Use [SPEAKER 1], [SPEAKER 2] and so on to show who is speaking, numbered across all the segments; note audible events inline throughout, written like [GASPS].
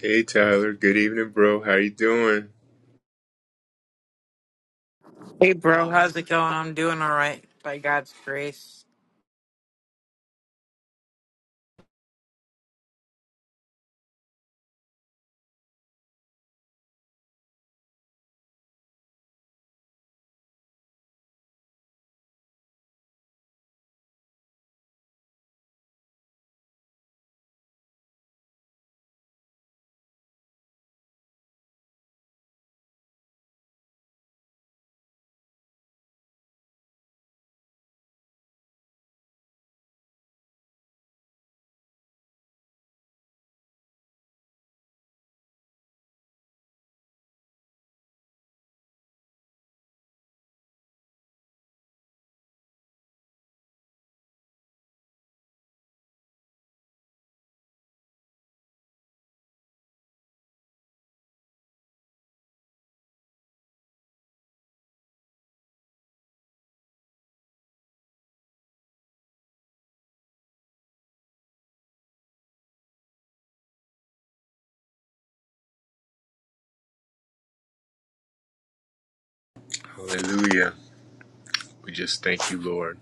[SPEAKER 1] Hey Tyler, good evening, bro. How you doing?
[SPEAKER 2] Hey, bro, how's it going? I'm doing all right by God's grace.
[SPEAKER 1] Hallelujah. We just thank you, Lord.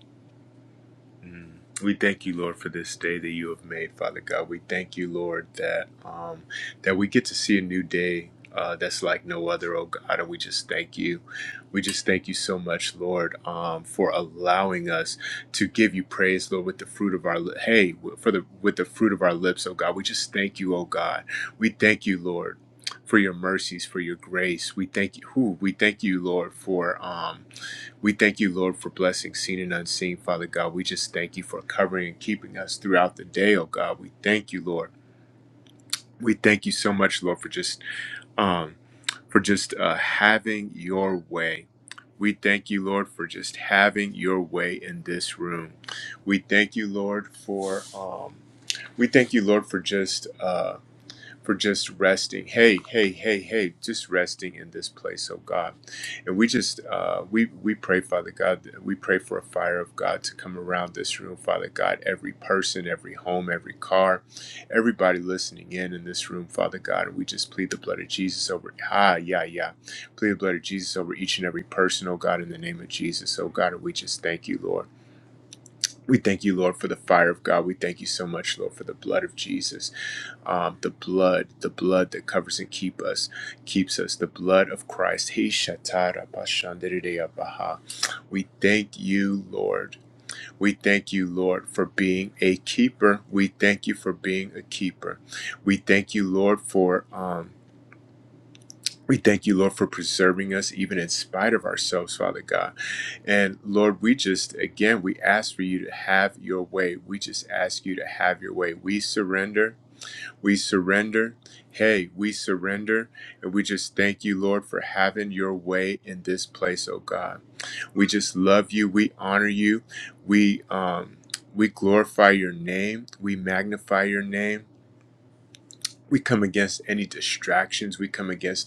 [SPEAKER 1] We thank you, Lord, for this day that you have made, Father God. We thank you, Lord, that um, that we get to see a new day uh, that's like no other, oh God. And we just thank you. We just thank you so much, Lord, um, for allowing us to give you praise, Lord, with the fruit of our li- hey, w- for the with the fruit of our lips, oh God. We just thank you, oh God. We thank you, Lord, for your mercies, for your grace. We thank you. Who we thank you, Lord, for. Um, we thank you, Lord, for blessings seen and unseen, Father God. We just thank you for covering and keeping us throughout the day, oh God. We thank you, Lord. We thank you so much, Lord, for just um for just uh, having your way. We thank you, Lord, for just having your way in this room. We thank you, Lord, for um, we thank you, Lord, for just. Uh, for just resting. Hey, hey, hey, hey, just resting in this place, oh God. And we just uh, we we pray, Father God, that- we pray for a fire of God to come around this room, Father God. Every person, every home, every car, everybody listening in in this room, Father God. And we just plead the blood of Jesus over. Ah, yeah, yeah. Plead the blood of Jesus over each and every person, oh God, in the name of Jesus, oh God. And we just thank you, Lord. We thank you, Lord, for the fire of God. We thank you so much, Lord, for the blood of Jesus um, the blood, the blood that covers and keep us, keeps us, the blood of Christ. He shatara bashandiriya baha. We thank you, Lord. We thank you, Lord, for being a keeper. We thank you for being a keeper. We thank you, Lord, for um. We thank you, Lord, for preserving us even in spite of ourselves, Father God. And Lord, we just, again, we ask for you to have your way. We just ask you to have your way. We surrender. We surrender. Hey, we surrender. And we just thank you, Lord, for having your way in this place, oh God. We just love you. We honor you. We um we glorify your name. We magnify your name. We come against any distractions. We come against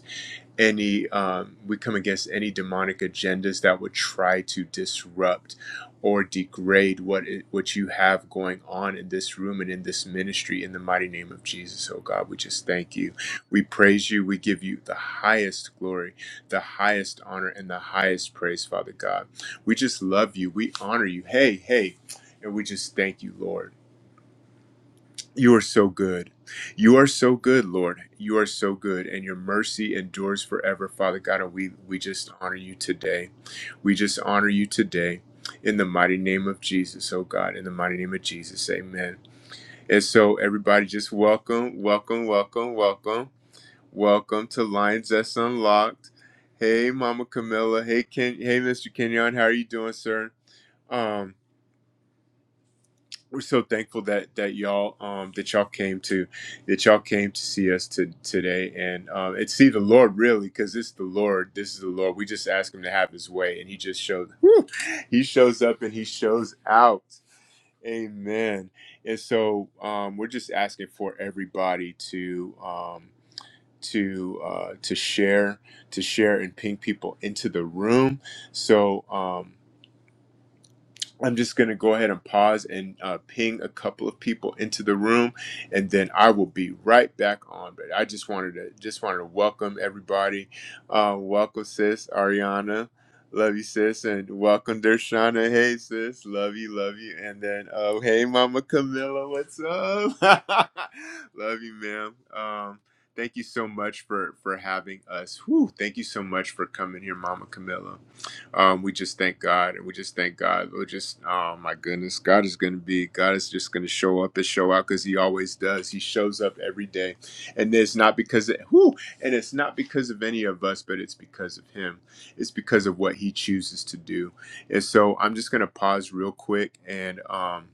[SPEAKER 1] any um, we come against any demonic agendas that would try to disrupt or degrade what it, what you have going on in this room and in this ministry in the mighty name of Jesus oh God we just thank you we praise you we give you the highest glory the highest honor and the highest praise Father God we just love you we honor you hey hey and we just thank you Lord you are so good. You are so good, Lord. You are so good, and your mercy endures forever, Father God. And we, we just honor you today. We just honor you today in the mighty name of Jesus, oh God, in the mighty name of Jesus. Amen. And so, everybody, just welcome, welcome, welcome, welcome, welcome to Lions That's Unlocked. Hey, Mama Camilla. Hey, Ken. Hey, Mr. Kenyon. How are you doing, sir? Um, we're so thankful that that y'all um that y'all came to that y'all came to see us to, today and um and see the lord really because it's the lord this is the lord we just ask him to have his way and he just shows whew, he shows up and he shows out amen and so um we're just asking for everybody to um to uh to share to share and ping people into the room so um I'm just going to go ahead and pause and uh, ping a couple of people into the room, and then I will be right back on. But I just wanted to just wanted to welcome everybody. Uh, welcome, sis Ariana. Love you, sis, and welcome, Dershana. Hey, sis, love you, love you, and then oh, hey, Mama Camilla, what's up? [LAUGHS] love you, ma'am. Um, thank you so much for for having us. Whew, thank you so much for coming here, Mama Camilla. Um, we just thank God and we just thank God. We're just, oh my goodness, God is going to be, God is just going to show up and show out because He always does. He shows up every day. And it's not because, of, whew, and it's not because of any of us, but it's because of Him. It's because of what He chooses to do. And so I'm just going to pause real quick and, um,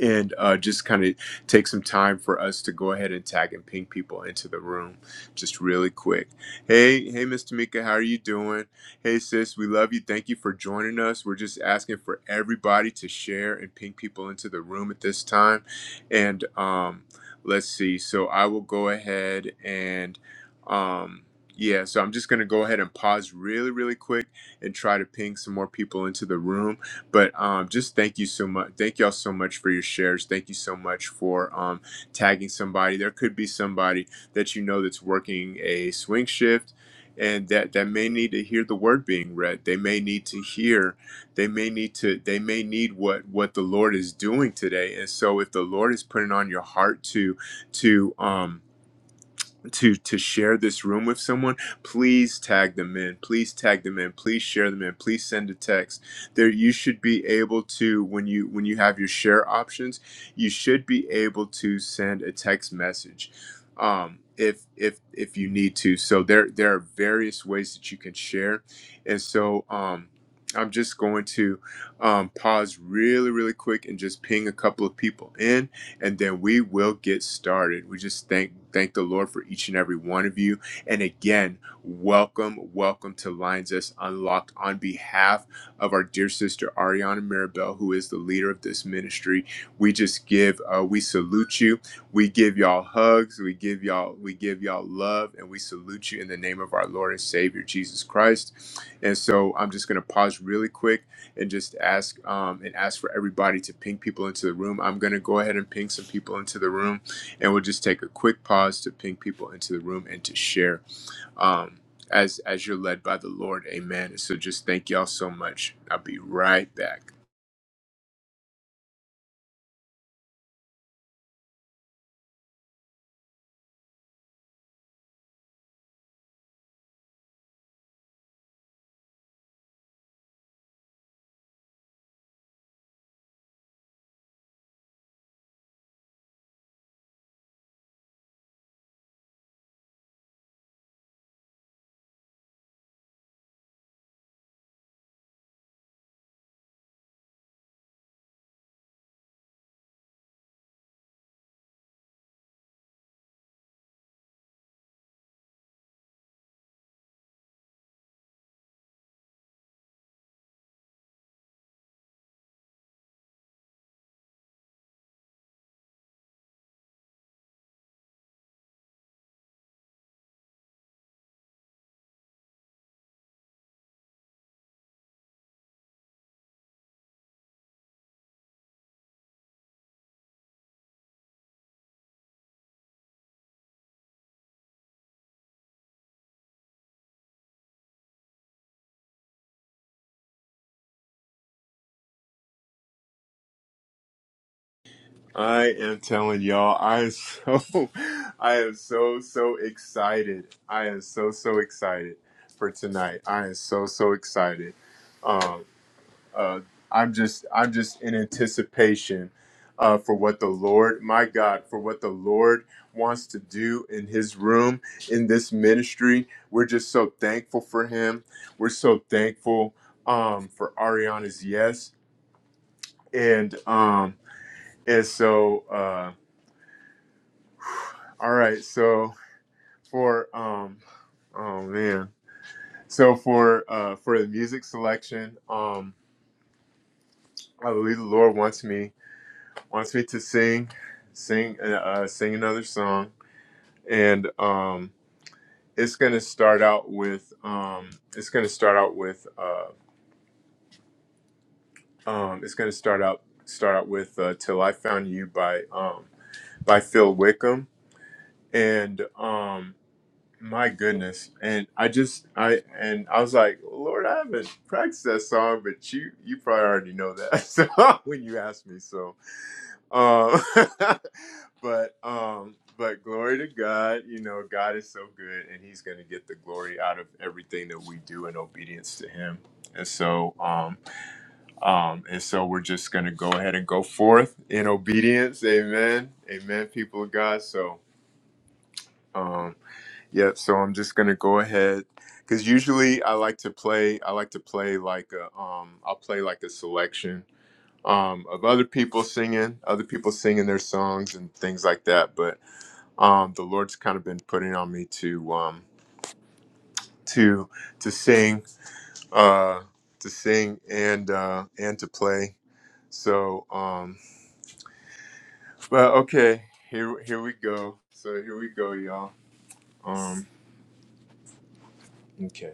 [SPEAKER 1] and uh, just kind of take some time for us to go ahead and tag and ping people into the room just really quick. Hey, hey, Miss Tamika, how are you doing? Hey, sis, we love you. Thank you for joining us. We're just asking for everybody to share and ping people into the room at this time. And um, let's see. So I will go ahead and. Um, yeah, so I'm just going to go ahead and pause really, really quick and try to ping some more people into the room. But um, just thank you so much. Thank y'all so much for your shares. Thank you so much for um, tagging somebody. There could be somebody that you know that's working a swing shift and that, that may need to hear the word being read. They may need to hear, they may need to, they may need what, what the Lord is doing today. And so if the Lord is putting on your heart to, to, um, to to share this room with someone please tag them in please tag them in please share them in please send a text there you should be able to when you when you have your share options you should be able to send a text message um if if if you need to so there there are various ways that you can share and so um i'm just going to um, pause really really quick and just ping a couple of people in and then we will get started. We just thank thank the Lord for each and every one of you. And again, welcome, welcome to Lines Us Unlocked on behalf of our dear sister Ariana Mirabel, who is the leader of this ministry. We just give, uh, we salute you. We give y'all hugs. We give y'all, we give y'all love, and we salute you in the name of our Lord and Savior Jesus Christ. And so, I'm just going to pause really quick and just ask um, and ask for everybody to ping people into the room. I'm going to go ahead and ping some people into the room, and we'll just take a quick pause to ping people into the room and to share um, as as you're led by the Lord. Amen. So just thank y'all so much. I'll be right back. I am telling y'all, I am so, [LAUGHS] I am so so excited. I am so so excited for tonight. I am so so excited. Um, uh, I'm just I'm just in anticipation uh, for what the Lord, my God, for what the Lord wants to do in His room in this ministry. We're just so thankful for Him. We're so thankful um, for Ariana's yes, and um, and so uh, all right, so for um, oh man, so for uh, for the music selection, um, I believe the Lord wants me. wants me to sing, sing, uh, uh, sing another song, and um, it's gonna start out with um, it's gonna start out with uh, um, it's gonna start out start out with uh, "Till I Found You" by um, by Phil Wickham, and um, my goodness, and I just I and I was like, Lord, I haven't practiced that song, but you you probably already know that [LAUGHS] so, when you asked me, so Um, [LAUGHS] but um, but glory to God. You know, God is so good, and He's going to get the glory out of everything that we do in obedience to Him. And so, um, um, and so we're just going to go ahead and go forth in obedience. Amen. Amen, people of God. So, um, yeah. So I'm just going to go ahead because usually I like to play. I like to play like a. Um, I'll play like a selection um, of other people singing, other people singing their songs and things like that. But um, the Lord's kind of been putting on me to um, to to sing, uh, to sing and uh, and to play. So, um, but okay, here here we go. So here we go, y'all. Um, okay.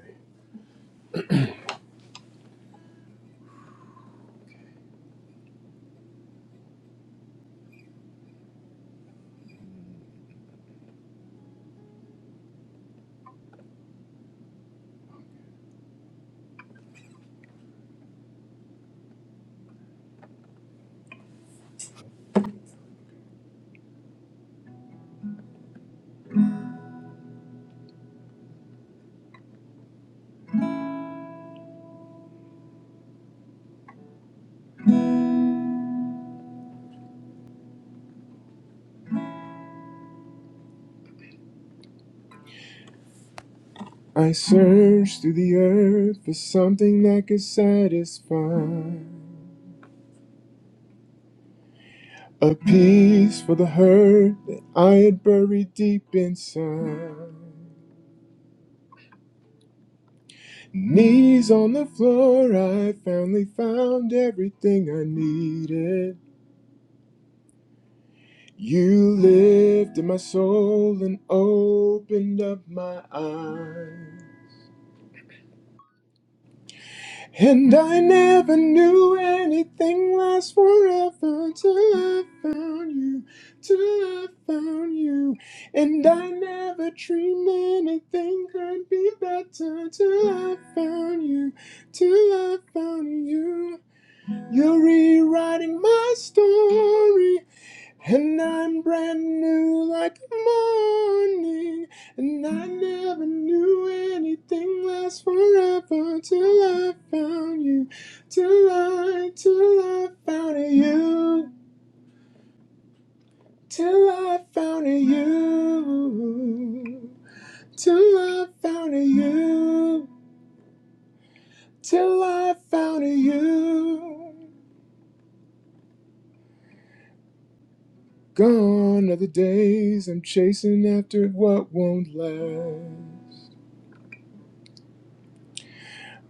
[SPEAKER 1] I searched through the earth for something that could satisfy. A peace for the hurt that I had buried deep inside. Knees on the floor, I finally found everything I needed. You lived in my soul and opened up my eyes. And I never knew anything lasts forever till I found you, till I found you. And I never dreamed anything could be better till I found you, till I found you. You're rewriting my story. And I'm brand new like the morning. And I never knew anything lasts forever till I found you. Till I, till I found you. Till I found you. Till I found you. Till I found you. Gone are the days I'm chasing after what won't last.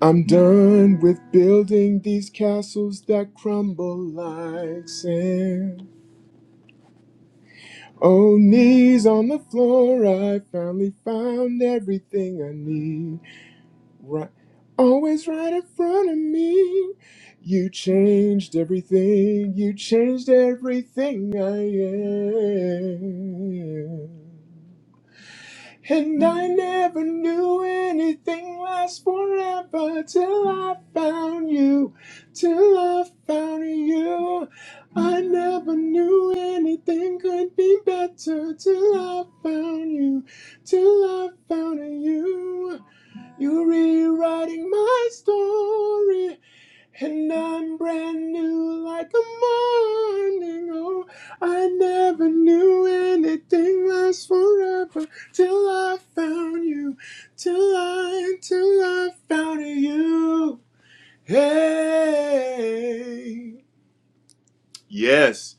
[SPEAKER 1] I'm done with building these castles that crumble like sand. Oh, knees on the floor, I finally found everything I need. Right, always right in front of me. You changed everything, you changed everything I am. And I never knew anything lasts forever till I found you, till I found you. I never knew anything could be better till I found you, till I found you. You're rewriting my story. And I'm brand new like a morning. Oh, I never knew anything lasts forever till I found you. Till I, till I found you. Hey. Yes.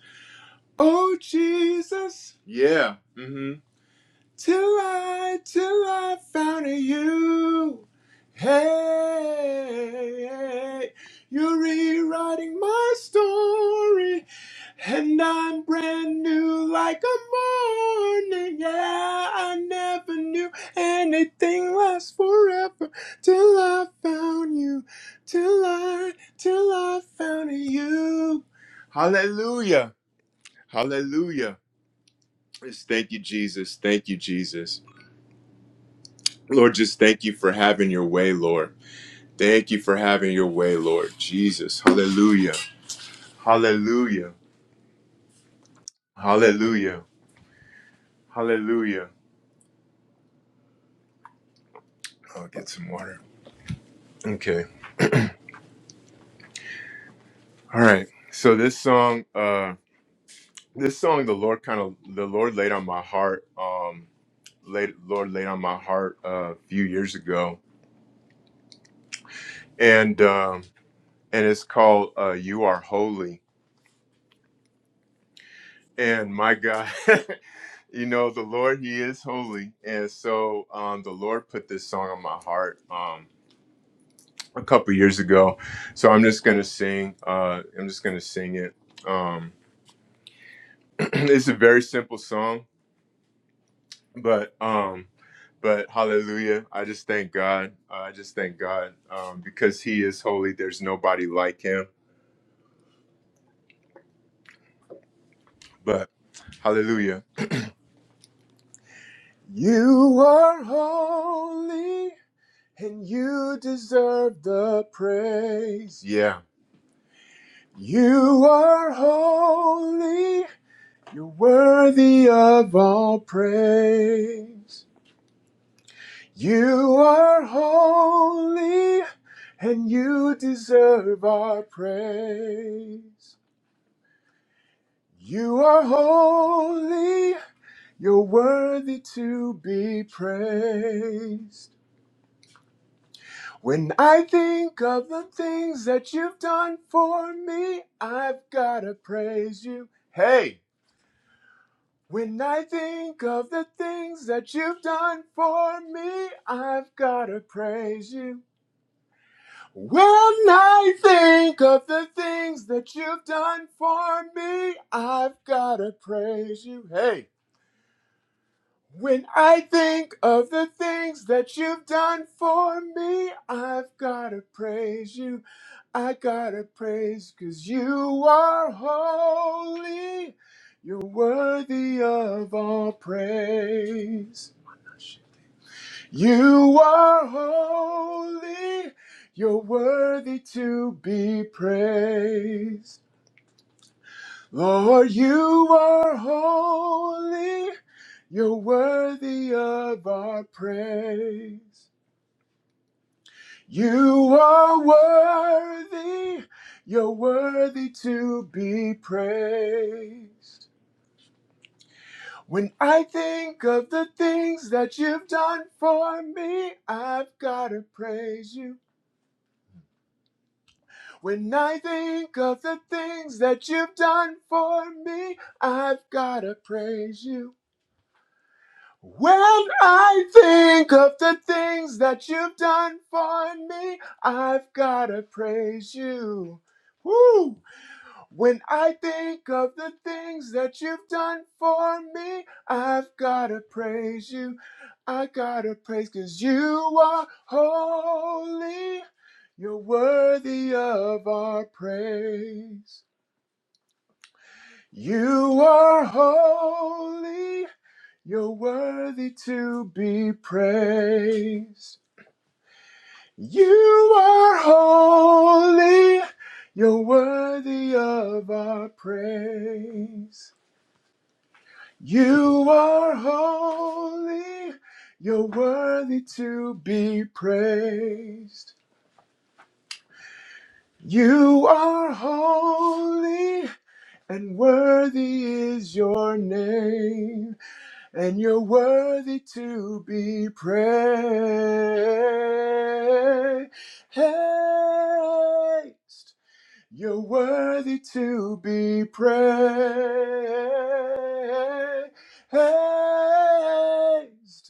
[SPEAKER 1] Oh, Jesus. Yeah. Mm. Hmm. Till I, till I found you. Hey, you're rewriting my story, and I'm brand new like a morning. Yeah, I never knew anything lasts forever till I found you, till I, till I found you. Hallelujah, hallelujah. Yes, Thank you, Jesus. Thank you, Jesus. Lord, just thank you for having your way, Lord. Thank you for having your way, Lord Jesus. Hallelujah. Hallelujah. Hallelujah. Hallelujah. I'll get some water. Okay. All right. So this song, uh, this song the Lord kind of the Lord laid on my heart, um, laid Lord laid on my heart uh, a few years ago. And um and it's called uh You Are Holy. And my God [LAUGHS] you know the lord he is holy and so um the lord put this song on my heart um a couple years ago so i'm just gonna sing uh i'm just gonna sing it um [CLEARS THROAT] it's a very simple song but um but hallelujah i just thank god Uh, i just thank god um because he is holy there's nobody like him but hallelujah you are holy and you deserve the praise yeah You are holy, you're worthy of all praise. You are holy, and you deserve our praise. You are holy, you're worthy to be praised. When I think of the things that you've done for me, I've gotta praise you. Hey! When I think of the things that you've done for me, I've gotta praise you. When I think of the things that you've done for me, I've gotta praise you. Hey! When I think of the things that you've done for me, I've gotta praise you. I gotta praise, 'cause you are holy. You're worthy of all praise. You are holy. You're worthy to be praised. Lord, you are holy. You're worthy of our praise. You are worthy, you're worthy to be praised. When I think of the things that you've done for me, I've got to praise you. When I think of the things that you've done for me, I've got to praise you. When I think of the things that you've done for me, I've got to praise you. Woo! When I think of the things that you've done for me, I've gotta praise you. I gotta praise cause you are holy. You're worthy of our praise. You are holy. You're worthy to be praised. You are holy. You're worthy of our praise. You are holy, you're worthy to be praised. You are holy, and worthy is your name, and you're worthy to be praised. You're worthy to be praised.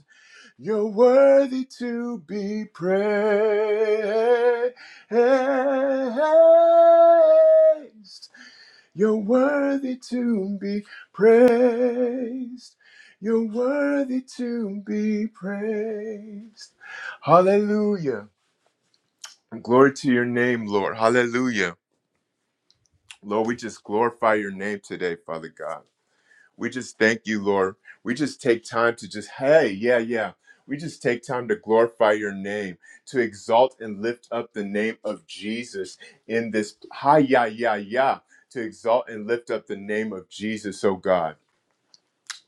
[SPEAKER 1] You're worthy to be praised. You're worthy to be praised. You're worthy to be praised. Hallelujah. Glory to your name, Lord. Hallelujah. Lord, we just glorify your name today, Father God. We just thank you, Lord. We just take time to just, hey, yeah, yeah. We just take time to glorify your name, to exalt and lift up the name of Jesus in this, hi, yeah, yeah, yeah, to exalt and lift up the name of Jesus, oh God.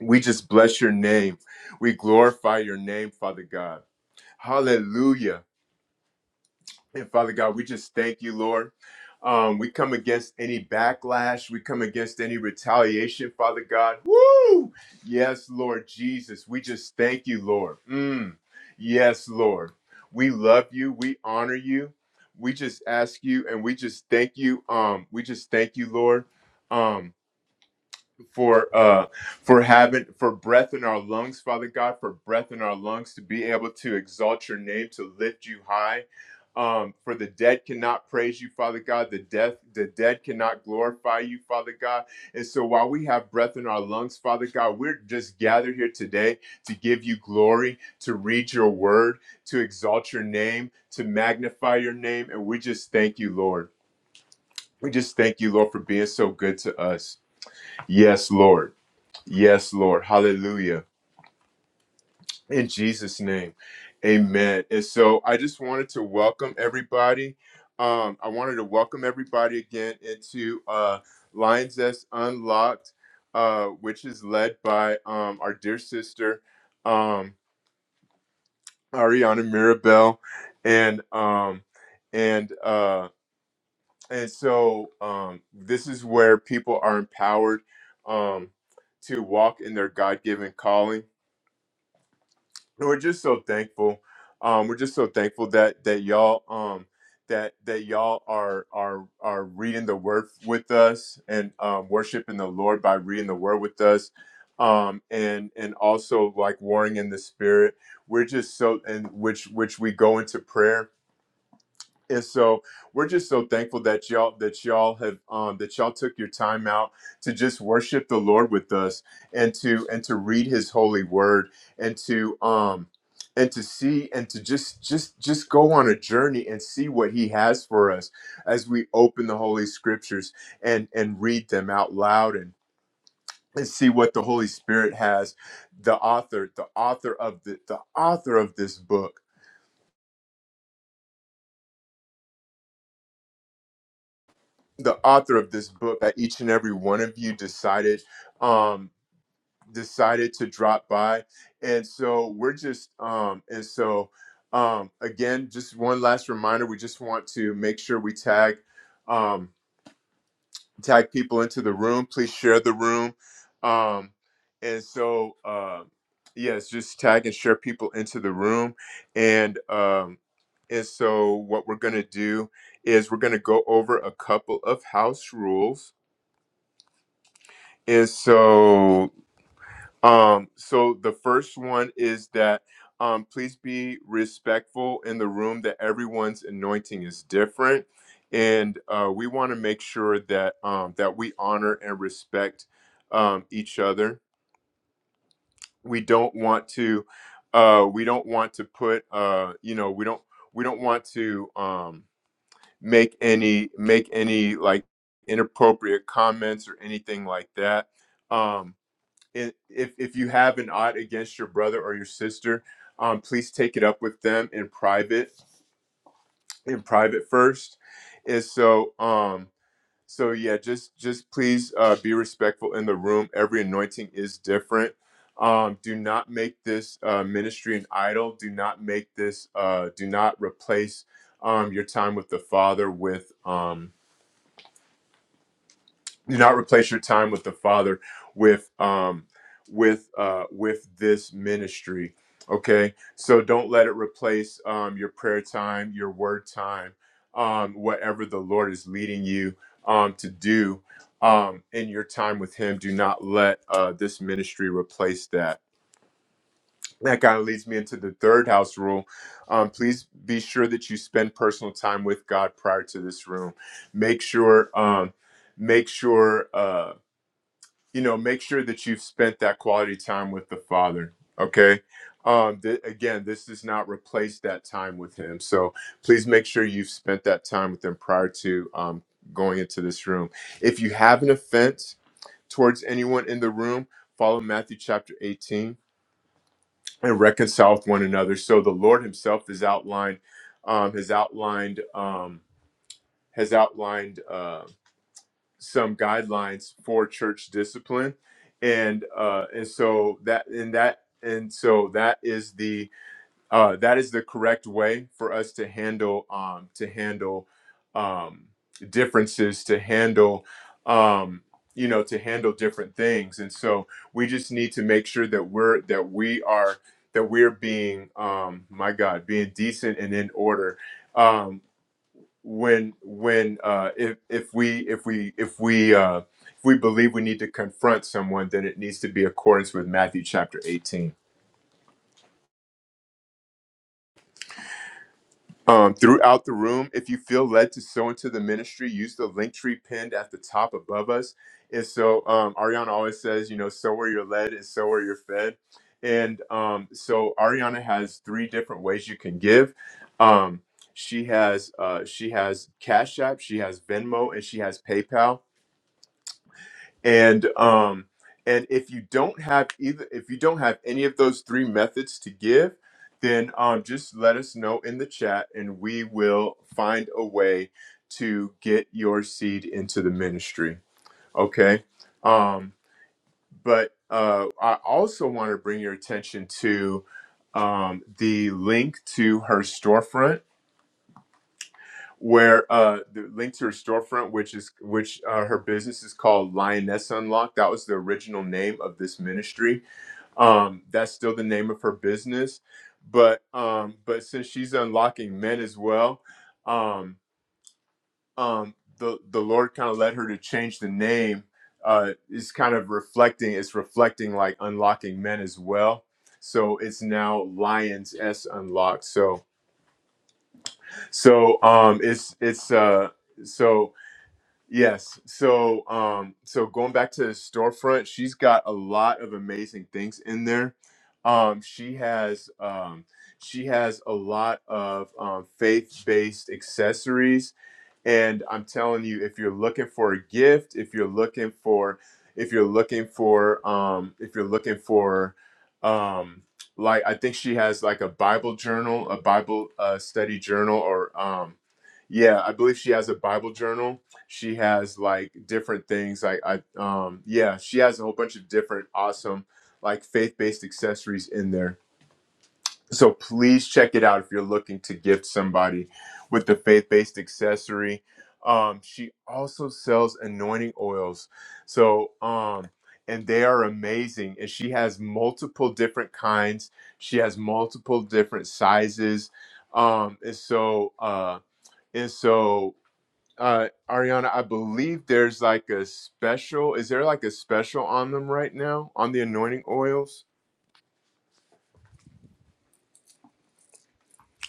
[SPEAKER 1] We just bless your name. We glorify your name, Father God. Hallelujah. And Father God, we just thank you, Lord. Um, we come against any backlash. We come against any retaliation, Father God. Woo! Yes, Lord Jesus. We just thank you, Lord. Mm. Yes, Lord. We love you. We honor you. We just ask you and we just thank you. Um, we just thank you, Lord. Um, for uh for having for breath in our lungs father god for breath in our lungs to be able to exalt your name to lift you high um for the dead cannot praise you father god the death the dead cannot glorify you father god and so while we have breath in our lungs father god we're just gathered here today to give you glory to read your word to exalt your name to magnify your name and we just thank you lord we just thank you lord for being so good to us yes lord Yes, Lord. Hallelujah. In Jesus' name. Amen. And so I just wanted to welcome everybody. Um, I wanted to welcome everybody again into uh, Lions That's Unlocked, uh, which is led by um, our dear sister, um, Ariana Mirabel. And um, and uh, and so um, this is where people are empowered um, to walk in their God-given calling we're just so thankful. Um, we're just so thankful that that y'all um that that y'all are are are reading the word with us and um, worshiping the Lord by reading the word with us. Um, and and also like warring in the spirit. We're just so and which which we go into prayer and so we're just so thankful that y'all that y'all have um, that y'all took your time out to just worship the Lord with us and to and to read His holy word and to um and to see and to just just just go on a journey and see what He has for us as we open the Holy Scriptures and and read them out loud and and see what the Holy Spirit has the author the author of the the author of this book the author of this book that each and every one of you decided um decided to drop by and so we're just um and so um again just one last reminder we just want to make sure we tag um tag people into the room please share the room um and so uh yes just tag and share people into the room and um and so what we're going to do is we're going to go over a couple of house rules And so um so the first one is that um please be respectful in the room that everyone's anointing is different and uh we want to make sure that um that we honor and respect um each other we don't want to uh we don't want to put uh you know we don't we don't want to um make any make any like inappropriate comments or anything like that Um, if if you have an odd against your brother or your sister, um, please take it up with them in private, in private first. And so, um, so yeah, just just please uh, be respectful in the room. Every anointing is different. Um, do not make this uh, ministry an idol. Do not make this. Uh, do not replace um, your time with the Father with. Um, do not replace your time with the father with um with uh with this ministry okay so don't let it replace um your prayer time your word time um whatever the lord is leading you um to do um in your time with him do not let uh this ministry replace that that kind of leads me into the third house rule um please be sure that you spend personal time with god prior to this room make sure um make sure uh you know, make sure that you've spent that quality time with the Father. Okay. Um, th- again, this does not replace that time with Him. So please make sure you've spent that time with Him prior to um, going into this room. If you have an offense towards anyone in the room, follow Matthew chapter 18 and reconcile with one another. So the Lord Himself has outlined, um, has outlined, um, has outlined. uh, some guidelines for church discipline and uh and so that and that and so that is the uh that is the correct way for us to handle um to handle um differences to handle um you know to handle different things and so we just need to make sure that we're that we are that we're being um my god being decent and in order Um, when when uh, if if we if we if we uh, if we believe we need to confront someone, then it needs to be accordance with Matthew chapter eighteen. Um, throughout the room, if you feel led to sow into the ministry, use the link tree pinned at the top above us. And so um, Ariana always says, you know, sow where you're led and sow where you're fed. And um, so Ariana has three different ways you can give. Um, she has uh, she has Cash App, she has Venmo, and she has PayPal and um and if you don't have either if you don't have any of those three methods to give then um just let us know in the chat and we will find a way to get your seed into the ministry okay um but uh i also want to bring your attention to um the link to her storefront where uh the link to her storefront which is which uh, her business is called lioness unlocked that was the original name of this ministry um that's still the name of her business but um but since she's unlocking men as well um um the the lord kind of led her to change the name uh is kind of reflecting it's reflecting like unlocking men as well so it's now lions s unlocked so so um it's it's uh so Yes. So, um, so going back to the storefront, she's got a lot of amazing things in there. Um, she has um, she has a lot of um, faith-based accessories and I'm telling you, if you're looking for a gift, if you're looking for, if you're looking for, um, if you're looking for, um, like I think she has like a Bible journal, a Bible uh, study journal, or um, yeah, I believe she has a Bible journal. She has like different things. Like I, um, yeah, she has a whole bunch of different awesome like faith based accessories in there so please check it out if you're looking to gift somebody with the faith-based accessory. Um, she also sells anointing oils. So um, and they are amazing. And she has multiple different kinds. She has multiple different sizes. Um, and so uh, and so uh, Ariana, I believe there's like a special. Is there like a special on them right now on the anointing oils?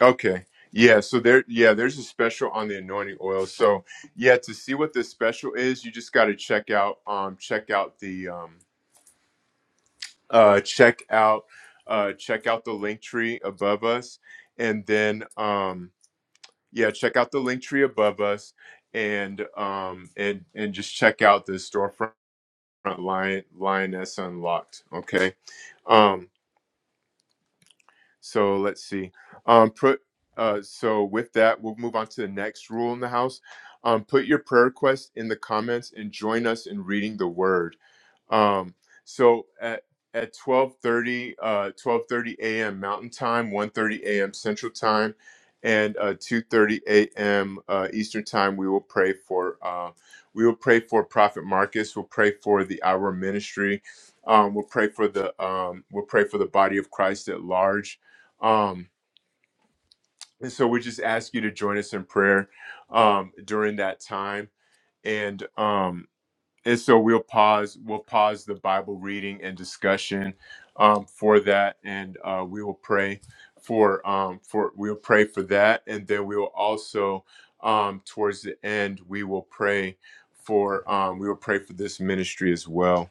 [SPEAKER 1] Okay. Yeah, so there yeah, there's a special on the anointing oil. So yeah, to see what the special is, you just gotta check out um check out the um uh check out uh check out the link tree above us and then um yeah, check out the link tree above us and um and and just check out the storefront line lioness unlocked. Okay. Um. So let's see. Um, put uh, so with that, we'll move on to the next rule in the house. Um, put your prayer request in the comments and join us in reading the word. Um, so at at 12:30 uh 12:30 a.m. Mountain Time, One thirty a.m. Central Time, and uh 2:30 a.m. Uh, Eastern Time, we will pray for uh, we will pray for Prophet Marcus. We'll pray for the Our Ministry. Um, we'll pray for the um, we'll pray for the body of Christ at large um, and so we just ask you to join us in prayer um, during that time. And um, and so we'll pause. We'll pause the Bible reading and discussion um, for that, and uh, we will pray for um, for we'll pray for that, and then we will also um, towards the end we will pray for um, we will pray for this ministry as well.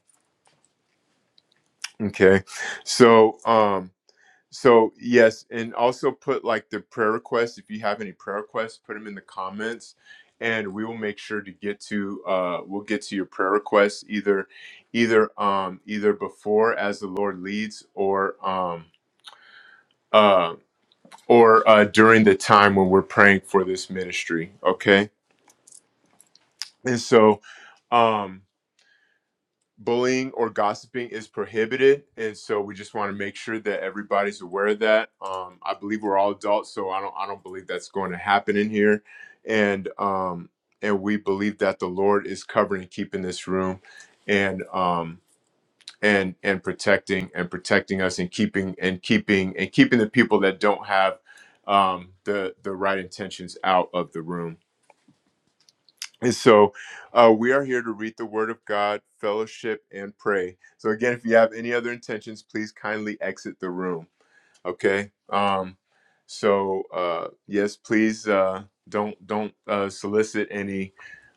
[SPEAKER 1] Okay, so. Um, So yes, and also put like the prayer requests. If you have any prayer requests, put them in the comments, and we will make sure to get to uh we'll get to your prayer requests either either um either before as the Lord leads or um uh or uh during the time when we're praying for this ministry. Okay, and so. um bullying or gossiping is prohibited and so we just want to make sure that everybody's aware of that um i believe we're all adults so i don't i don't believe that's going to happen in here and um and we believe that the lord is covering and keeping this room and um and and protecting and protecting us and keeping and keeping and keeping the people that don't have um the the right intentions out of the room and so uh, we are here to read the Word of God, fellowship, and pray. So again, if you have any other intentions, please kindly exit the room. Okay. Um, so uh, yes, please uh, don't don't uh, solicit any,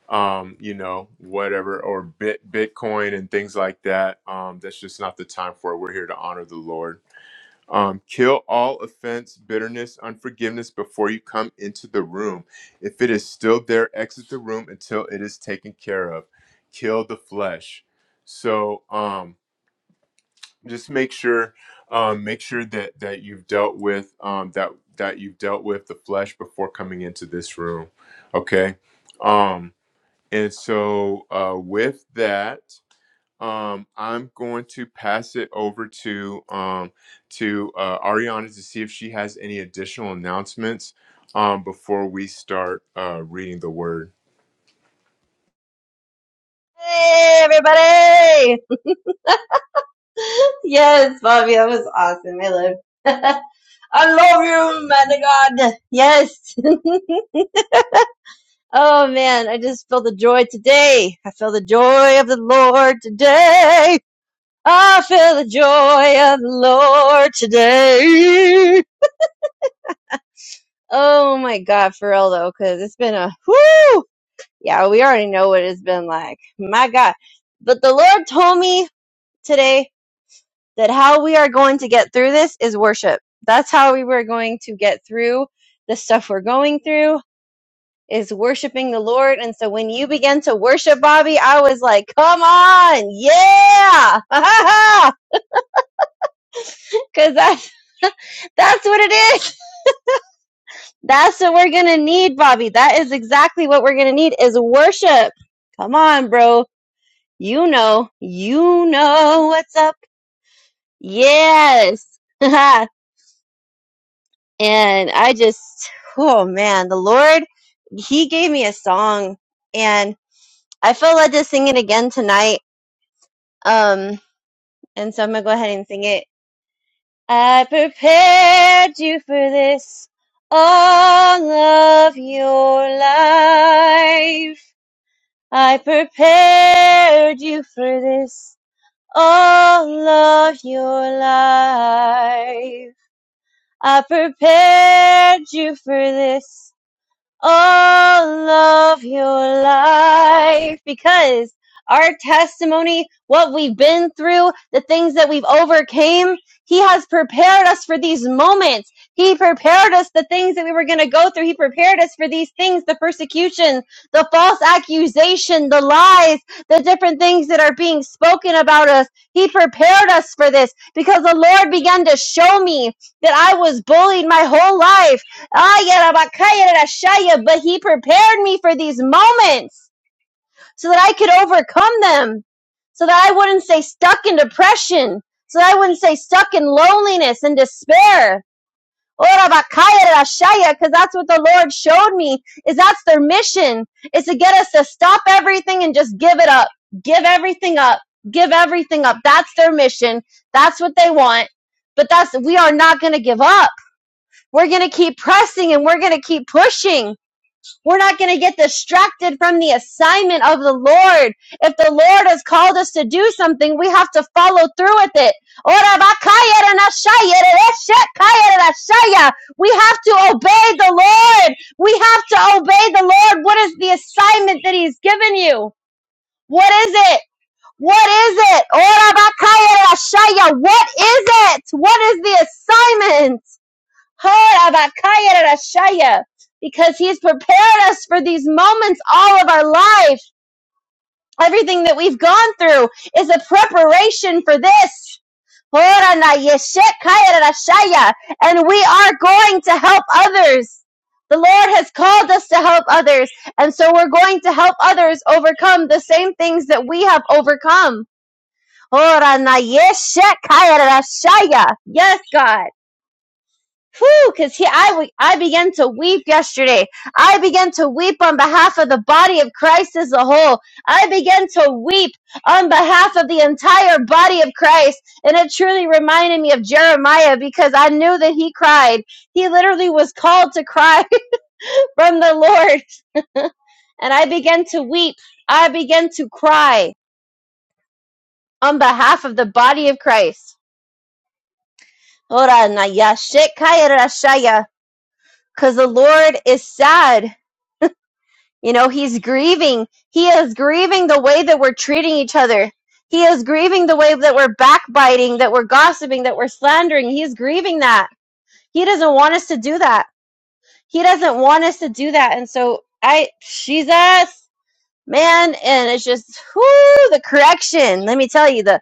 [SPEAKER 1] um, you know, whatever or bit Bitcoin and things like that. Um, that's just not the time for it. We're here to honor the Lord. Um, kill all offense, bitterness, unforgiveness before you come into the room. If it is still there, exit the room until it is taken care of. Kill the flesh. So um, just make sure, um, make sure that that you've dealt with um, that that you've dealt with the flesh before coming into this room. Okay. Um, and so uh, with that um, I'm going to pass it over to um, to uh, Ariana to see if she has any additional announcements um, before we start uh, reading the word. [LAUGHS]
[SPEAKER 3] Hey, everybody! Yes, Bobby, that was awesome. I love, [LAUGHS] I love you, man of God. Yes. [LAUGHS] oh man, I just feel the joy today. I feel the joy of the Lord today. I feel the joy of the Lord today. Oh my God, for real though, because it's been a whoo. Yeah, we already know what it's been like. My God, but the Lord told me today that how we are going to get through this is worship. That's how we were going to get through the stuff we're going through is worshiping the Lord. And so when you began to worship Bobby, I was like, come on. Yeah. [LAUGHS] Cause that's, [LAUGHS] that's what it is. That's what we're going to need, Bobby. That is exactly what we're going to need is worship. Come on, bro. You know, you know what's up. Yes. [LAUGHS] and I just, oh man, the Lord, He gave me a song, and I felt led to sing it again tonight. Um, and so I'm gonna go ahead and sing it. I prepared you for this all of your life. I prepared you for this all of your life. I prepared you for this all of your life because our testimony, what we've been through, the things that we've overcame, he has prepared us for these moments. He prepared us the things that we were going to go through. He prepared us for these things, the persecution, the false accusation, the lies, the different things that are being spoken about us. He prepared us for this because the Lord began to show me that I was bullied my whole life. Ah, yarabakaya rashaya, but he prepared me for these moments so that I could overcome them, so that I wouldn't stay stuck in depression, so that I wouldn't stay stuck in loneliness and despair. Orabakaya rashaya, because that's what the Lord showed me, is that's their mission, is to get us to stop everything and just give it up. Give everything up. Give everything up. That's their mission. That's what they want. But that's, we are not going to give up we're going to keep pressing and we're going to keep pushing. We're not going to get distracted from the assignment of the Lord. If the Lord has called us to do something, we have to follow through with it. We have to obey the Lord. We have to obey the Lord. What is the assignment that He's given you? What is it? What is it? Ora bakaya What is it? What is the assignment? Horabakayarashaya, Because he's prepared us for these moments all of our life. Everything that we've gone through is a preparation for this. Horanayeshekayarashaya, And we are going to help others. The Lord has called us to help others. And so we're going to help others overcome the same things that we have overcome. Horanayeshekayarashaya. Yes, God. Whew, because he, I, I began to weep yesterday. I began to weep on behalf of the body of Christ as a whole. I began to weep on behalf of the entire body of Christ. And it truly reminded me of Jeremiah because I knew that he cried. He literally was called to cry [LAUGHS] from the Lord. And I began to weep. I began to cry on behalf of the body of Christ. Ora na ya shekaya rashaya. Because the Lord is sad You know, he's grieving. He is grieving the way that we're treating each other. He is grieving the way that we're backbiting, that we're gossiping, that we're slandering. He's grieving that. He doesn't want us to do that. He doesn't want us to do that. And so I, Jesus, man, and it's just, whoo, the correction. Let me tell you, the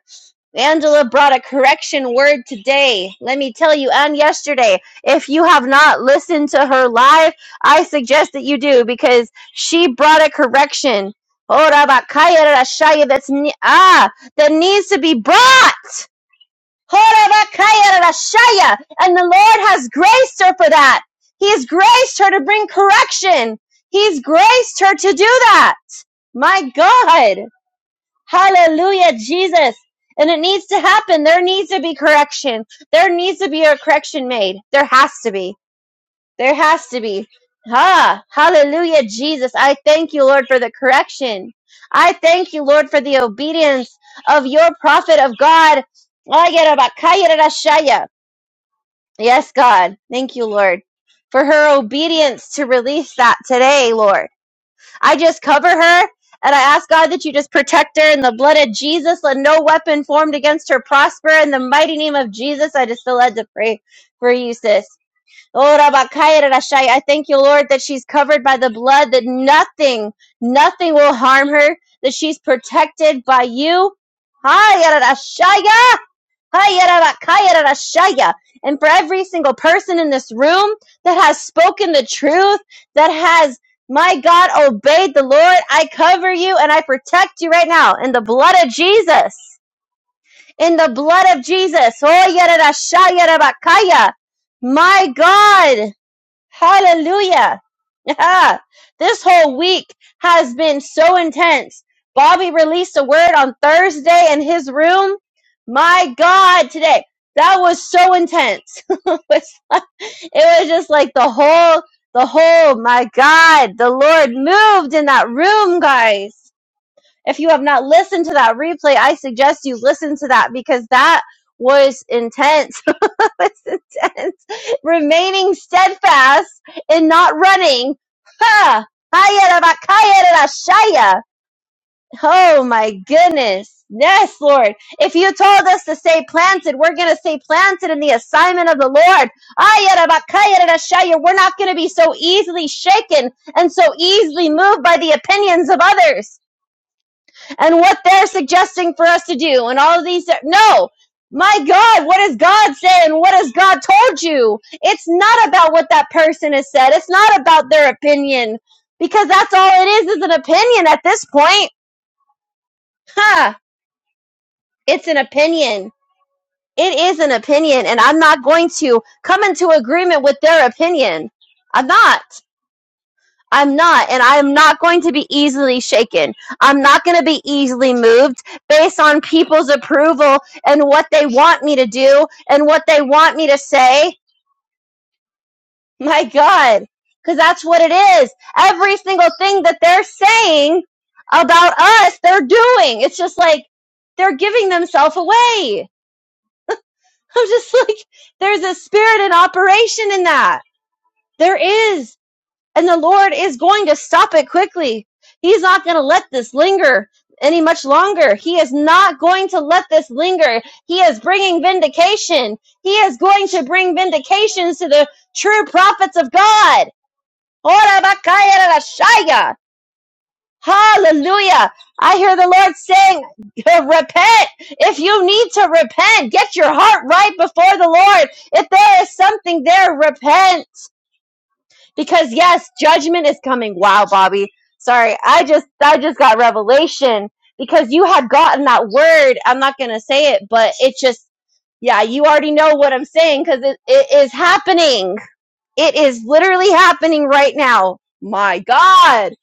[SPEAKER 3] Angela brought a correction word today. Let me tell you, and yesterday. If you have not listened to her live, I suggest that you do because she brought a correction. Oh, Rabakaya, rashaya That's ne- ah that needs to be brought. Oh, Rabakaya, rashaya, and the Lord has graced her for that. He has graced her to bring correction. He's graced her to do that. My God. Hallelujah, Jesus. And it needs to happen. There needs to be correction. There needs to be a correction made. There has to be. There has to be. Ah, hallelujah, Jesus. I thank you, Lord, for the correction. I thank you, Lord, for the obedience of your prophet of God. Yes, God. Thank you, Lord, for her obedience to release that today, Lord. I just cover her and I ask God that you just protect her in the blood of Jesus. Let no weapon formed against her prosper. In the mighty name of Jesus, I just feel led to pray for you, sis. Oh, Rabakaya Rashai, I thank you, Lord, that she's covered by the blood, that nothing, nothing will harm her, that she's protected by you. Hi, Rashaya. Hayarabakayarashaya. And for every single person in this room that has spoken the truth, that has, my God, obeyed the Lord, I cover you and I protect you right now in the blood of Jesus. In the blood of Jesus. Oh, yararashayarabakaya. My God. Hallelujah. [LAUGHS] this whole week has been so intense. Bobby released a word on Thursday in his room. My God, today that was so intense. [LAUGHS] it was it was just like the whole, the whole. My God, the Lord moved in that room, guys. If you have not listened to that replay, I suggest you listen to that because that was intense was [LAUGHS] the Remaining steadfast and not running. Ha! Hayarabakayarashaya. Oh my goodness. Yes, Lord. If you told us to stay planted, we're going to stay planted in the assignment of the Lord. Ayarabakayarashaya. We're not going to be so easily shaken and so easily moved by the opinions of others and what they're suggesting for us to do and all of these no my god what does god say and what has god told you it's not about what that person has said it's not about their opinion because that's all it is is an opinion at this point huh it's an opinion it is an opinion and i'm not going to come into agreement with their opinion i'm not I'm not, and I am not going to be easily shaken. I'm not going to be easily moved based on people's approval and what they want me to do and what they want me to say. My God, because that's what it is. Every single thing that they're saying about us, they're doing. It's just like they're giving themselves away. [LAUGHS] I'm just like, there's a spirit in operation in that. There is. And the Lord is going to stop it quickly. He's not going to let this linger any much longer. He is not going to let this linger. He is bringing vindication. He is going to bring vindications to the true prophets of God. Hallelujah. I hear the Lord saying, repent. If you need to repent, get your heart right before the Lord. If there is something there, repent because yes, judgment is coming. Wow, Bobby. Sorry, I just I just got revelation because you had gotten that word. I'm not gonna say it, but it just yeah, you already know what I'm saying because it, it is happening. It is literally happening right now. My God,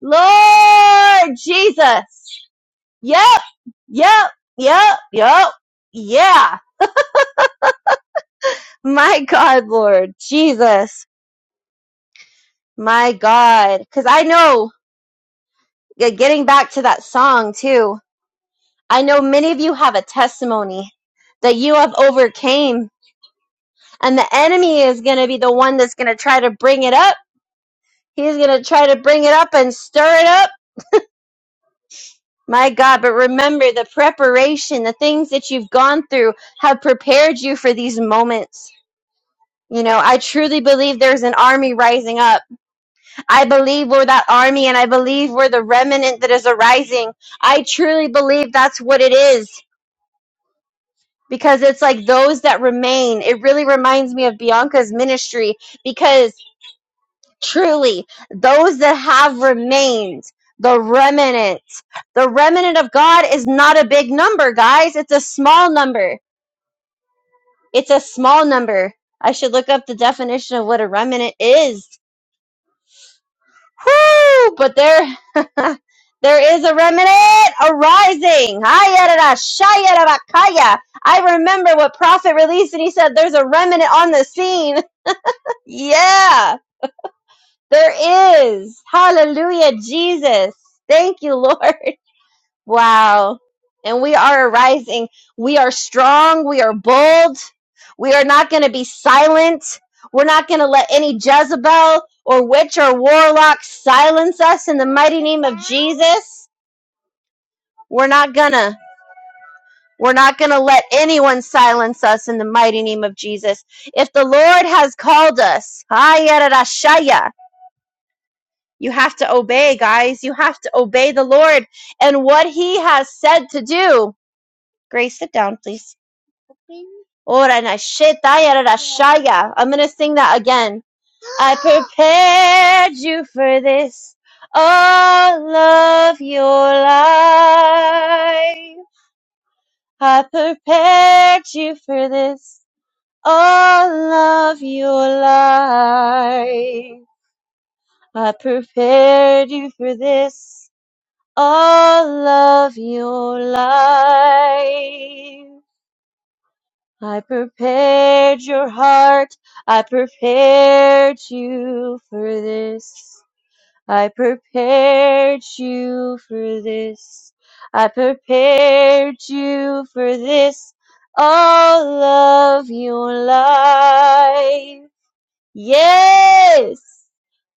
[SPEAKER 3] Lord Jesus. Yep, yep, yep, yep, yeah. My God, Lord Jesus. My God, because I know. Yeah, getting back to that song too i know many of you have a testimony that you have overcame and the enemy is going to be the one that's going to try to bring it up he's going to try to bring it up and stir it up my god but remember the preparation the things that you've gone through have prepared you for these moments you know i truly believe there's an army rising up i believe we're that army and i believe we're the remnant that is arising i truly believe that's what it is because it's like those that remain. It really reminds me of Bianca's ministry because truly, those that have remained, the remnant, the remnant of God is not a big number, guys. It's a small number. It's a small number. I should look up the definition of what a remnant is. Whoo! But there, [LAUGHS] there is a remnant arising. Hayarada, shayarabakaya. I remember what Prophet released, and he said, "There's a remnant on the scene." Yeah, there is. Hallelujah, Jesus. Thank you, Lord. [LAUGHS] Wow. And we are arising. We are strong. We are bold. We are not going to be silent. We're not going to let any Jezebel or witch or warlock silence us in the mighty name of Jesus. We're not going to. We're not going to let anyone silence us in the mighty name of Jesus. If the Lord has called us, [LAUGHS] You have to obey, guys. You have to obey the Lord and what He has said to do. Grace, sit down, please. Ora na shetaya ra ra shaya. I'm going to sing that again. I prepared you for this all of your life. I prepared you for this all of your life. I prepared you for this all of your life. I prepared your heart. I prepared you for this. I prepared you for this. I prepared you for this all of your life. Yes.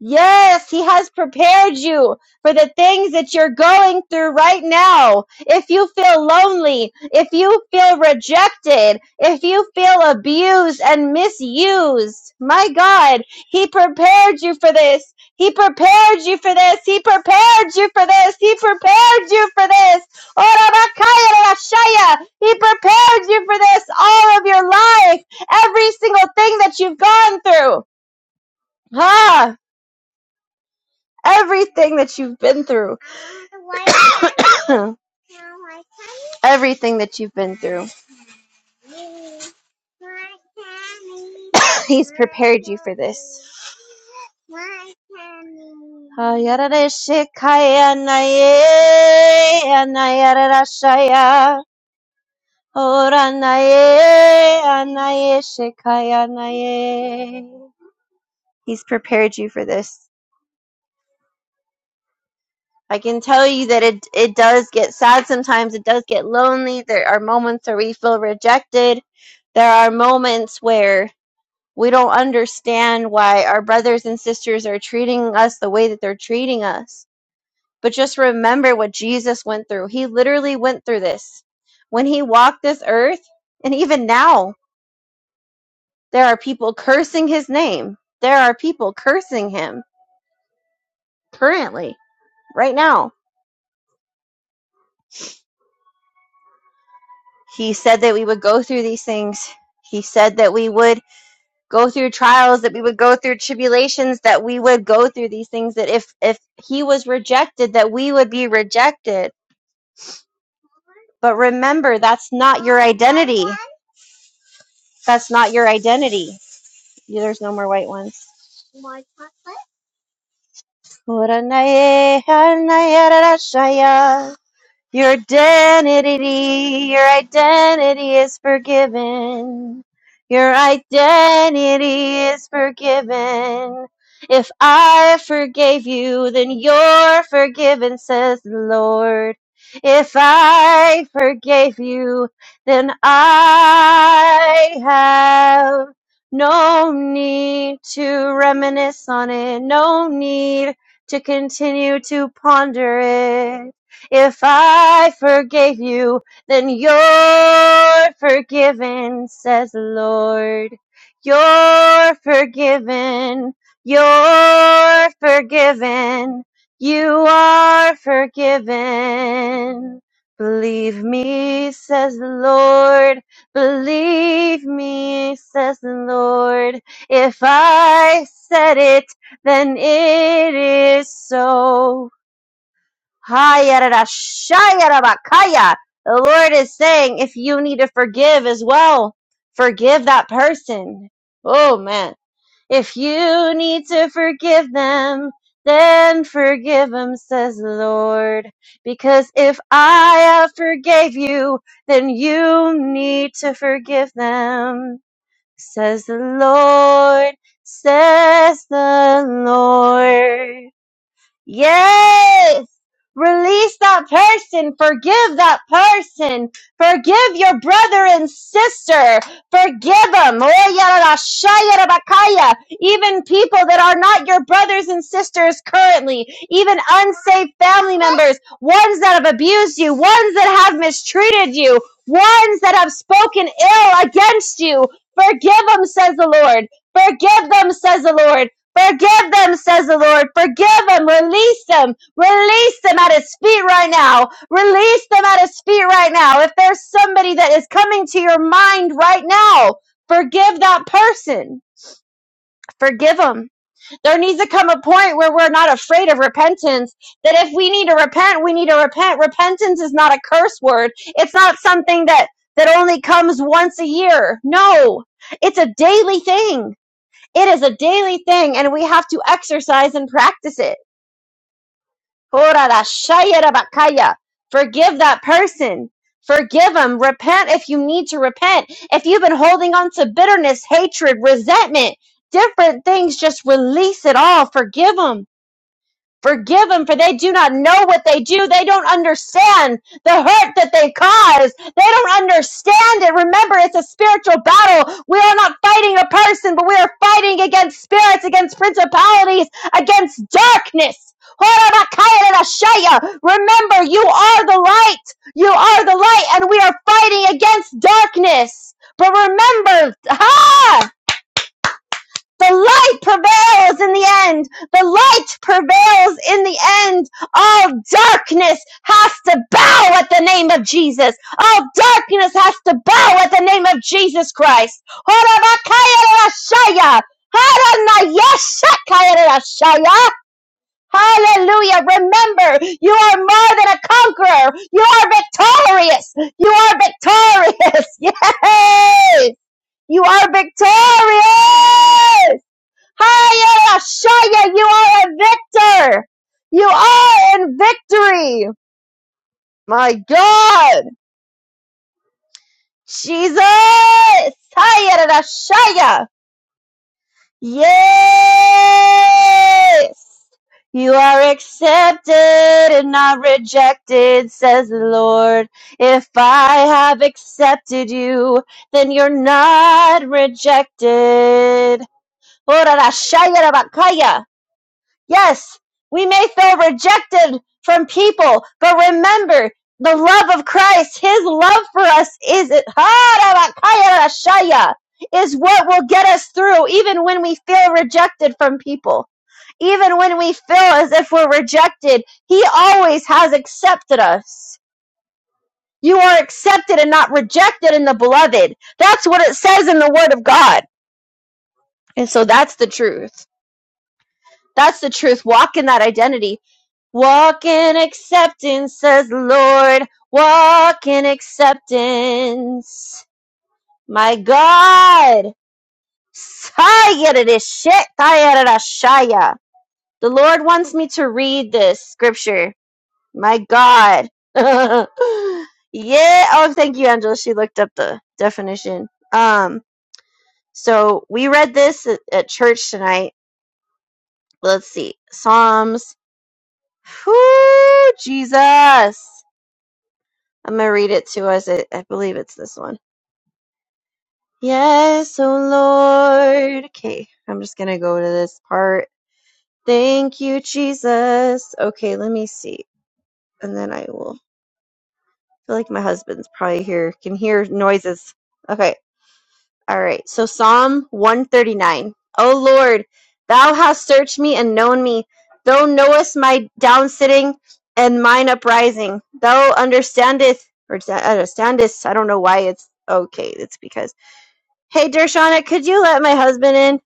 [SPEAKER 3] Yes, he has prepared you for the things that you're going through right now. If you feel lonely, if you feel rejected, if you feel abused and misused, my God, he prepared you for this. He prepared you for this. He prepared you for this. He prepared you for this. Ora rashaya. He prepared you for this all of your life. Every single thing that you've gone through. Ah, Everything that you've been through. [COUGHS] Everything that you've been through. [COUGHS] He's prepared you for this. He's prepared you for this. I can tell you that it it does get sad sometimes. It does get lonely. There are moments where we feel rejected. There are moments where we don't understand why our brothers and sisters are treating us the way that they're treating us. But just remember what Jesus went through. He literally went through this. When he walked this earth, and even now, there are people cursing his name. There are people cursing him currently, right now He said that we would go through these things. He said that we would go through trials, that we would go through tribulations, that we would go through these things, that if, if he was rejected, that we would be rejected. But remember, that's not your identity. That's not your identity. Yeah, There's no more white ones. Your identity, your identity is forgiven. Your identity is forgiven. If I forgave you, then you're forgiven, says the Lord. If I forgave you, then I have no need to reminisce on it, no need to continue to ponder it. If I forgave you, then you're forgiven, says the Lord. You're forgiven. You're forgiven. You are forgiven. Believe me, says the Lord. Believe me, says the Lord. If I said it, then it is so. Hayarashayarabakaya. The Lord is saying, if you need to forgive as well, forgive that person. Oh man. If you need to forgive them, then forgive them, says the Lord. Because if I have forgave you, then you need to forgive them, says the Lord, says the Lord. Yes. Release that person. Forgive that person. Forgive your brother and sister. Forgive them. Even people that are not your brothers and sisters currently. Even unsafe family members. Ones that have abused you. Ones that have mistreated you. Ones that have spoken ill against you. Forgive them, says the Lord. Forgive them, says the Lord. Forgive them, says the Lord. Forgive them. Release them. Release them at his feet right now. Release them at his feet right now. If there's somebody that is coming to your mind right now, forgive that person. Forgive them. There needs to come a point where we're not afraid of repentance. That if we need to repent, we need to repent. Repentance is not a curse word. It's not something that, that only comes once a year. No. It's a daily thing. It is a daily thing, and we have to exercise and practice it. Korarashayarabakaya. Forgive that person. Forgive them. Repent if you need to repent. If you've been holding on to bitterness, hatred, resentment, different things, just release it all. Forgive them Forgive them, for they do not know what they do. They don't understand the hurt that they cause. They don't understand it. Remember, it's a spiritual battle. We are not fighting a person, but we are fighting against spirits, against principalities, against darkness. Remember, you are the light. You are the light, and we are fighting against darkness. But remember, ha! The light prevails in the end. The light prevails in the end. All darkness has to bow at the name of Jesus. All darkness has to bow at the name of Jesus Christ. Hallelujah. Remember, you are more than a conqueror. You are victorious. You are victorious. [LAUGHS] Yes. You are victorious. Hiya, Shaya, you are a victor. You are in victory. My God. Jesus. Hiya, Shaya. Yes. You are accepted and not rejected, says the Lord. If I have accepted you, then you're not rejected. Ora, Shaya, Rabakaya. Yes, we may feel rejected from people, but remember the love of Christ, His love for us is it is what will get us through even when we feel rejected from people. Even when we feel as if we're rejected, He always has accepted us. You are accepted and not rejected in the beloved. That's what it says in the Word of God. And so that's the truth. That's the truth. Walk in that identity Walk in acceptance, says the Lord. Walk in acceptance. My God. Sayadadishit, tayadadashaya. The Lord wants me to read this scripture. My God. [LAUGHS] yeah. Oh, thank you, Angela. She looked up the definition. Um, so we read this at, at church tonight. Let's see. Psalms. Whoo, Jesus. I'm gonna read it to us. I, I believe it's this one. Yes, oh Lord. Okay, I'm just gonna go to this part. Thank you, Jesus. Okay, let me see. And then I will I feel like my husband's probably here, can hear noises. Okay, all right. So Psalm 139. O Lord, thou hast searched me and known me. Thou knowest my down sitting and mine uprising. Thou understandest, or understandest, I don't know why it's okay, it's because. Hey, Dershana, could you let my husband in?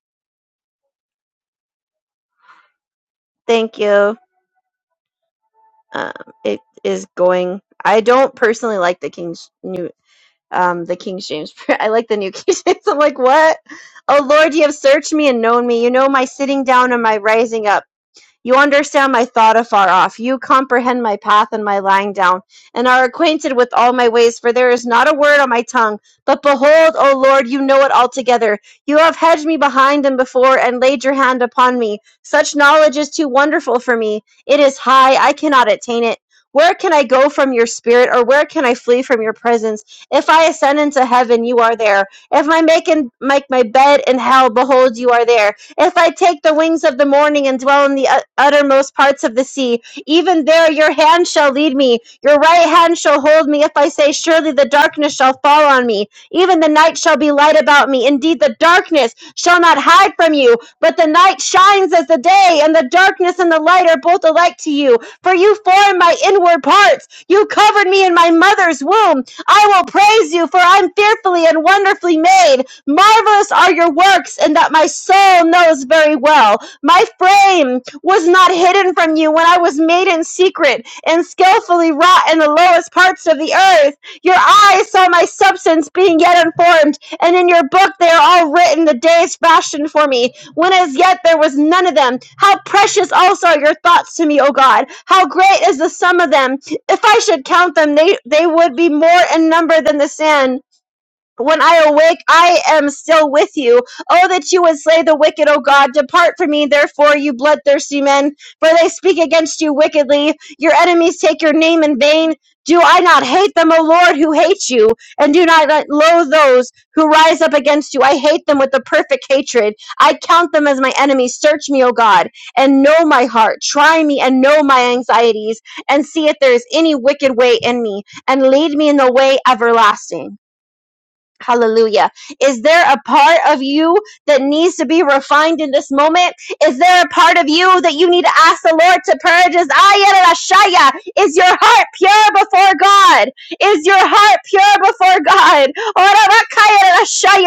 [SPEAKER 3] Thank you. Um, it is going. I don't personally like the King's new, um, the King James. [LAUGHS] I like the New [LAUGHS] King James. I'm like, what? Oh Lord, you have searched me and known me. You know my sitting down and my rising up. You understand my thought afar off. You comprehend my path and my lying down, and are acquainted with all my ways, for there is not a word on my tongue. But behold, O Lord, you know it altogether. You have hedged me behind and before, and laid your hand upon me. Such knowledge is too wonderful for me. It is high, I cannot attain it. Where can I go from your spirit, or where can I flee from your presence? If I ascend into heaven, you are there. If I make, in, make my bed in hell, behold, you are there. If I take the wings of the morning and dwell in the ut- uttermost parts of the sea, even there your hand shall lead me, your right hand shall hold me. If I say, Surely the darkness shall fall on me, even the night shall be light about me. Indeed, the darkness shall not hide from you, but the night shines as the day, and the darkness and the light are both alike to you. For you formed my inward parts, you covered me in my mother's womb. I will praise you, for I'm fearfully and wonderfully made. Marvelous are your works, and that my soul knows very well. My frame was not hidden from you when I was made in secret and skillfully wrought in the lowest parts of the earth. Your eyes saw my substance being yet unformed, and in your book they are all written the days fashioned for me, when as yet there was none of them. How precious also are your thoughts to me, O God! How great is the sum of them! If I should count them, they, they would be more in number than the sand when I awake, I am still with you. Oh, that you would slay the wicked, O God. Depart from me, therefore, you bloodthirsty men, for they speak against you wickedly. Your enemies take your name in vain. Do I not hate them, O Lord, who hate you? And do not loathe those who rise up against you. I hate them with a perfect hatred. I count them as my enemies. Search me, O God, and know my heart. Try me and know my anxieties, and see if there is any wicked way in me, and lead me in the way everlasting. Hallelujah. Is there a part of you that needs to be refined in this moment? Is there a part of you that you need to ask the Lord to purge? Is Is your heart pure before God? Is your heart pure before God?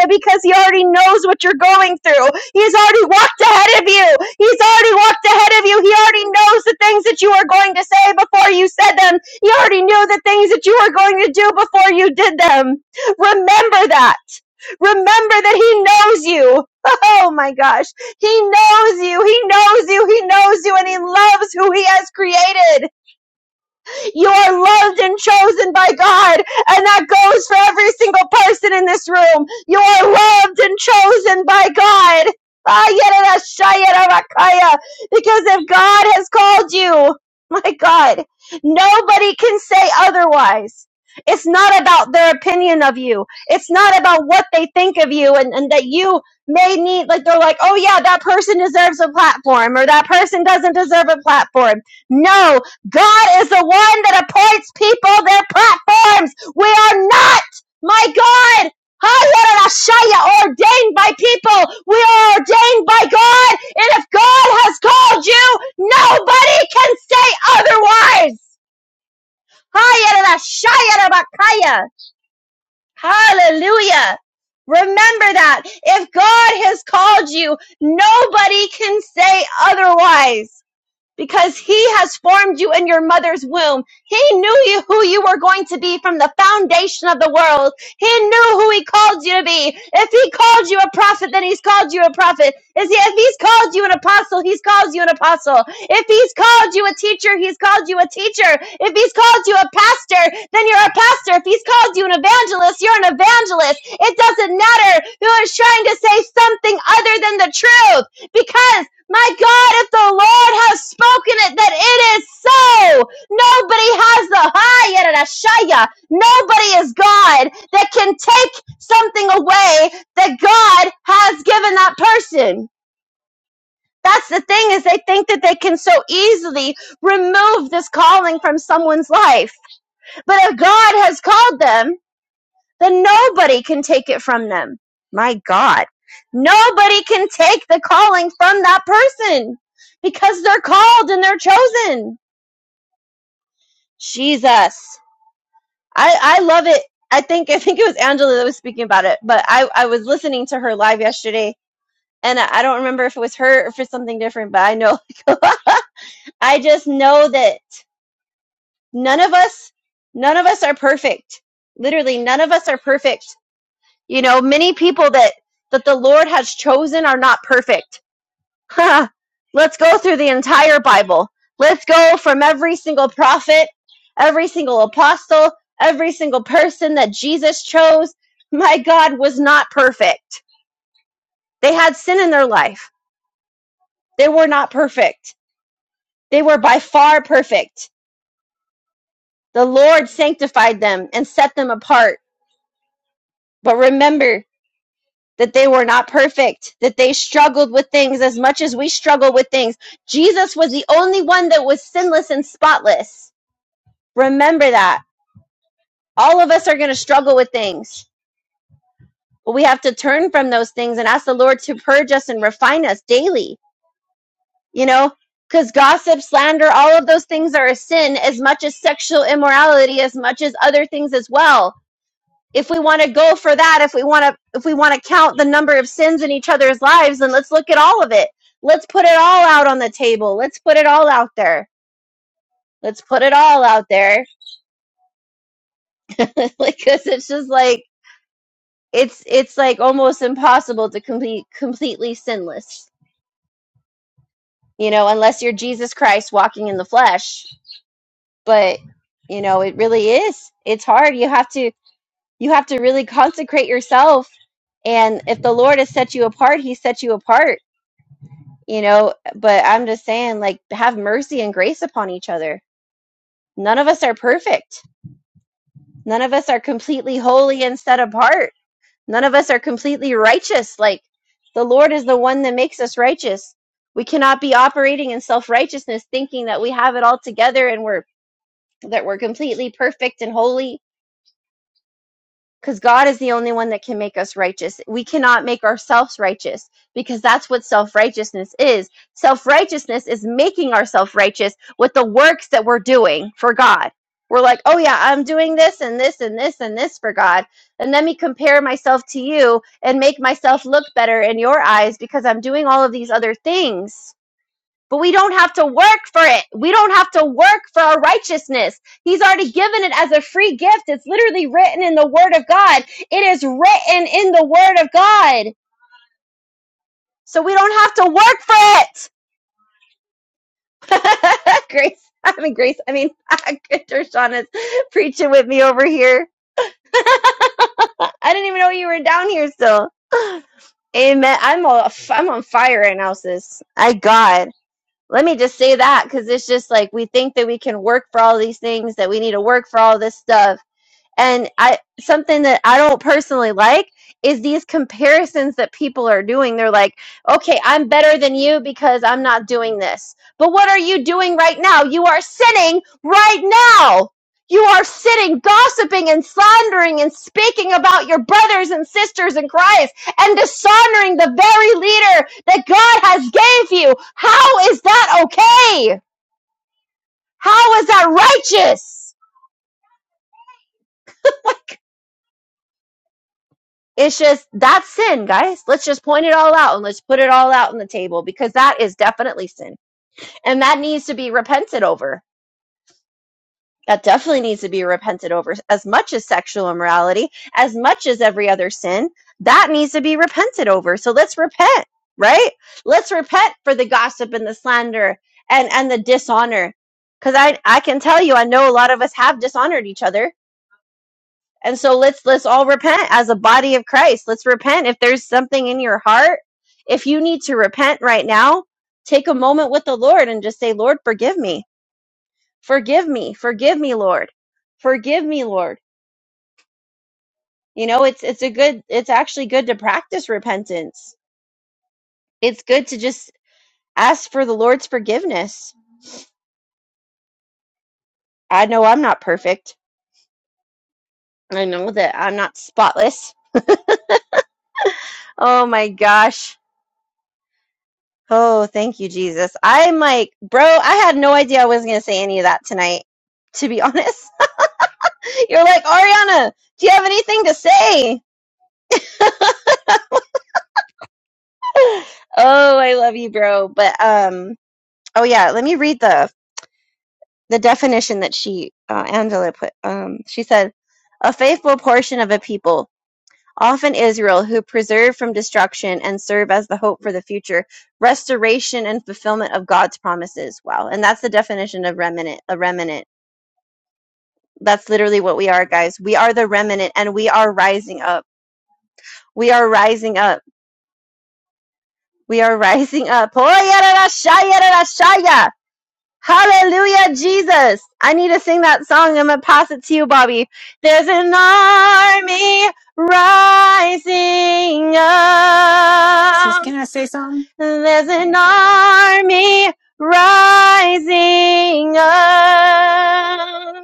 [SPEAKER 3] Because He already knows what you're going through. He's already walked ahead of you. He's already walked ahead of you. He already knows the things that you are going to say before you said them. He already knew the things that you were going to do before you did them. Remember that. Remember that He knows you. Oh my gosh. He knows you. He knows you. He knows you and He loves who He has created. You are loved and chosen by God. And that goes for every single person in this room. You are loved and chosen by God. Because if God has called you, my God, nobody can say otherwise. It's not about their opinion of you. It's not about what they think of you and, and that you may need, like, they're like, oh yeah, that person deserves a platform or that person doesn't deserve a platform. No, God is the one that appoints people their platforms. We are not, my God, Hayarashaya, ordained by people. We are ordained by God. And if God has called you, nobody can say otherwise. Hayarashayarabakaya. Hallelujah. Remember that. If God has called you, nobody can say otherwise because he has formed you in your mother's womb. He knew you who you were going to be from the foundation of the world. He knew who he called you to be. If he called you a prophet, then he's called you a prophet. if he's called you an apostle, he's called you an apostle. If he's called you a teacher, he's called you a teacher. If he's called you a pastor, then you're a pastor. If he's called you an evangelist, you're an evangelist. It doesn't matter who is trying to say something other than the truth because my God, if the Lord has spoken it, that it is so. Nobody has the high Shaya. Nobody is God that can take something away that God has given that person. That's the thing is they think that they can so easily remove this calling from someone's life. But if God has called them, then nobody can take it from them. My God. Nobody can take the calling from that person because they're called and they're chosen. Jesus. I, I love it. I think I think it was Angela that was speaking about it, but I, I was listening to her live yesterday and I I don't remember if it was her or for something different, but I know [LAUGHS] I just know that none of us none of us are perfect. Literally none of us are perfect You know, many people that that the Lord has chosen are not perfect. [LAUGHS] Let's go through the entire Bible. Let's go from every single prophet, every single apostle, every single person that Jesus chose. My God was not perfect. They had sin in their life. They were not perfect. They were by far perfect. The Lord sanctified them and set them apart. But remember, that they were not perfect, that they struggled with things as much as we struggle with things. Jesus was the only one that was sinless and spotless. Remember that. All of us are going to struggle with things, but we have to turn from those things and ask the Lord to purge us and refine us daily, you know? Because gossip, slander, all of those things are a sin as much as sexual immorality, as much as other things as well if we want to go for that, if we want to if we want to count the number of sins in each other's lives, then let's look at all of it. Let's put it all out on the table. Let's put it all out there. Let's put it all out there [LAUGHS] because it's just like it's it's like almost impossible to complete completely sinless, you know, unless you're Jesus Christ walking in the flesh. But you know, it really is. It's hard. You have to you have to really consecrate yourself. And if the Lord has set you apart, He set you apart you know but i'm just saying like have mercy and grace upon each other none of us are perfect none of us are completely holy and set apart none of us are completely righteous like the lord is the one that makes us righteous we cannot be operating in self-righteousness thinking that we have it all together and we're that we're completely perfect and holy because God is the only one that can make us righteous. We cannot make ourselves righteous because that's what self righteousness is. Self righteousness is making ourselves righteous with the works that we're doing for God. We're like, oh yeah, I'm doing this and this and this and this for God. And let me compare myself to you and make myself look better in your eyes because I'm doing all of these other things. But we don't have to work for it. We don't have to work for our righteousness. He's already given it as a free gift. It's literally written in the Word of God. It is written in the Word of God. So we don't have to work for it. [LAUGHS] Grace, I mean, Grace, I mean, [LAUGHS] Dershana's preaching with me over here. I didn't even know you were down here still. Amen. I'm, a, I'm on fire right now, sis. I God. let me just say that because it's just like we think that we can work for all these things that we need to work for all this stuff and i something that i don't personally like is these comparisons that people are doing they're like okay i'm better than you because i'm not doing this but what are you doing right now you are sinning right now you are sitting gossiping and slandering and speaking about your brothers and sisters in christ and dishonoring the very leader that god has gave you how is that okay how is that righteous [LAUGHS] It's just that's sin, guys. Let's just point it all out and let's put it all out on the table because that is definitely sin. And that needs to be repented over. That definitely needs to be repented over as much as sexual immorality, as much as every other sin. That needs to be repented over. So let's repent, right? Let's repent for the gossip and the slander and and the dishonor. Cuz I I can tell you I know a lot of us have dishonored each other and so let's let's all repent as a body of Christ. Let's repent if there's something in your heart. If you need to repent right now, take a moment with the Lord and just say, "Lord, forgive me. Forgive me. Forgive me, Lord. Forgive me, Lord." You know, it's it's a good it's actually good to practice repentance. It's good to just ask for the Lord's forgiveness. I know I'm not perfect. I know that I'm not spotless. Oh my gosh. Oh, thank you, Jesus. I'm like, bro, I had no idea I was going to say any of that tonight, to be honest. [LAUGHS] You're like, Ariana, do you have anything to say? [SIGHS] [LAUGHS] Oh, I love you, bro. But, um, oh yeah, let me read the, the definition that she, uh, Angela put. Um, she said, a faithful portion of a people, often Israel, who preserve from destruction and serve as the hope for the future, restoration and fulfillment of God's promises. Wow. And that's the definition of remnant, a remnant That's literally what we are, guys. We are the remnant and we are rising up. We are rising up. We are [LAUGHS] rising up. Hallelujah, Jesus. I need to sing that song. I'm going to pass it to you, Bobby. There's an army rising
[SPEAKER 4] Sis,
[SPEAKER 3] up.
[SPEAKER 4] can I say something?
[SPEAKER 3] There's an army rising up.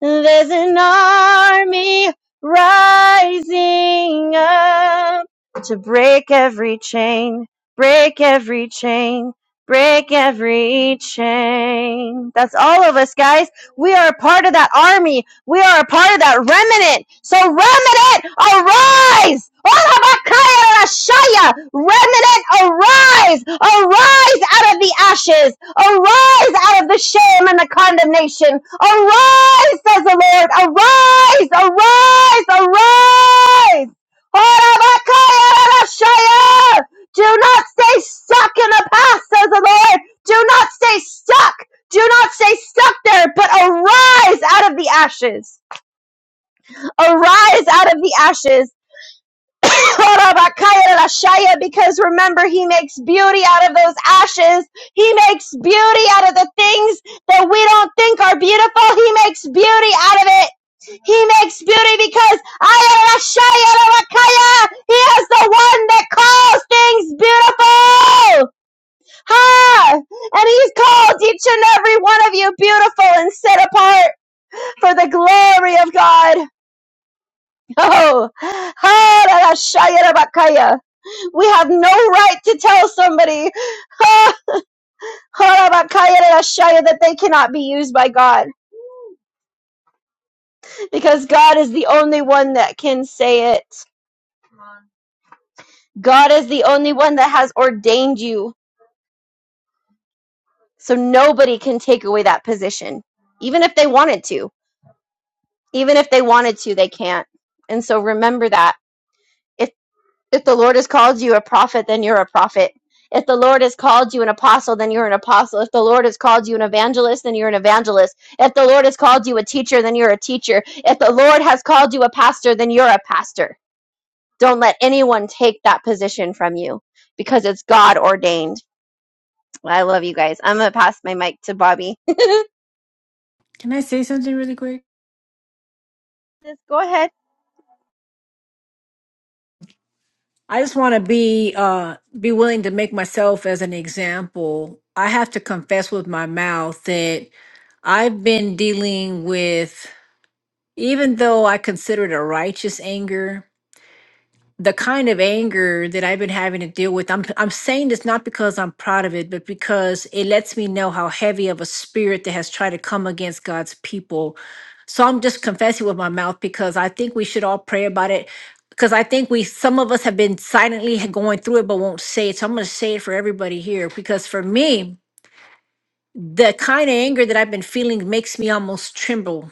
[SPEAKER 3] There's an army rising up to break every chain, break every chain, break every chain. That's all of us, guys. We are a part of that army. We are a part of that remnant. So remnant, arise! Olamakayarashaya! Remnant, arise! Arise out of the ashes! Arise out of the shame and the condemnation! Arise, says the Lord! Arise! Arise! Arise! Olamakayarashaya! Do not stay stuck in the past, says the Lord! Do not stay stuck! Do not stay stuck there, but arise out of the ashes. Arise out of the ashes. [LAUGHS] Because remember, he makes beauty out of those ashes. He makes beauty out of the things that we don't think are beautiful. He makes beauty out of it. He makes beauty because he is the one that calls things beautiful. Ha! And he's called each and every one of you beautiful and set apart. for the glory of God. [LAUGHS] Oh, ha, shaya, da, we have no right to tell somebody [LAUGHS] ha, ha, that they cannot be used by God because God is the only one that can say it. God is the only one that has ordained you. So nobody can take away that position, even if they wanted to. Even if they wanted to, they can't. And so remember that If If the Lord has called you a prophet, then you're a prophet. If the Lord has called you an apostle, then you're an apostle. If the Lord has called you an evangelist, then you're an evangelist. If the Lord has called you a teacher, then you're a teacher. If the Lord has called you a pastor, then you're a pastor. Don't let anyone take that position from you because it's God ordained. I love you guys. I'm going to pass my mic to Bobby.
[SPEAKER 4] Can I say something really quick?
[SPEAKER 3] [LAUGHS] Just go ahead.
[SPEAKER 4] I just want to be uh be willing to make myself as an example. I have to confess with my mouth that I've been dealing with even though I consider it a righteous anger, the kind of anger that I've been having to deal with. I'm I'm saying this not because I'm proud of it, but because it lets me know how heavy of a spirit that has tried to come against God's people So I'm just confessing with my mouth because I think we should all pray about it. Because I think we, some of us have been silently ha- going through it, but won't say it. So I'm going to say it for everybody here. Because for me, the kind of anger that I've been feeling makes me almost tremble.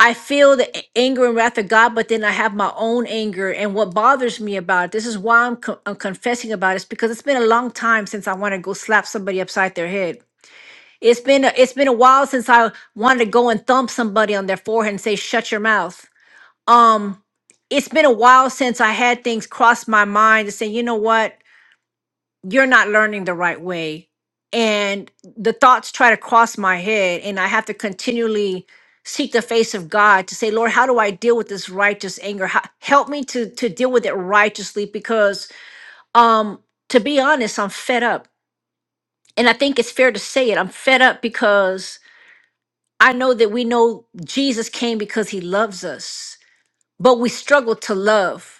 [SPEAKER 4] I feel the a- anger and wrath of God, but then I have my own anger. And what bothers me about it, this is why I'm, co- I'm confessing about it, is because it's been a long time since I want to go slap somebody upside their head. It's been a, it's been a while since I wanted to go and thump somebody on their forehead and say, "Shut your mouth." um it's been a while since i had things cross my mind to say you know what you're not learning the right way and the thoughts try to cross my head and i have to continually seek the face of god to say lord how do i deal with this righteous anger How- help me to to deal with it righteously because um to be honest i'm fed up and i think it's fair to say it i'm fed up because i know that we know jesus came because he loves us but we struggle to love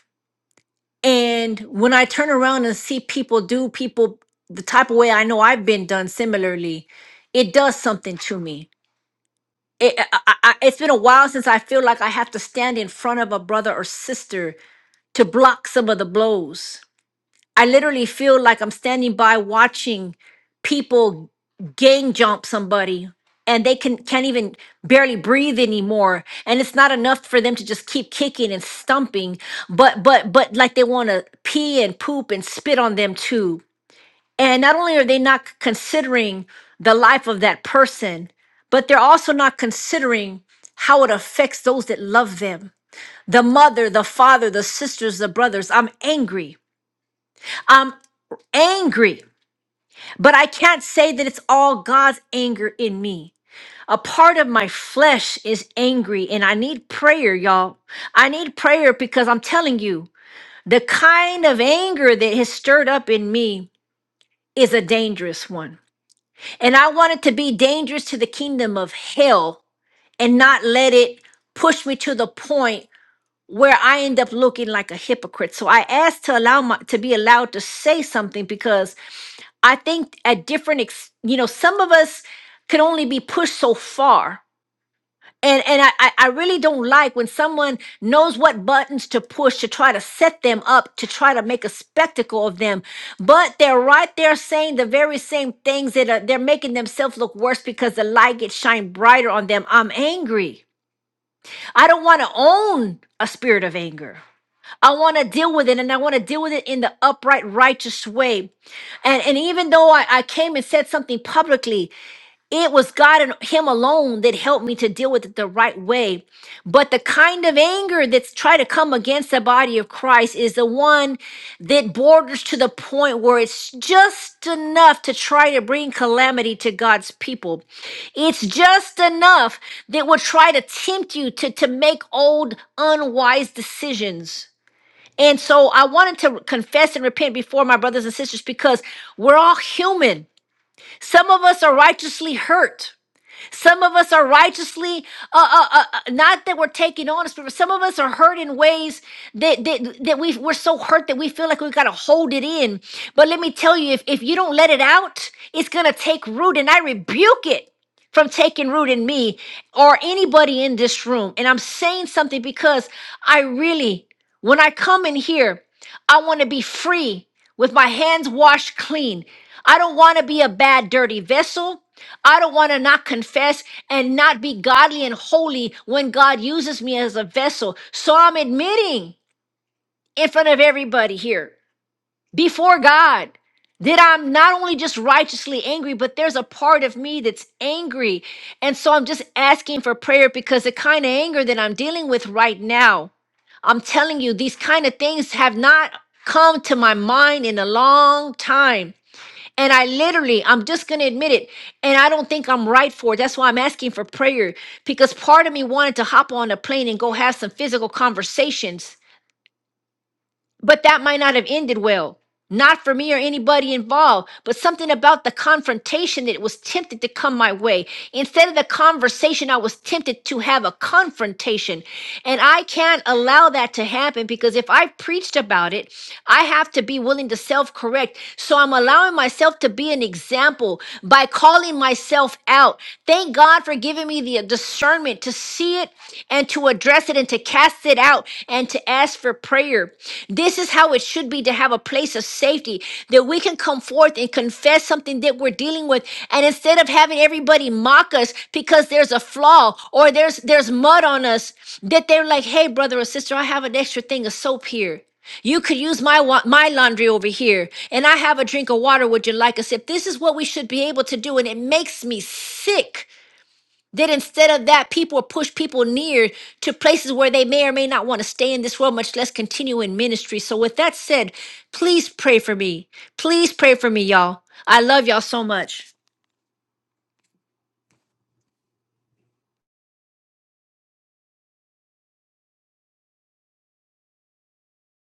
[SPEAKER 4] And when I turn around and see people do people the type of way I know I've been done similarly, it does something to me. It, I, I, I- it's been a while since I feel like I have to stand in front of a brother or sister to block some of the blows. I literally feel like I'm standing by watching people gang jump somebody and they can can't even barely breathe anymore and it's not enough for them to just keep kicking and stumping but but but like they want to pee and poop and spit on them too and not only are they not c- considering the life of that person but they're also not considering how it affects those that love them the mother the father the sisters the brothers i'm angry i'm angry but I can't say that it's all God's anger in me. A part of my flesh is angry, and I need prayer, y'all. I need prayer because I'm telling you, the kind of anger that has stirred up in me is a dangerous one. And I want it to be dangerous to the kingdom of hell and not let it push me to the point where I end up looking like a hypocrite. So I asked to allow my to be allowed to say something because I think at different, ex- you know, some of us can only be pushed so far. And, and I, I I really don't like when someone knows what buttons to push to try to set them up, to try to make a spectacle of them. But they're right there saying the very same things that are, they're making themselves look worse because the light gets shined brighter on them. I'm angry. I don't want to own a spirit of anger. I want to deal with it and I want to deal with it in the upright, righteous way. And, and even though I, I came and said something publicly, it was God and Him alone that helped me to deal with it the right way. But the kind of anger that's try to come against the body of Christ is the one that borders to the point where it's just enough to try to bring calamity to God's people. It's just enough that will try to tempt you to, to make old, unwise decisions. And so I wanted to confess and repent before my brothers and sisters because we're all human. Some of us are righteously hurt. Some of us are righteously, uh, uh, uh, uh, not that we're taking on a spirit, but some of us are hurt in ways that, that, that we, we're so hurt that we feel like we've got to hold it in. But let me tell you, if, if you don't let it out, it's going to take root. And I rebuke it from taking root in me or anybody in this room. And I'm saying something because I really, when I come in here, I want to be free with my hands washed clean. I don't want to be a bad, dirty vessel. I don't want to not confess and not be godly and holy when God uses me as a vessel. So I'm admitting in front of everybody here, before God, that I'm not only just righteously angry, but there's a part of me that's angry. And so I'm just asking for prayer because the kind of anger that I'm dealing with right now, I'm telling you, these kind of things have not come to my mind in a long time. And I literally, I'm just going to admit it. And I don't think I'm right for it. That's why I'm asking for prayer because part of me wanted to hop on a plane and go have some physical conversations, but that might not have ended well. Not for me or anybody involved, but something about the confrontation that was tempted to come my way. Instead of the conversation, I was tempted to have a confrontation. And I can't allow that to happen because if I preached about it I have to be willing to self correct. So I'm allowing myself to be an example by calling myself out. Thank God for giving me the discernment to see it and to address it and to cast it out and to ask for prayer. This is how it should be to have a place of safety that we can come forth and confess something that we're dealing with. And instead of having everybody mock us because there's a flaw or there's there's mud on us, that they're like, hey, brother or sister, I have an extra thing of soap here. You could use my wa- my laundry over here, and I have a drink of water. Would you like a sip? This is what we should be able to do, and it makes me sick that instead of that, people push people near to places where they may or may not want to stay in this world, much less continue in ministry. So, with that said, please pray for me. Please pray for me, y'all. I love y'all so much.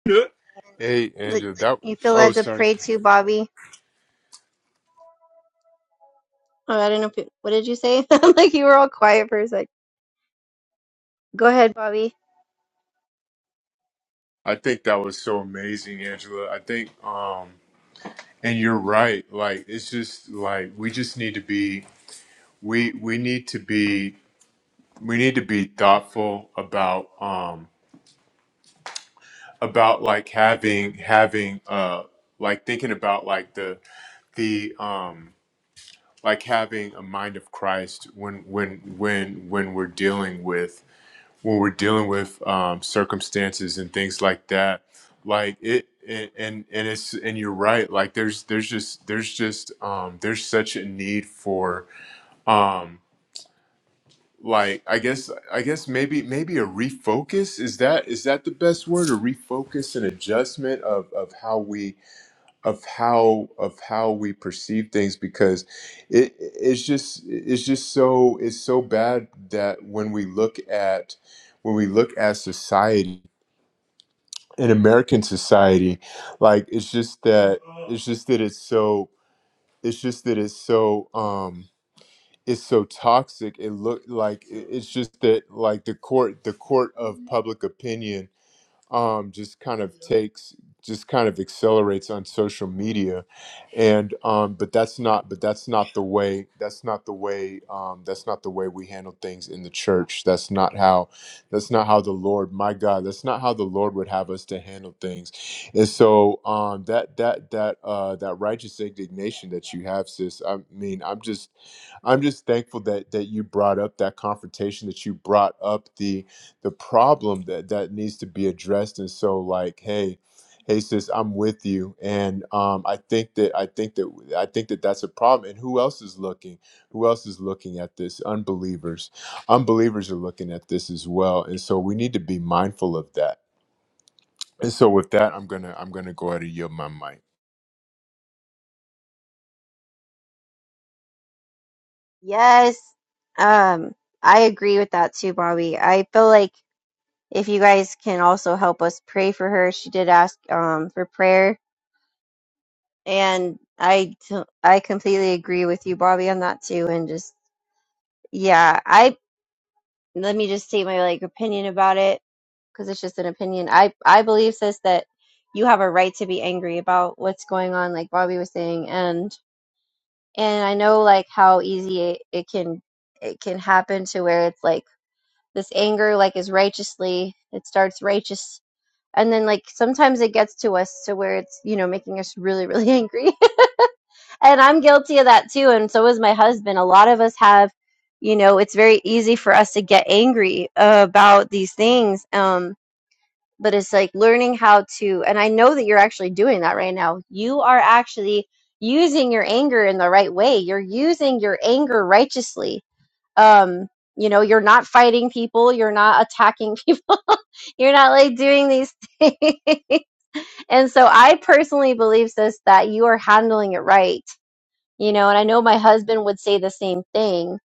[SPEAKER 1] Yeah. Hey,
[SPEAKER 3] Let-
[SPEAKER 1] Angela. That
[SPEAKER 3] You feel
[SPEAKER 1] oh,
[SPEAKER 3] led to
[SPEAKER 1] sorry.
[SPEAKER 3] pray to Bobby. Oh, I don't know. If you, what did you say? [LAUGHS] like you were all quiet for a sec. Go ahead, Bobby.
[SPEAKER 1] I think that was so amazing, Angela. I think, um, and you're right. Like it's just like we just need to be we we need to be we need to be thoughtful about um about like having having uh like thinking about like the the um like having a mind of Christ when when when when we're dealing with when we're dealing with um circumstances and things like that like it and and and it's and you're right like there's there's just there's just um there's such a need for um like i guess i guess maybe maybe a refocus is that is that the best word a refocus and adjustment of of how we of how of how we perceive things because it it's just it's just so it's so bad that when we look at when we look at society in American society like it's just that it's just that it's so it's just that it's so um it's so toxic it look like it- it's just that like the court the court of public opinion um, just kind of takes just kind of accelerates on social media and um, but that's not but that's not the way that's not the way um, that's not the way we handle things in the church that's not how that's not how the lord my god that's not how the lord would have us to handle things and so um, that that that uh, that righteous indignation that you have sis i mean i'm just i'm just thankful that that you brought up that confrontation that you brought up the the problem that that needs to be addressed and so like hey hey sis i'm with you and um i think that i think that i think that that's a problem and who else is looking who else is looking at this unbelievers unbelievers are looking at this as well and so we need to be mindful of that and so with that i'm gonna i'm gonna go ahead and yield my mic
[SPEAKER 3] Yes. Um, I agree with that too, Bobby. I feel like if you guys can also help us pray for her, she did ask um for prayer, and I t- I completely agree with you, Bobby, on that too. And just yeah, I let me just state my like opinion about it because it's just an opinion. I I believe sis that you have a right to be angry about what's going on, like Bobby was saying, and and I know like how easy it, it can it can happen to where it's like this anger like is righteously it starts righteous and then like sometimes it gets to us to where it's you know making us really really angry [LAUGHS] and i'm guilty of that too and so is my husband a lot of us have you know it's very easy for us to get angry uh, about these things um but it's like learning how to and i know that you're actually doing that right now you are actually using your anger in the right way you're using your anger righteously um you know you're not fighting people you're not attacking people [LAUGHS] you're not like doing these things [LAUGHS] and so i personally believe sis that you are handling it right you know and i know my husband would say the same thing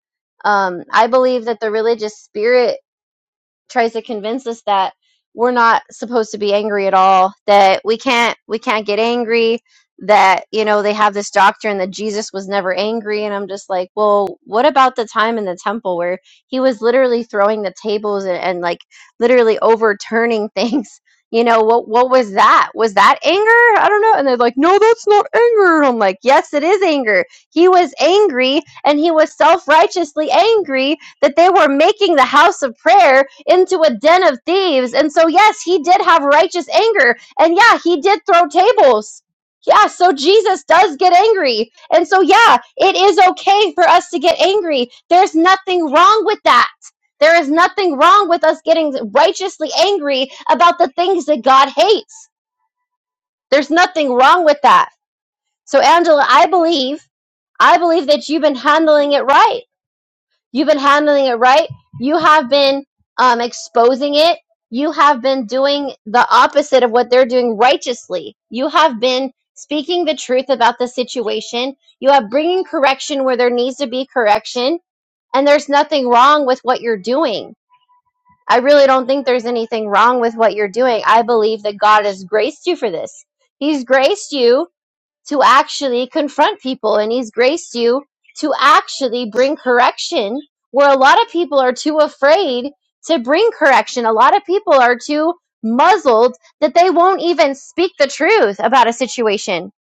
[SPEAKER 3] um i believe that the religious spirit tries to convince us that we're not supposed to be angry at all that we can't we can't get angry that you know they have this doctrine that jesus was never angry and i'm just like well what about the time in the temple where he was literally throwing the tables and, and like literally overturning things [LAUGHS] you know what what was that was that anger i don't know and they're like no that's not anger i'm like yes it is anger he was angry and he was self-righteously angry that they were making the house of prayer into a den of thieves. And so, yes, he did have righteous anger. And yeah, he did throw tables. Yeah, so Jesus does get angry. And so, yeah, it is okay for us to get angry. There's nothing wrong with that. There is nothing wrong with us getting righteously angry about the things that God hates. There's nothing wrong with that. So, Angela, I believe, I believe that you've been handling it right You've been handling it right. You have been um, exposing it. You have been doing the opposite of what they're doing righteously. You have been speaking the truth about the situation. You are bringing correction where there needs to be correction. And there's nothing wrong with what you're doing. I really don't think there's anything wrong with what you're doing. I believe that God has graced you for this. He's graced you to actually confront people and he's graced you to actually bring correction where a lot of people are too afraid to bring correction. A lot of people are too muzzled that they won't even speak the truth about a situation.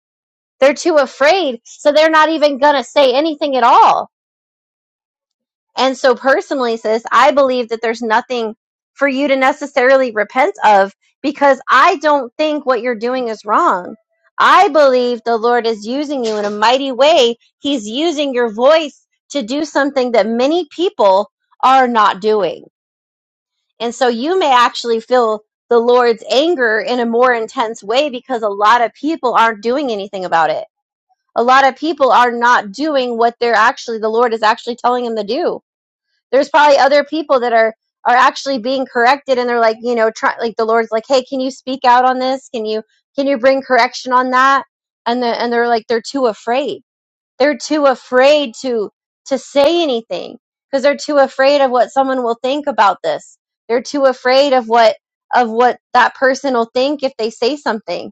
[SPEAKER 3] They're too afraid, so they're not even going to say anything at all. And so, personally, sis, I believe that there's nothing for you to necessarily repent of because I don't think what you're doing is wrong. I believe the Lord is using you in a mighty way. He's using your voice to do something that many people are not doing. And so, you may actually feel the Lord's anger in a more intense way because a lot of people aren't doing anything about it. A lot of people are not doing what they're actually, the Lord is actually telling them to do there's probably other people that are are actually being corrected and they're like, you know, try like the Lord's like, "Hey, can you speak out on this? Can you can you bring correction on that?" And the, and they're like they're too afraid. They're too afraid to to say anything because they're too afraid of what someone will think about this. They're too afraid of what of what that person will think if they say something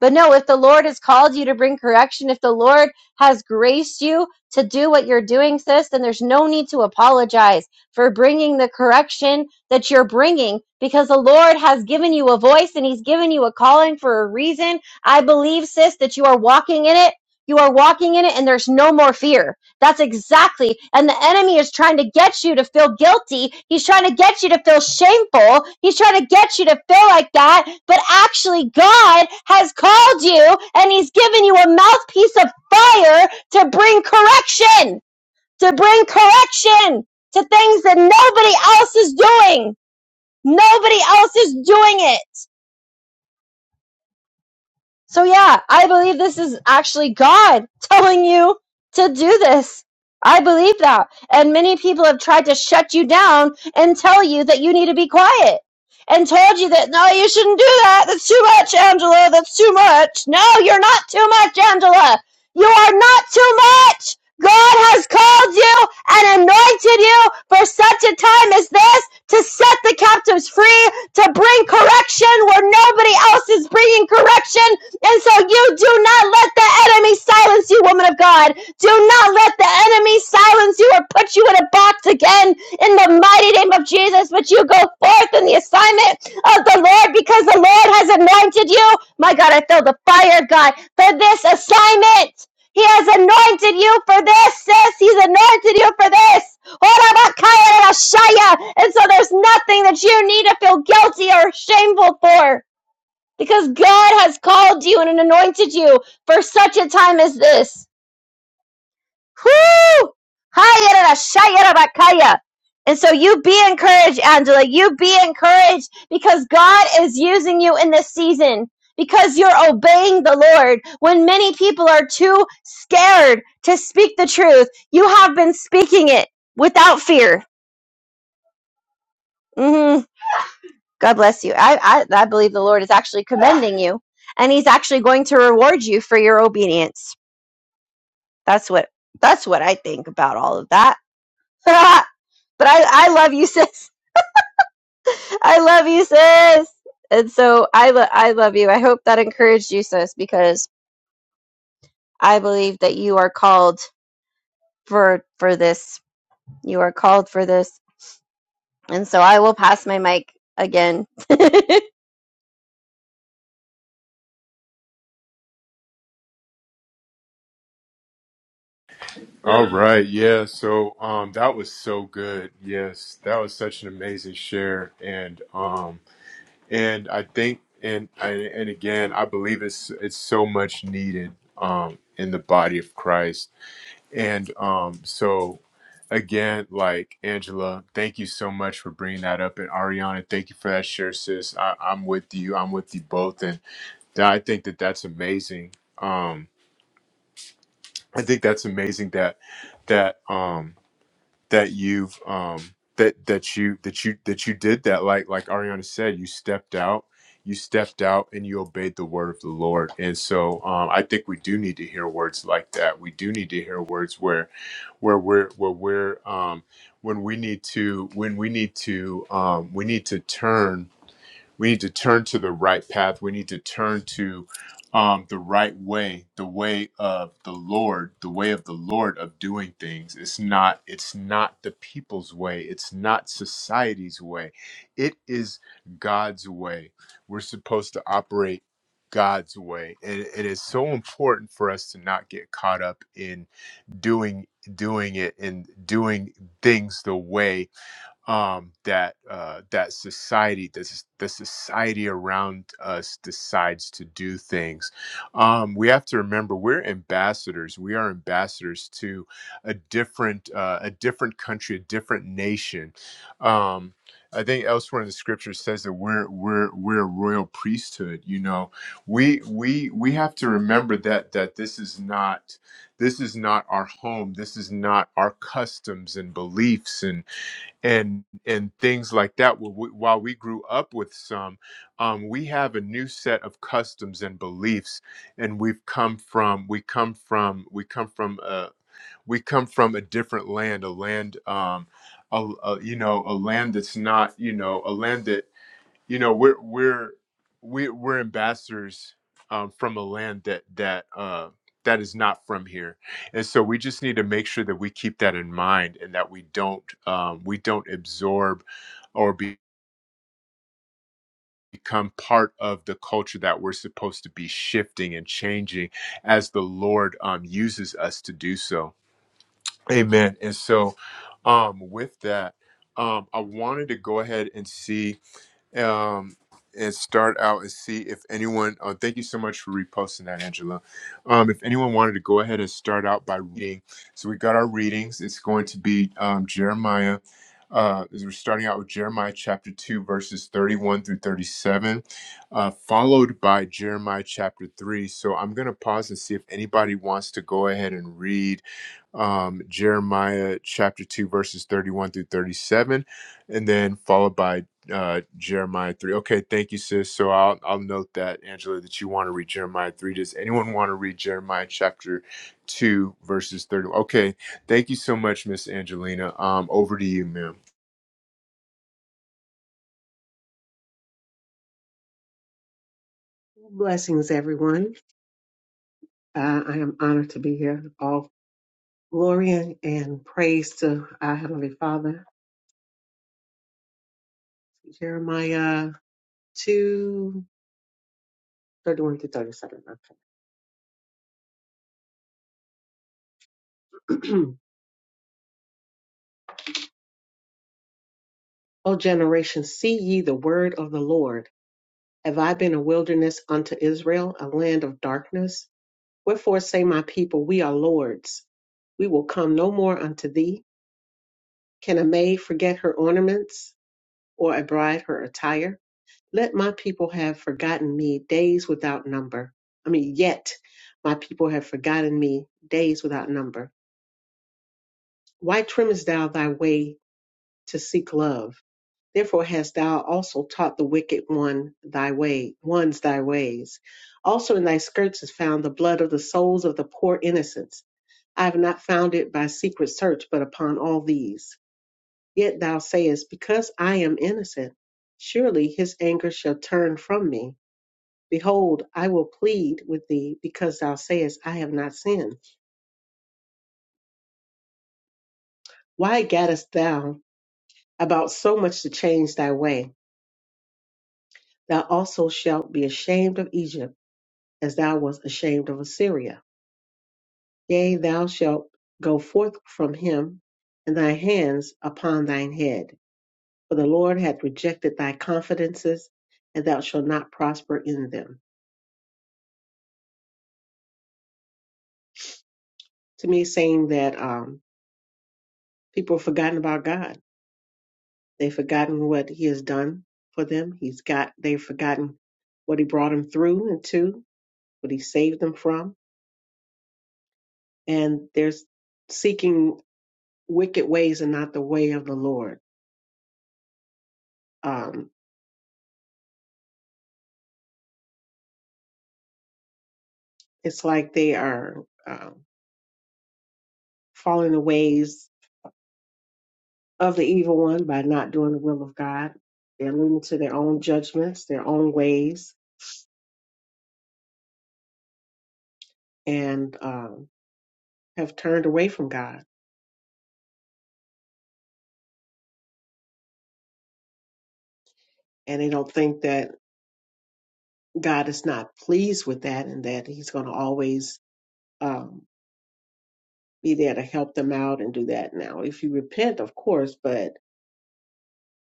[SPEAKER 3] but no, if the Lord has called you to bring correction, if the Lord has graced you to do what you're doing, sis, then there's no need to apologize for bringing the correction that you're bringing because the Lord has given you a voice and He's given you a calling for a reason. I believe, sis, that you are walking in it. You are walking in it, and there's no more fear. That's exactly. And the enemy is trying to get you to feel guilty. He's trying to get you to feel shameful. He's trying to get you to feel like that. But actually, God has called you and he's given you a mouthpiece of fire to bring correction, to bring correction to things that nobody else is doing. Nobody else is doing it. So yeah, I believe this is actually God telling you to do this. I believe that. And many people have tried to shut you down and tell you that you need to be quiet and told you that no, you shouldn't do that. That's too much, Angela. That's too much. No, you're not too much, Angela. You are not too much. God has called you and anointed you for such a time as this to set the captives free, to bring correction where nobody else is bringing correction, and so you do not let the enemy silence you, woman of God. Do not let the enemy silence you or put you in a box again in the mighty name of Jesus. But you go forth in the assignment of the Lord because the Lord has anointed you. My God, I feel the fire, God, for this assignment. He has anointed you for this, sis. He's anointed you for this. And so there's nothing that you need to feel guilty or shameful for because God has called you and anointed you for such a time as this. Whoo! Hayarashayarabakaya. And so you be encouraged, Angela. You be encouraged because God is using you in this season because you're obeying the Lord. When many people are too scared to speak the truth, you have been speaking it without fear. Mm-hmm. God bless you. I, I, I believe the Lord is actually commending you and he's actually going to reward you for your obedience. That's what that's what I think about all of that. [LAUGHS] but I, I love you, [LAUGHS] sis. I love you, sis. And so I, lo- I love you. I hope that encouraged you, sis, because I believe that you are called for for this. You are called for this. And so I will pass my mic again. [LAUGHS] I'll
[SPEAKER 1] all right yeah so um that was so good yes that was such an amazing share and um and I think and and, and again, I believe it's it's so much needed um, in the body of Christ, and um, so again, like Angela, thank you so much for bringing that up, and Ariana, thank you for that share, sis. I, I'm with you. I'm with you both, and that, I think that that's amazing. Um, I think that's amazing that that. Um, that you've um that that you that you that you did that like like Ariana said you stepped out you stepped out and you obeyed the word of the Lord and so um I think we do need to hear words like that we do need to hear words where where we're where we're um when we need to when we need to um we need to turn we need to turn to the right path. We need to turn to um, the right way, the way of the Lord, the way of the Lord of doing things. It's not. It's not the people's way. It's not society's way. It is God's way. We're supposed to operate God's way, and it is so important for us to not get caught up in doing doing it and doing things the way um, that uh, that society, the, the society around us decides to do things. Um, we have to remember we're ambassadors. We are ambassadors to a different uh, a different country, a different nation. Um, I think elsewhere in the scripture says that we're we're we're a royal priesthood. You know, we we we have to remember that that this is not this is not our home. This is not our customs and beliefs and and and things like that. Wh- wh- While we grew up with some, um, we have a new set of customs and beliefs, and we've come from we come from we come from a we come from a different land, a land, um, a, a- you know, a land that's not you know a land that you know we're we're we, we're ambassadors um, from a land that that uh, that is not from here and so we just need to make sure that we keep that in mind and that we don't um, we don't absorb or be become part of the culture that we're supposed to be shifting and changing as the lord um, uses us to do so amen and so um, with that um, i wanted to go ahead and see um, and start out and see if anyone. Oh, thank you so much for reposting that, Angela. Um, if anyone wanted to go ahead and start out by reading, so we got our readings. It's going to be um, Jeremiah. Uh, is we're starting out with Jeremiah chapter 2, verses 31 through 37, uh, followed by Jeremiah chapter 3. So I'm going to pause and see if anybody wants to go ahead and read um, Jeremiah chapter 2, verses 31 through 37 and then followed by uh, Jeremiah three. Okay, thank you, sis. So I'll I'll note that Angela that you want to read Jeremiah three. Does anyone want to read Jeremiah chapter two verses thirty? Okay, thank you so much, Miss Angelina. Um, over to you, ma'am.
[SPEAKER 5] Blessings, everyone. Uh, I am honored to be here. All glory and praise to our Heavenly Father. Jeremiah 231 to 37. Okay. [CLEARS THROAT] o generation, see ye the word of the Lord. Have I been a wilderness unto Israel, a land of darkness? Wherefore say my people, We are lords. We will come no more unto thee. Can a maid forget her ornaments, or a bride her attire? Let my people have forgotten me days without number. I mean, yet my people have forgotten me days without number. Why trimmest thou thy way to seek love? Therefore hast thou also taught the wicked one thy way, ones thy ways. Also in thy skirts is found the blood of the souls of the poor innocents. I have not found it by secret search, but upon all these. Yet thou sayest, Because I am innocent, surely his anger shall turn from me Behold, I will plead with thee because thou sayest, I have not sinned. Why gaddest thou about so much to change thy way? Thou also shalt be ashamed of Egypt as thou wast ashamed of Assyria. Yea, thou shalt go forth from him and thy hands upon thine head. For the Lord hath rejected thy confidences and thou shalt not prosper in them. To me, it's saying that um, people have forgotten about God They've forgotten what he has done for them. He's got they've forgotten what he brought them through and to, what he saved them from. And they're seeking wicked ways and not the way of the Lord. Um, it's like they are um, following the ways of the evil one by not doing the will of God. They're leaning to their own judgments, their own ways, and um, have turned away from God. And they don't think that God is not pleased with that and that he's going to always um, be there to help them out and do that. Now, if you repent, of course, but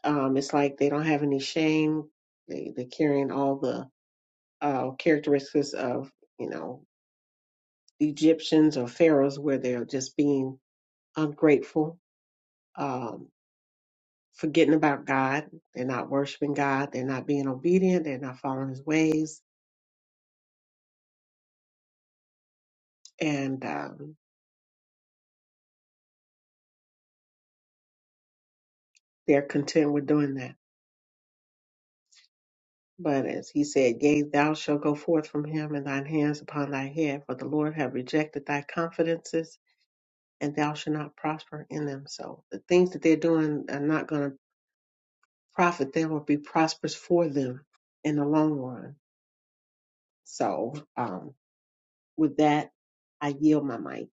[SPEAKER 5] um, it's like they don't have any shame. They they're carrying all the uh, characteristics of you know Egyptians or pharaohs, where they're just being ungrateful, um, forgetting about God. They're not worshiping God. They're not being obedient. They're not following His ways, and um, they're content with doing that. But as he said, Yea, thou shalt go forth from him, and thine hands upon thy head, for the Lord hath rejected thy confidences, and thou shalt not prosper in them. So the things that they're doing are not going to profit them or be prosperous for them in the long run. So um, with that, I yield my mic.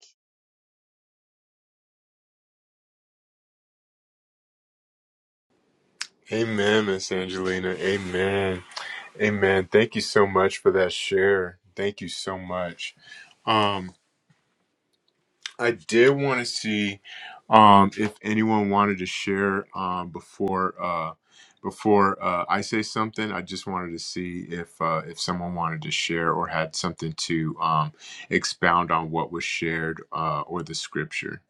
[SPEAKER 1] Amen, Miss Angelina. Amen. Amen. Thank you so much for that share. Thank you so much. Um, I did want to see um, if anyone wanted to share um, before uh, before uh, I say something. I just wanted to see if uh, if someone wanted to share or had something to um, expound on what was shared uh, or the scripture.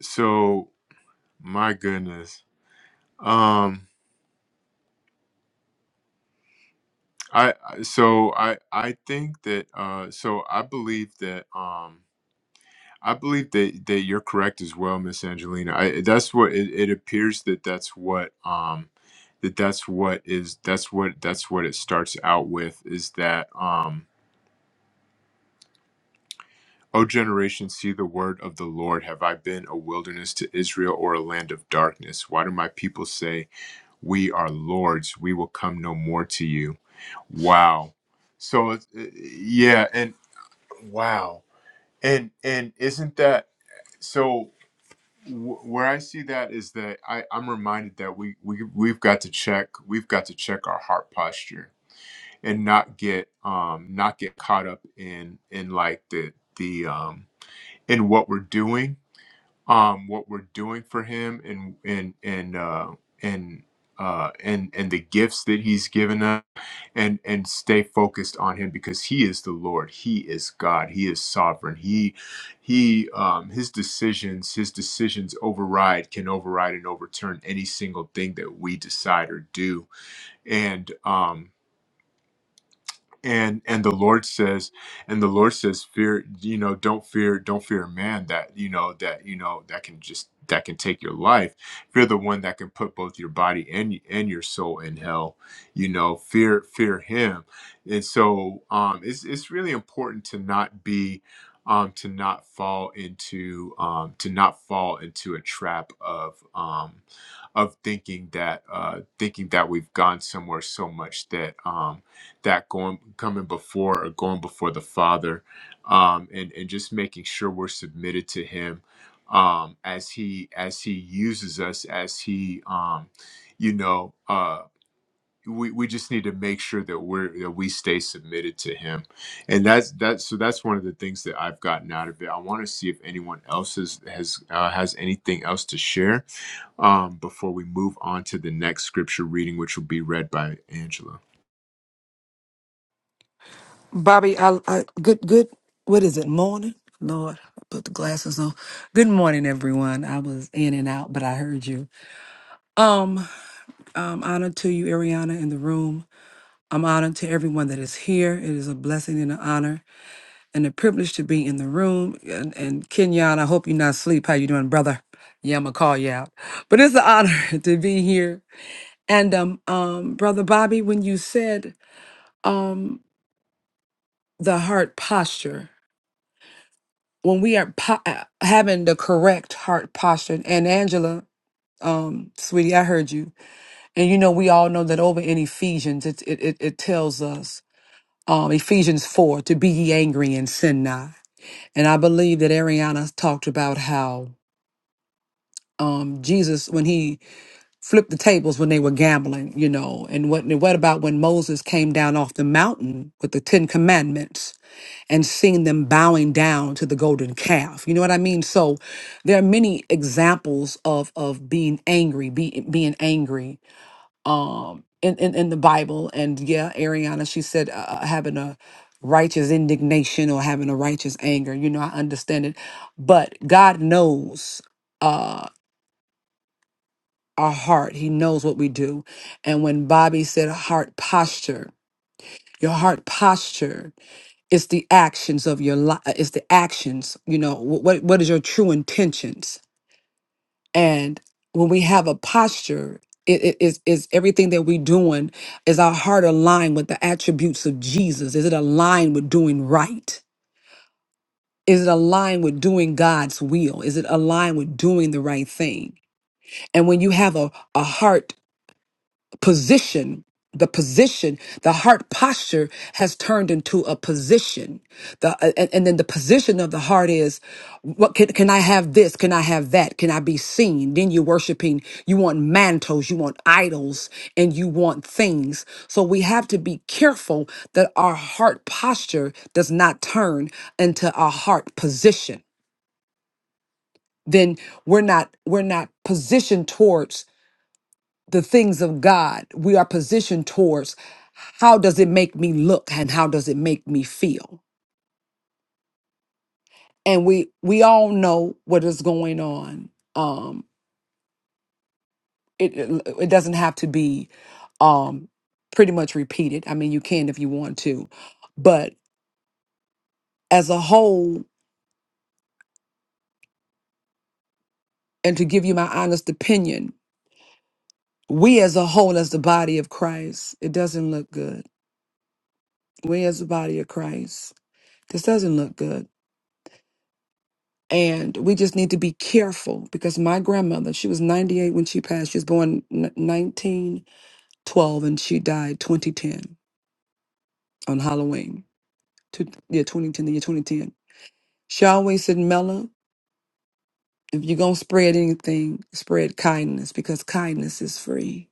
[SPEAKER 1] So my goodness, um, I I- so I I think that uh, so I believe that. Um, I believe that that you're correct as well, Miss Angelina. I that's what it, it appears that that's what um that that's what is that's what that's what it starts out with is that um O generation see the word of the Lord have I been a wilderness to Israel or a land of darkness why do my people say we are lords we will come no more to you wow so it's- yeah and wow and and isn't that so Wh- where I see that is that I, I'm reminded that we, we we've got to check we've got to check our heart posture and not get um not get caught up in in like the the um in what we're doing um what we're doing for him and and and uh and uh and and the gifts that he's given us and and stay focused on him because he is the lord he is god he is sovereign he he um his decisions his decisions override can override and overturn any single thing that we decide or do and um and and the lord says and the lord says fear you know don't fear don't fear man that you know that you know that can just that can take your life fear the one that can put both your body and and your soul in hell you know fear fear him and so um it's it's really important to not be um to not fall into um to not fall into a trap of um of thinking that uh thinking that we've gone somewhere so much that um that going coming before or going before the Father, um, and and just making sure we're submitted to Him um, as He as He uses us as He um, you know. Uh, we, we just need to make sure that we're that we stay submitted to him and that's that's so that's one of the things that i've gotten out of it i want to see if anyone else has has uh, has anything else to share um, before we move on to the next scripture reading which will be read by angela
[SPEAKER 6] Bobby, I, I good good what is it, morning? Lord, I put the glasses on. Good morning, everyone. I was in and out, but I heard you. Um, um, honor to you, Ariana, in the room. I'm honored to everyone that is here. It is a blessing and an honor and a privilege to be in the room. And, and Kenyon, I hope you're not asleep. How you doing, brother? Yeah, I'm gonna call you out. But it's an honor [LAUGHS] to be here. And um, um, brother Bobby, when you said um the heart posture. when we are po- uh, having the correct heart posture, and Angela, um, sweetie, I heard you, and you know we all know that over in Ephesians, it it it, it tells us, um, Ephesians four, to be ye angry and sin not. And I believe that Ariana talked about how um, Jesus, when he flipped the tables when they were gambling, you know, and what what about when Moses came down off the mountain with the Ten Commandments? and seeing them bowing down to the golden calf. You know what I mean? So there are many examples of of being angry, be, being angry um in, in in the Bible. And yeah, Ariana, she said uh, uh, having a righteous indignation or having a righteous anger. You know, I understand it, but God knows uh our heart. He knows what we do. And when Bobby said heart posture, your heart posture it's the actions of your life it's the actions you know wh- what what is your true intentions and when we have a posture it it is is everything that we're doing is our heart aligned with the attributes of jesus is it aligned with doing right is it aligned with doing god's will is it aligned with doing the right thing and when you have a, a heart position the position the heart posture has turned into a position the uh, and, and then the position of the heart is what can, can i have this can i have that can i be seen then you're worshiping you want mantles you want idols and you want things so we have to be careful that our heart posture does not turn into a heart position then we're not we're not positioned towards the things of God, we are positioned towards how does it make me look and how does it make me feel? And we we all know what is going on. Um it it it doesn't have to be um pretty much repeated. I mean, you can if you want to. But as a whole and to give you my honest opinion, we as a whole as the body of Christ, it doesn't look good. We as the body of Christ, this doesn't look good And we just need to be careful because my grandmother, she was 98 when she passed. She was born n- 1912 and she died 2010 on Halloween, two, yeah, 2010, the year 2010. She always said, Mella, if you're going to spread anything, spread kindness because kindness is free.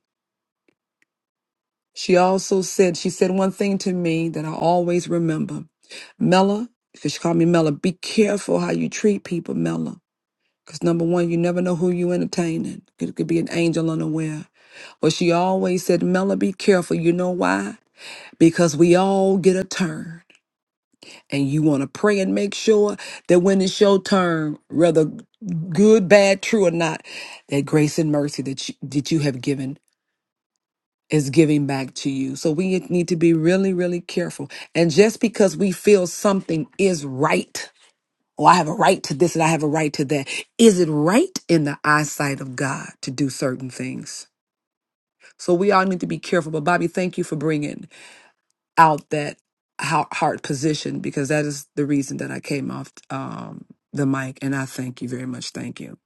[SPEAKER 6] She also said, she said one thing to me that I always remember Mella, because she called me Mella, be careful how you treat people, Mella Because number one, you never know who you entertaining. It could be an angel unaware. But she always said, Mella, be careful. You know why? Because we all get a turn. And you want to pray and make sure that when it's your turn, whether good, bad, true, or not, that grace and mercy that you, that you have given is giving back to you. So we need to be really, really careful. And just because we feel something is right Oh, I have a right to this and I have a right to that. Is it right in the eyesight of God to do certain things? So we all need to be careful. But Bobby, thank you for bringing out that hea- heart position because that is the reason that I came off um, the mic. And I thank you very much. Thank you.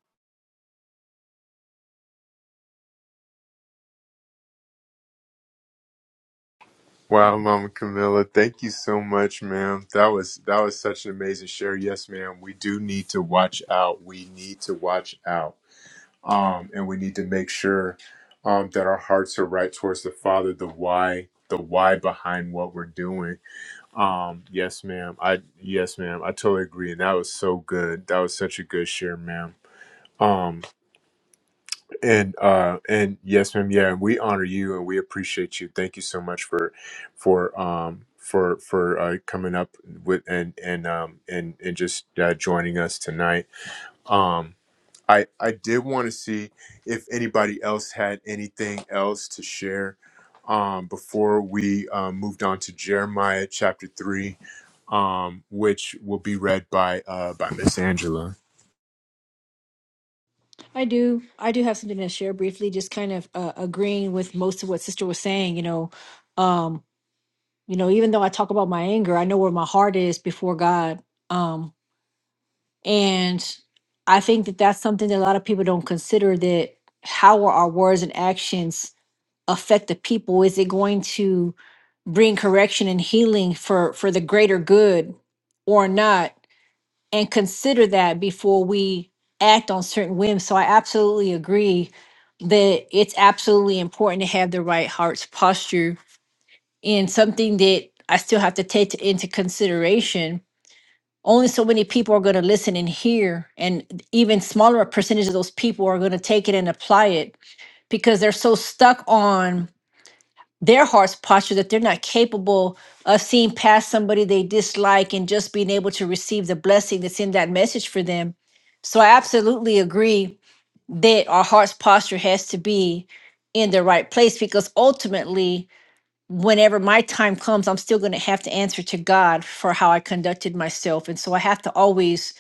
[SPEAKER 1] Wow, Mama Camilla, thank you so much, ma'am. That was that was such an amazing share. Yes, ma'am. We do need to watch out. We need to watch out. Um, and we need to make sure um that our hearts are right towards the Father, the why, the why behind what we're doing. Um, yes, ma'am. I yes, ma'am. I totally agree. And that was so good. That was such a good share, ma'am. Um, and uh and yes, ma'am. Yeah, and we honor you and we appreciate you. Thank you so much for for um for for uh, coming up with and and um and and just uh, joining us tonight. Um, I I did want to see if anybody else had anything else to share. Um, before we uh, moved on to Jeremiah chapter three, um, which will be read by uh by Miss Angela.
[SPEAKER 4] I do. I do have something to share briefly, just kind of uh, agreeing with most of what Sister was saying. You know, um, you know even though i talk about my anger i know where my heart is before god um and i think that that's something that a lot of people don't consider that how will our words and actions affect the people is it going to bring correction and healing for for the greater good or not and consider that before we act on certain whims so i absolutely agree that it's absolutely important to have the right heart's posture and something that I still have to take into consideration. Only so many people are going to listen and hear, and even smaller percentage of those people are going to take it and apply it because they're so stuck on their heart's posture that they're not capable of seeing past somebody they dislike and just being able to receive the blessing that's in that message for them. So I absolutely agree that our heart's posture has to be in the right place because ultimately whenever my time comes, I'm still going to have to answer to God for how I conducted myself. And so I have to always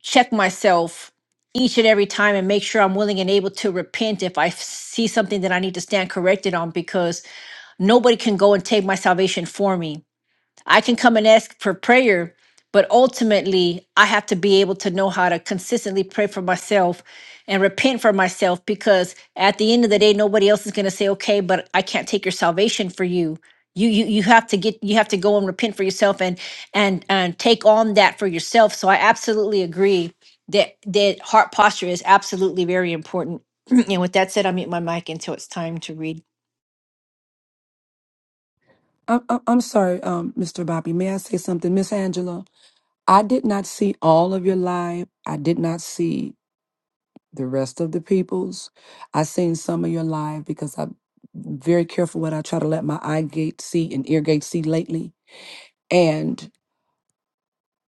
[SPEAKER 4] check myself each and every time and make sure I'm willing and able to repent if I f- see something that I need to stand corrected on because nobody can go and take my salvation for me. I can come and ask for prayer, but ultimately, I have to be able to know how to consistently pray for myself and repent for myself because at the end of the day, nobody else is going to say, "Okay, but I can't take your salvation for you." You, you you have to get you have to go and repent for yourself and and and take on that for yourself. So I absolutely agree that that heart posture is absolutely very important. [CLEARS THROAT] and with that said, I mute my mic until it's time to read.
[SPEAKER 6] I'm, I'm I'm sorry, um, Mr. Bobby. May I say something? Miss Angela, I did not see all of your live. I did not see the rest of the peoples. I seen some of your live because I'm very careful what I try to let my eye gate see and ear gate see lately. And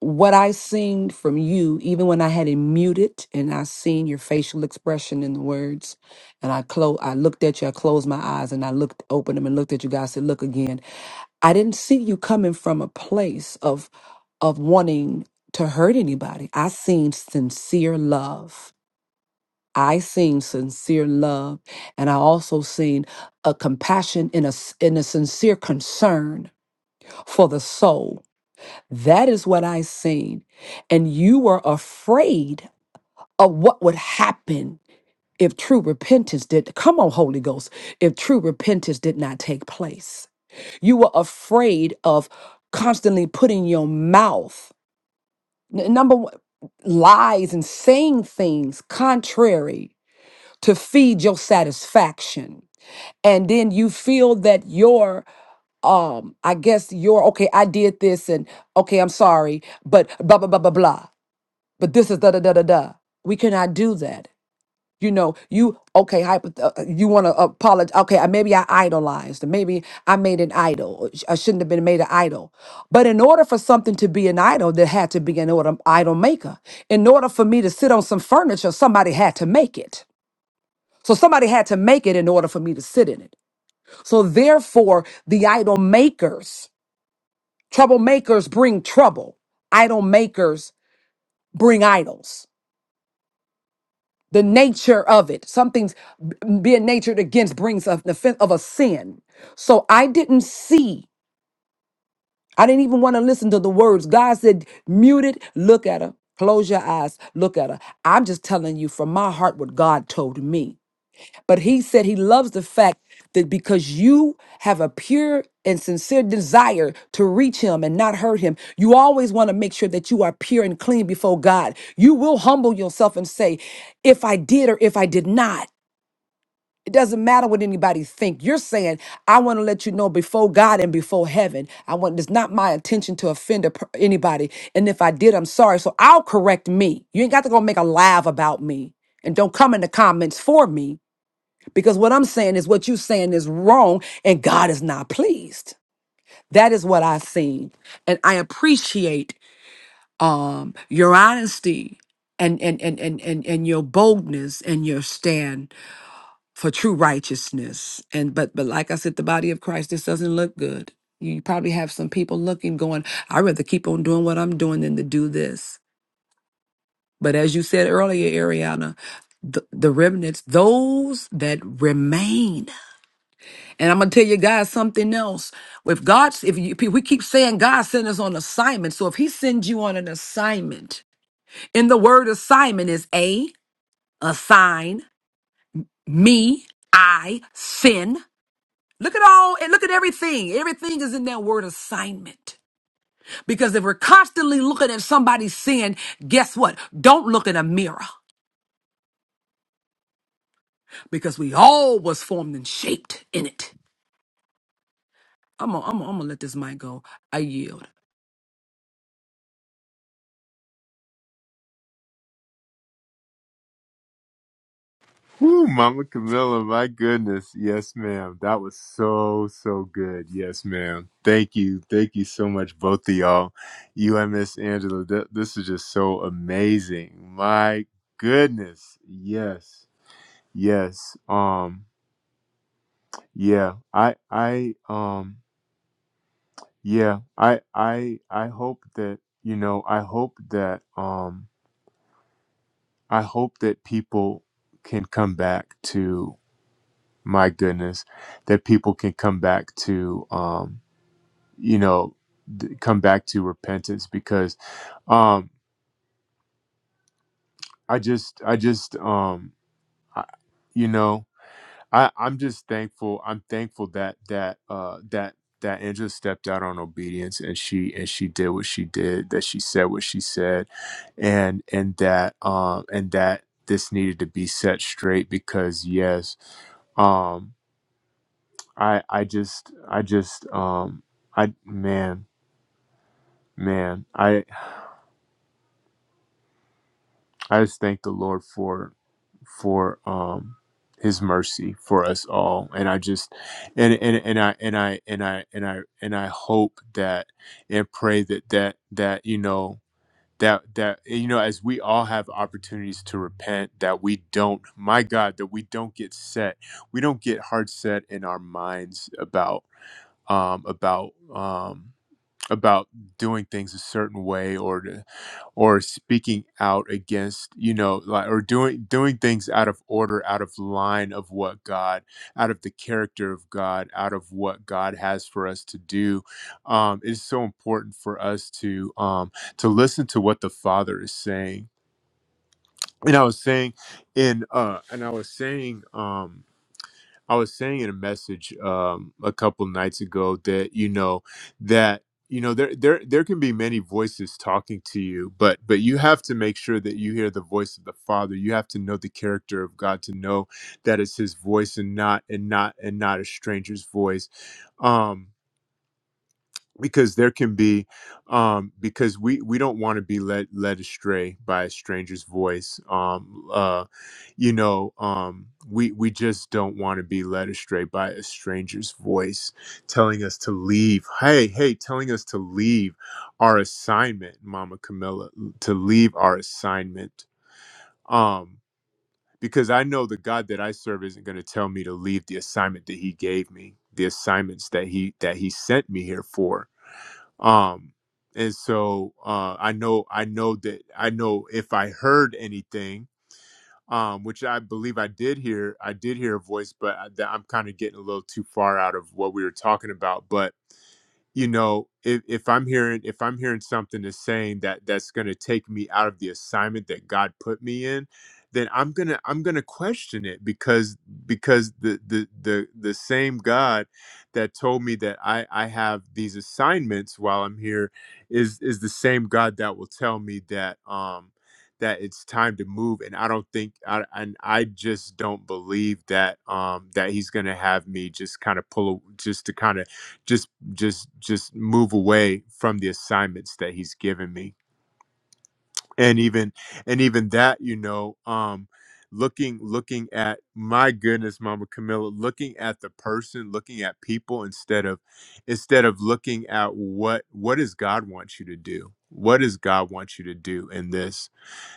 [SPEAKER 6] what I seen from you, even when I had it muted and I seen your facial expression in the words, and I clo I looked at you, I closed my eyes and I looked opened them and looked at you guys, said, look again. I didn't see you coming from a place of of wanting to hurt anybody. I seen sincere love I seen sincere love, and I also seen a compassion in a s- in a sincere concern for the soul. That is what I seen, and you were afraid of what would happen if true repentance did. Come on, Holy Ghost! If true repentance did not take place, you were afraid of constantly putting your mouth n- number one lies and saying things contrary to feed your satisfaction and then you feel that your um i guess your okay i did this and okay i'm sorry but blah blah blah blah blah but this is da da da da da we cannot do that you know you okay hypo, uh, uh, you want to apologize okay uh, maybe i idolized maybe i made an idol or sh- i shouldn't have been made an idol but in order for something to be an idol there had to be an order idol maker in order for me to sit on some furniture somebody had to make it so somebody had to make it in order for me to sit in it. So therefore, the idol makers, troublemakers bring trouble. Idol makers bring idols. The nature of it, something's b- being natured against brings of, of a sin. So I didn't see, I didn't even want to listen to the words. God said, mute it, look at her, close your eyes, look at her. I'm just telling you from my heart what God told me. But he said he loves the fact that because you have a pure and sincere desire to reach him and not hurt him, you always want to make sure that you are pure and clean before God. You will humble yourself and say, if I did or if I did not. It doesn't matter what anybody think. You're saying, I want to let you know before God and before heaven. I want it's not my intention to offend a per- anybody. And if I did, I'm sorry. So I'll correct me. You ain't got to go make a laugh about me. And don't come in the comments for me because what I'm saying is what you're saying is wrong and God is not pleased. That is what I've seen. And I appreciate um your honesty and and and and and, and your boldness and your stand for true righteousness. And but but like I said, the body of Christ, this doesn't look good. You probably have some people looking, going, I'd rather keep on doing what I'm doing than to do this. But as you said earlier, Ariana, the, the remnants, those that remain And I'm gonna tell you guys something else. If God's, if you, we keep saying God sent us on assignment, so if He sends you on an assignment, in the word assignment is a assign me I sin. Look at all and look at everything. Everything is in that word assignment. Because if we're constantly looking at somebody's sin, guess what? Don't look in a mirror because we all was formed and shaped in it. I'm gonna, I'm gonna, I'm gonna let this mic go. I yield.
[SPEAKER 1] Woo, Mama Camilla, my goodness. Yes, ma'am. That was so, so good. Yes, ma'am. Thank you. Thank you so much, both of y'all. You and Miss Angela, th- this is just so amazing. My goodness. Yes. Yes. Um, yeah. I I um yeah, I I I hope that, you know, I hope that um I hope that people can come back my goodness, that people can come back to, um, you know, th- come back to repentance because um, I just, I just, um, I, you know, I, I'm just thankful. I'm thankful that that uh, that that Angela stepped out on obedience and she and she did what she did, that she said what she said, and and that um, and that this needed to be set straight because yes. um I I just I just um I man man I I just thank the Lord for for um his mercy for us all and I just and and and I and I and I and I and I hope that and pray that that that you know that that you know as we all have opportunities to repent that we don't my God that we don't get set we don't get hard set in our minds about um about um about doing things a certain way or to, or speaking out against you know like or doing doing things out of order out of line of what god out of the character of god out of what god has for us to do um it's so important for us to um to listen to what the father is saying and i was saying in uh and i was saying um I was saying in a message um, a couple nights ago that you know that you know there there there can be many voices talking to you, but but you have to make sure that you hear the voice of the Father. You have to know the character of God to know that it's His voice and not and not and not a stranger's voice. Um, because there can be um because we we don't want to be led led astray by a stranger's voice um uh you know um we we just don't want to be led astray by a stranger's voice telling us to leave hey hey telling us to leave our assignment mama camilla to leave our assignment um because i know the god that i serve isn't going to tell me to leave the assignment that he gave me the assignments that he that he sent me here for um and so uh i know i know that i know if i heard anything um which i believe i did hear i did hear a voice but I, that i'm kind of getting a little too far out of what we were talking about but you know if, if i'm hearing if i'm hearing something that's saying that that's going to take me out of the assignment that god put me in then i'm going to i'm going to question it because because the, the the the same god that told me that i i have these assignments while i'm here is is the same god that will tell me that um that it's time to move and i don't think i and i just don't believe that um that he's going to have me just kind of pull a- just to kind of just just just move away from the assignments that he's given me and even and even that you know um looking looking at my goodness mama camilla looking at the person looking at people instead of instead of looking at what what does god want you to do what does god want you to do in this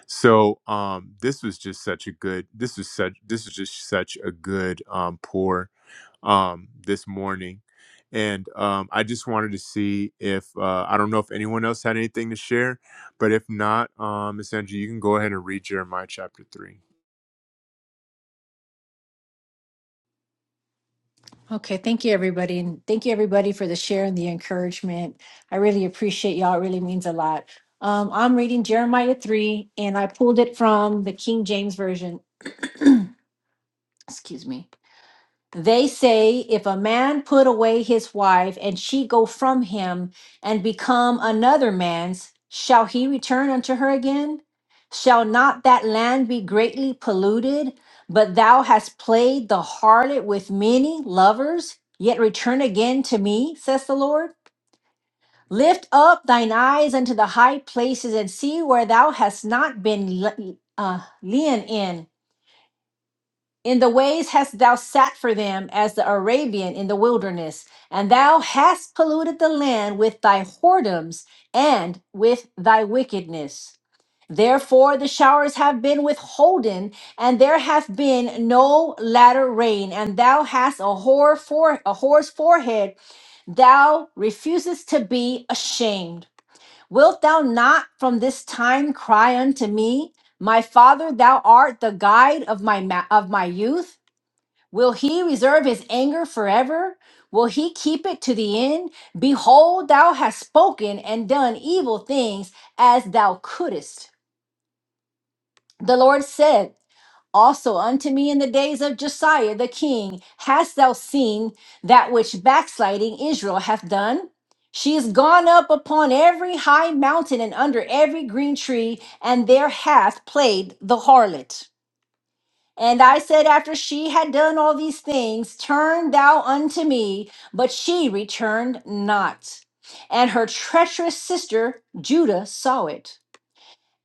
[SPEAKER 1] so um this was just such a good this is such this is just such a good um pour um, this morning. And um, I just wanted to see if uh, I don't know if anyone else had anything to share, but if not, um, Miss Angie, you can go ahead and read Jeremiah chapter three.
[SPEAKER 4] Okay, thank you, everybody. And thank you, everybody, for the share and the encouragement. I really appreciate y'all. It really means a lot. Um, I'm reading Jeremiah 3, and I pulled it from the King James Version. Excuse me. They say, if a man put away his wife and she go from him and become another man's, shall he return unto her again? Shall not that land be greatly polluted? But thou hast played the harlot with many lovers, yet return again to me, says the Lord. Lift up thine eyes unto the high places and see where thou hast not been le- uh, lean in. In the ways hast thou sat for them as the Arabian in the wilderness, and thou hast polluted the land with thy whoredoms and with thy wickedness. Therefore the showers have been withholden, and there hath been no latter rain, and thou hast a whore for a whore's forehead, thou refusest to be ashamed. Wilt thou not from this time cry unto me? My father, thou art the guide of my ma- of my youth. Will he reserve his anger forever? Will he keep it to the end? Behold, thou hast spoken and done evil things as thou couldest. The Lord said also unto me in the days of Josiah the king, Hast thou seen that which backsliding Israel hath done? She is gone up upon every high mountain and under every green tree, and there hath played the harlot. And I said, After she had done all these things, turn thou unto me. But she returned not. And her treacherous sister Judah saw it.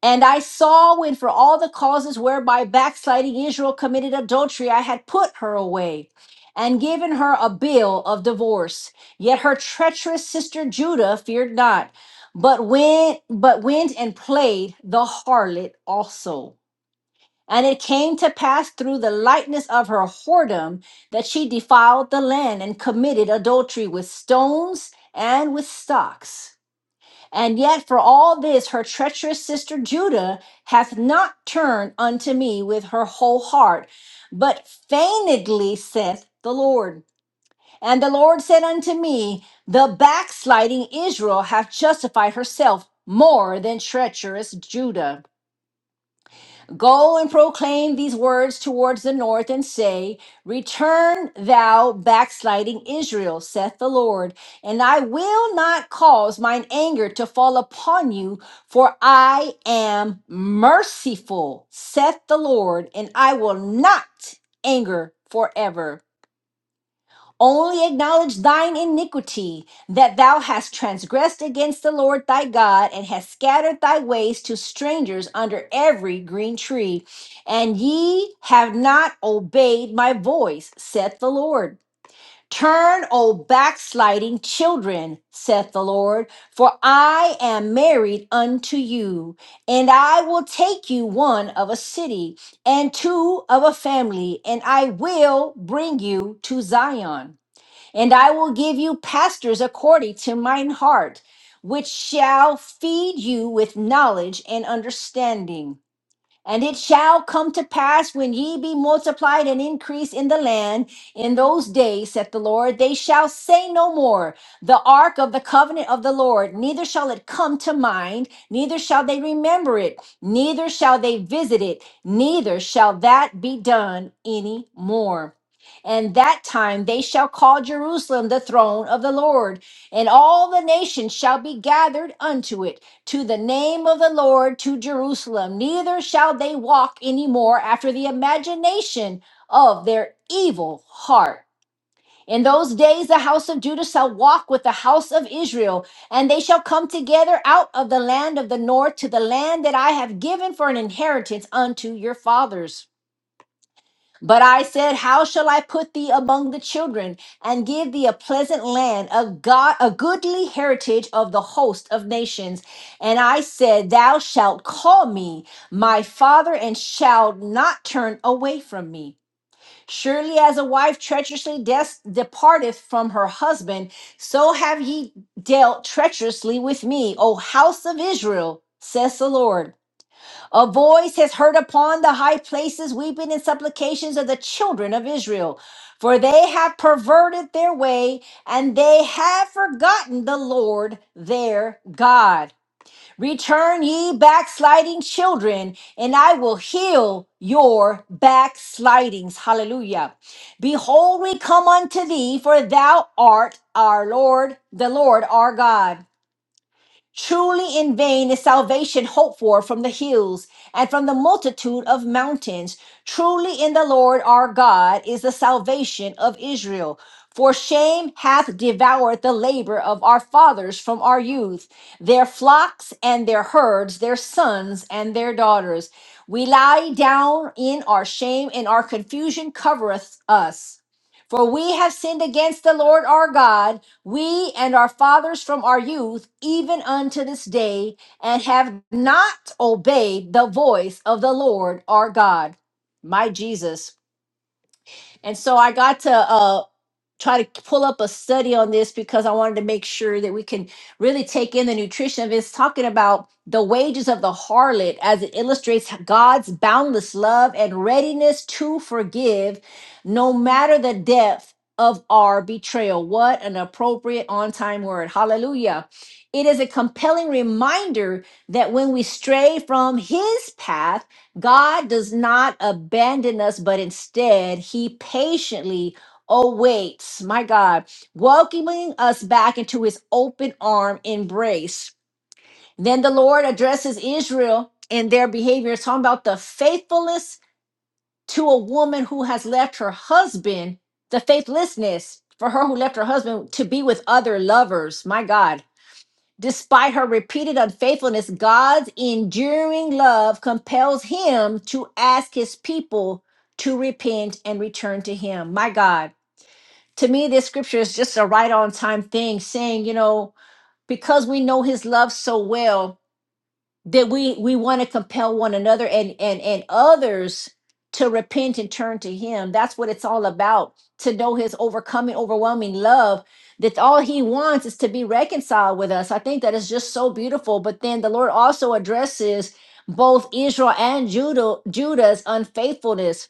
[SPEAKER 4] And I saw when, for all the causes whereby backsliding Israel committed adultery, I had put her away and given her a bill of divorce. Yet her treacherous sister Judah feared not, but went, but went and played the harlot also. And it came to pass through the lightness of her whoredom that she defiled the land and committed adultery with stones and with stocks. And yet, for all this, her treacherous sister Judah hath not turned unto me with her whole heart, but feignedly saith the Lord. And the Lord said unto me, The backsliding Israel hath justified herself more than treacherous Judah. Go and proclaim these words towards the north and say, Return thou backsliding Israel, saith the Lord, and I will not cause mine anger to fall upon you, for I am merciful, saith the Lord, and I will not anger forever. Only acknowledge thine iniquity, that thou hast transgressed against the Lord thy God, and hast scattered thy ways to strangers under every green tree. And ye have not obeyed my voice, saith the Lord. Turn, O backsliding children, saith the Lord, for I am married unto you, and I will take you one of a city, and two of a family, and I will bring you to Zion. And I will give you pastors according to mine heart, which shall feed you with knowledge and understanding. And it shall come to pass when ye be multiplied and increased in the land in those days, saith the Lord, they shall say no more, the ark of the covenant of the Lord, neither shall it come to mind, neither shall they remember it, neither shall they visit it, neither shall that be done any more. And that time they shall call Jerusalem the throne of the Lord, and all the nations shall be gathered unto it to the name of the Lord to Jerusalem, neither shall they walk any more after the imagination of their evil heart. In those days, the house of Judah shall walk with the house of Israel, and they shall come together out of the land of the north to the land that I have given for an inheritance unto your fathers. But I said, How shall I put thee among the children and give thee a pleasant land, a God, a goodly heritage of the host of nations? And I said, Thou shalt call me my father and shalt not turn away from me. Surely as a wife treacherously des- departeth from her husband, so have ye dealt treacherously with me, O house of Israel, says the Lord. A voice has heard upon the high places weeping and supplications of the children of Israel, for they have perverted their way and they have forgotten the Lord their God. Return ye backsliding children, and I will heal your backslidings. Hallelujah. Behold, we come unto thee, for thou art our Lord, the Lord our God. Truly in vain is salvation hoped for from the hills and from the multitude of mountains. Truly in the Lord our God is the salvation of Israel. For shame hath devoured the labor of our fathers from our youth, their flocks and their herds, their sons and their daughters. We lie down in our shame, and our confusion covereth us. For we have sinned against the Lord our God we and our fathers from our youth, even unto this day, and have not obeyed the voice of the Lord our God. My Jesus. And so I got to uh, try to pull up a study on this because I wanted to make sure that we can really take in the nutrition of it. It's talking about the wages of the harlot as it illustrates God's boundless love and readiness to forgive no matter the depth of our betrayal. What an appropriate on time word. Hallelujah. It is a compelling reminder that when we stray from his path, God does not abandon us, but instead he patiently Oh, wait, my God, welcoming us back into his open arm embrace. Then the Lord addresses Israel and their behavior, talking about the faithfulness to a woman who has left her husband, the faithlessness for her who left her husband to be with other lovers. My God. Despite her repeated unfaithfulness, God's enduring love compels him to ask his people to repent and return to him. My God to me, this scripture is just a right on time thing saying, you know, because we know his love so well that we we want to compel one another and and and others to repent and turn to him. That's what it's all about, to know his overcoming, overwhelming love that all he wants is to be reconciled with us. I think that is just so beautiful, but then the Lord also addresses both Israel and Judah Judah's unfaithfulness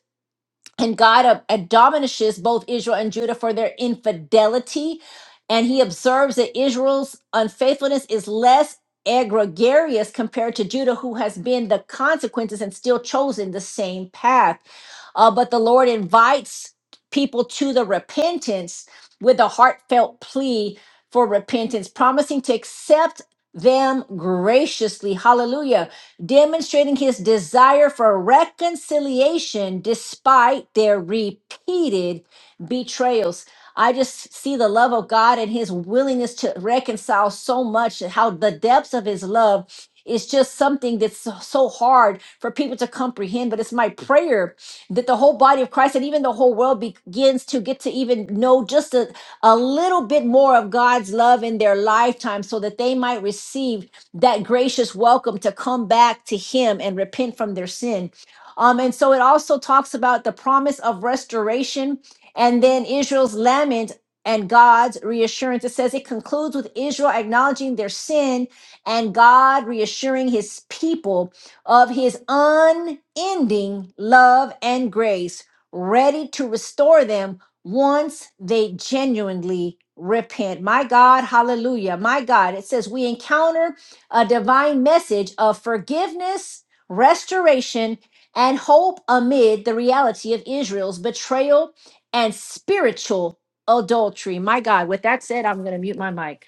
[SPEAKER 4] and God ab- admonishes both Israel and Judah for their infidelity. And he observes that Israel's unfaithfulness is less egregious compared to Judah, who has been the consequences and still chosen the same path. Uh, but the Lord invites people to the repentance with a heartfelt plea for repentance, promising to accept them graciously. Hallelujah demonstrating his desire for reconciliation despite their repeated betrayals. I just see the love of God and his willingness to reconcile so much, and how the depths of his love is just something that's so so hard for people to comprehend. But it's my prayer that the whole body of Christ and even the whole world begins to get to even know just a, a little bit more of God's love in their lifetime so that they might receive that gracious welcome to come back to him and repent from their sin. Um, and so it also talks about the promise of restoration and then Israel's lament and God's reassurance. It says it concludes with Israel acknowledging their sin and God reassuring his people of his unending love and grace, ready to restore them once they genuinely repent. My God, hallelujah. My God, it says we encounter a divine message of forgiveness, restoration, and hope amid the reality of Israel's betrayal and spiritual adultery. My God, with that said, I'm going to mute my mic.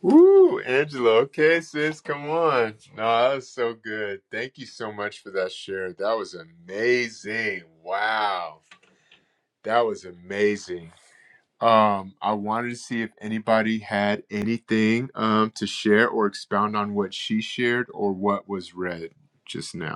[SPEAKER 1] Woo, Angela. Okay, sis, come on. No, that was so good. Thank you so much for that share. That was amazing. Wow, that was amazing. Um, I wanted to see if anybody had anything um to share or expound on what she shared or what was read just now.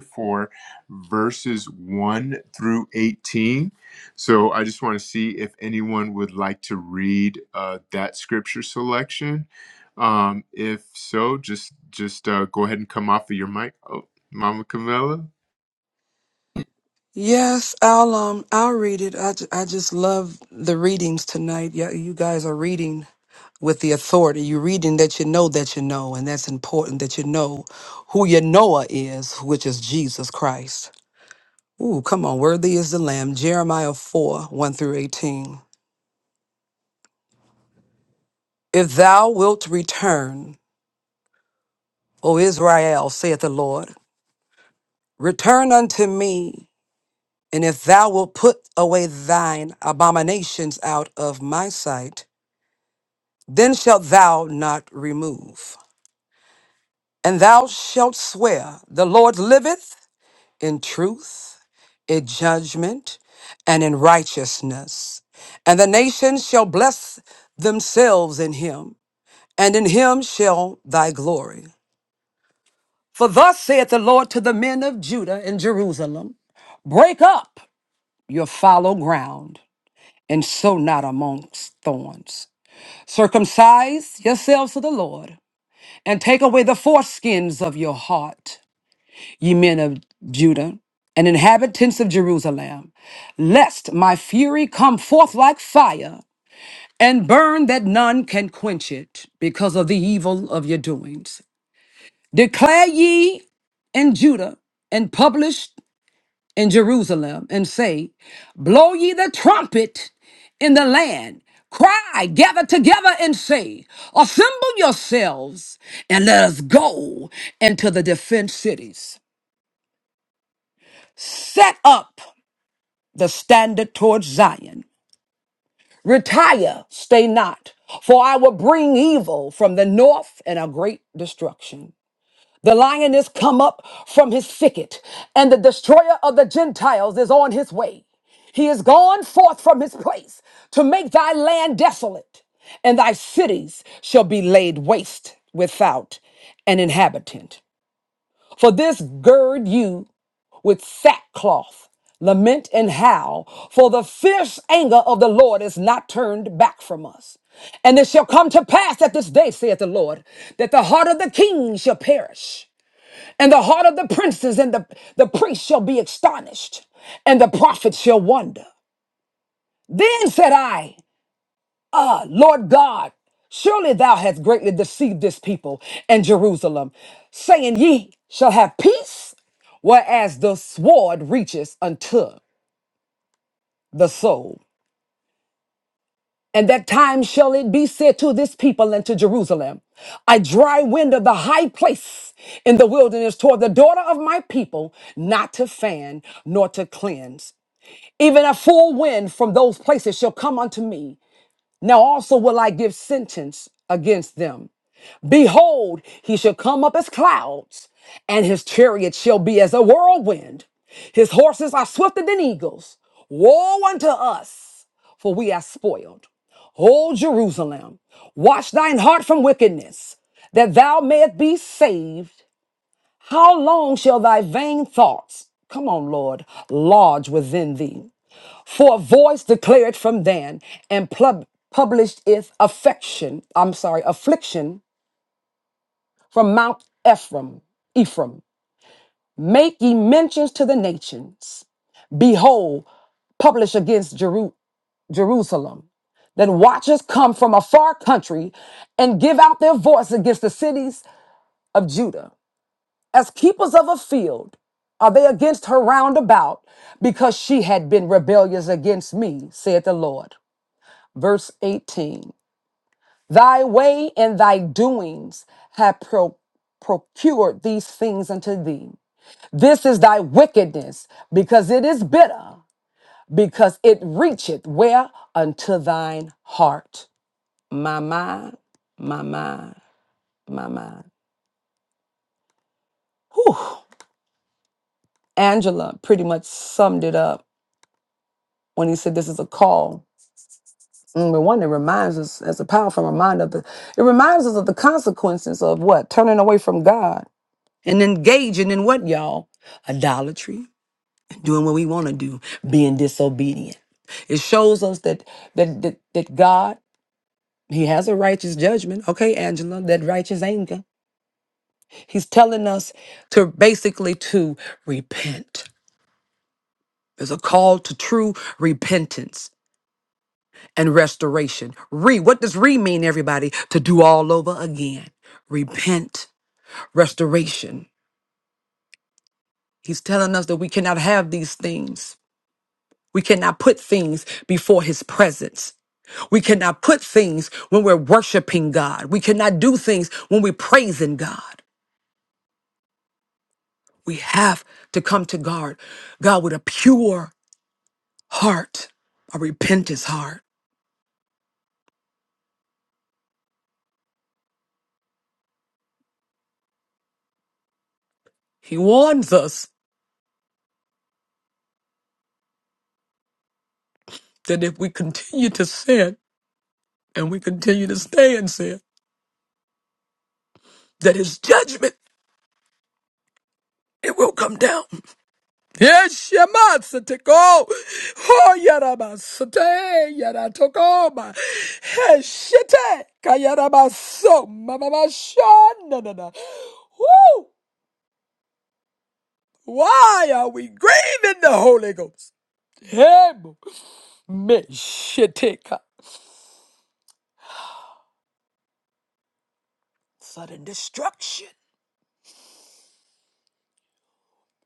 [SPEAKER 1] for verses 1 through 18. So I just want to see if anyone would like to read uh, that scripture selection. Um, if so, just just uh, go ahead and come off of your mic. Oh, Mama Camilla.
[SPEAKER 6] Yes, I'll um I'll read it. I, ju- I just love the readings tonight. Yeah, you guys are reading with the authority. You're reading that you know that you know, and that's important that you know who your Noah is, which is Jesus Christ. Ooh, come on, worthy is the Lamb. Jeremiah 4, 1 through 18. If thou wilt return, O Israel, saith the Lord, return unto me, and if thou wilt put away thine abominations out of my sight, then shalt thou not remove. And thou shalt swear, The Lord liveth in truth, in judgment, and in righteousness. And the nations shall bless themselves in him, and in him shall thy glory. For thus saith the Lord to the men of Judah and Jerusalem Break up your fallow ground, and sow not amongst thorns. Circumcise yourselves to the Lord and take away the foreskins of your heart, ye men of Judah and inhabitants of Jerusalem, lest my fury come forth like fire and burn that none can quench it because of the evil of your doings. Declare ye in Judah and publish in Jerusalem and say, Blow ye the trumpet in the land. Cry, gather together and say, Assemble yourselves and let us go into the defense cities. Set up the standard towards Zion. Retire, stay not, for I will bring evil from the north and a great destruction. The lion is come up from his thicket, and the destroyer of the Gentiles is on his way. He is gone forth from his place to make thy land desolate, and thy cities shall be laid waste without an inhabitant. For this gird you with sackcloth, lament and howl, for the fierce anger of the Lord is not turned back from us. And it shall come to pass at this day, saith the Lord, that the heart of the king shall perish and the heart of the princes and the, the priests shall be astonished, and the prophets shall wonder. Then said I, Ah, Lord God, surely thou hast greatly deceived this people and Jerusalem, saying, Ye shall have peace, whereas the sword reaches unto the soul. And that time shall it be said to this people and to Jerusalem, A dry wind of the high place in the wilderness toward the daughter of my people, not to fan nor to cleanse. Even a full wind from those places shall come unto me. Now also will I give sentence against them. Behold, he shall come up as clouds, and his chariot shall be as a whirlwind. His horses are swifter than eagles. Woe unto us, for we are spoiled. O Jerusalem, watch thine heart from wickedness, that thou mayest be saved. How long shall thy vain thoughts, come on, Lord, lodge within thee? For a voice declared from Dan and plub- published its affection, I'm sorry, affliction from Mount Ephraim, Ephraim. Make ye mentions to the nations. Behold, publish against Jeru- Jerusalem. Then watchers come from a far country and give out their voice against the cities of Judah. As keepers of a field, are they against her round about because she had been rebellious against me, saith the Lord. Verse 18 Thy way and thy doings have pro- procured these things unto thee. This is thy wickedness, because it is bitter, because it reacheth where? Unto thine heart. My mind, my mind, my mind. Whew. Angela pretty much summed it up when he said this is a call. Mm, But one that reminds us as a powerful reminder of the it reminds us of the consequences of what? Turning away from God. and engaging in what, y'all? Idolatry, doing what we want to do, being disobedient. It shows us that that that, that God he has a righteous judgment, okay, Angela, that righteous anger. He's telling us to basically to repent. There's a call to true repentance and restoration. Re, what does re mean, everybody? To do all over again. Repent, restoration. He's telling us that we cannot have these things We cannot put things before his presence. We cannot put things when we're worshiping God. We cannot do things when we're praising God. We have to come to God, God with a pure heart, a repentant heart. He warns us that if we continue to sin and we continue to stay in sin, that his judgment, it will come down. Yes, Yamatsatiko. Oh, Yaramasate, Yaratokoma. Heshite, Kayarabaso, Mamamashana. Woo! Why are we grieving the Holy Ghost? Him, Meshiteka. Sudden destruction.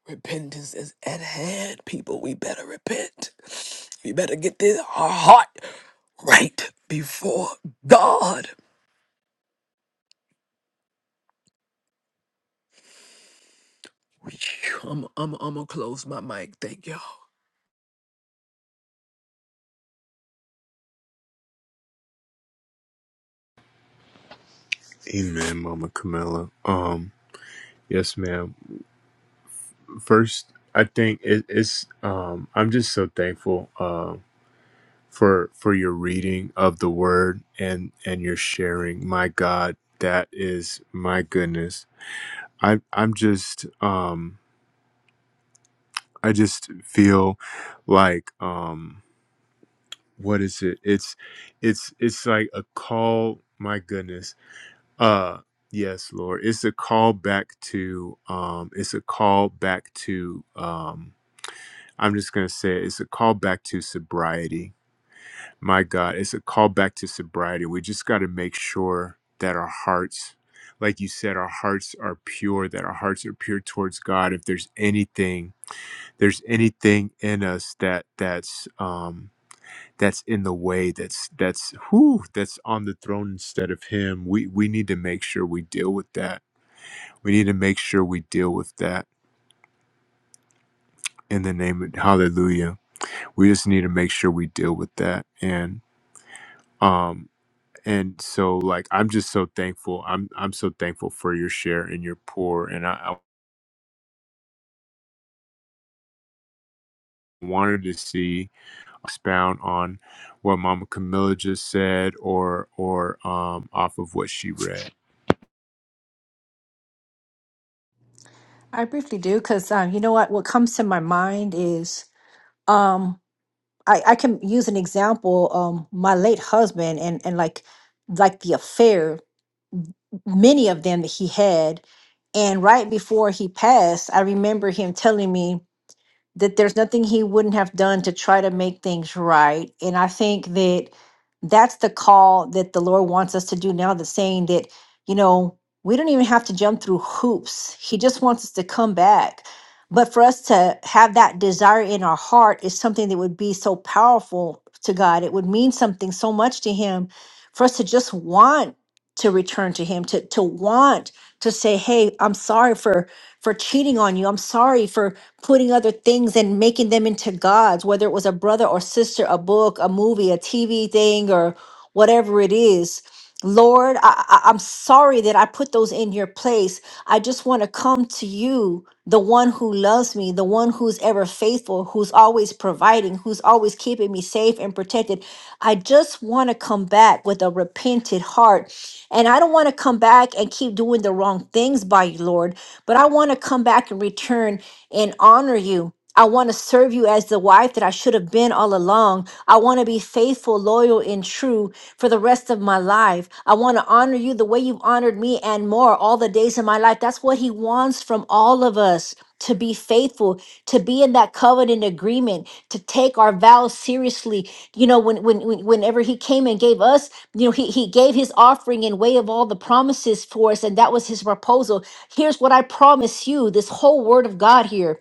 [SPEAKER 6] Repentance is at hand, people. We better repent. We better get this, our heart right before God. I'm I'm I'm gonna close my mic. Thank y'all.
[SPEAKER 1] Amen, Mama Camilla. Um, yes, ma'am. First, I think it, it's um, I'm just so thankful. Um, for for your reading of the word and and your sharing my god that is my goodness i i'm just um i just feel like um what is it it's it's it's like a call my goodness uh yes lord it's a call back to um it's a call back to um i'm just going to say it, it's a call back to sobriety My God, it's a call back to sobriety. We just got to make sure that our hearts, like you said, our hearts are pure, that our hearts are pure towards God. If there's anything, there's anything in us that that's um that's in the way, that's that's who that's on the throne instead of him. We we need to make sure we deal with that. We need to make sure we deal with that in the name of hallelujah. We just need to make sure we deal with that. And um and so like i'm just so thankful i'm i'm so thankful for your share and your pour and i, I wanted to see expound on what mama camilla just said or or um off of what she read
[SPEAKER 4] I briefly do because um, you know what? What comes to my mind is um, I, I can use an example. Um, my late husband and and like like the affair, many of them that he had, and right before he passed, I remember him telling me. that there's nothing he wouldn't have done to try to make things right. And I think that that's the call that the Lord wants us to do now, the saying that, you know, we don't even have to jump through hoops. He just wants us to come back. But for us to have that desire in our heart is something that would be so powerful to God. It would mean something so much to Him for us to just want to return to Him, to, to want to say, "Hey, I'm sorry for for cheating on you. I'm sorry for putting other things and making them into gods, whether it was a brother or sister, a book, a movie, a TV thing or whatever it is." Lord, I, I- I'm sorry that I put those in your place. I just want to come to you, the one who loves me, the one who's ever faithful, who's always providing, who's always keeping me safe and protected. I just want to come back with a repented heart. And I don't want to come back and keep doing the wrong things by you, Lord, but I want to come back and return and honor you. I want to serve you as the wife that I should have been all along. I want to be faithful, loyal, and true for the rest of my life. I want to honor you the way you've honored me and more all the days of my life. That's what He wants from all of us to be faithful, to be in that covenant agreement, to take our vows seriously. You know, when, when, when whenever He came and gave us, you know, He He gave His offering in way of all the promises for us, and that was His proposal. Here's what I promise you. This whole Word of God here.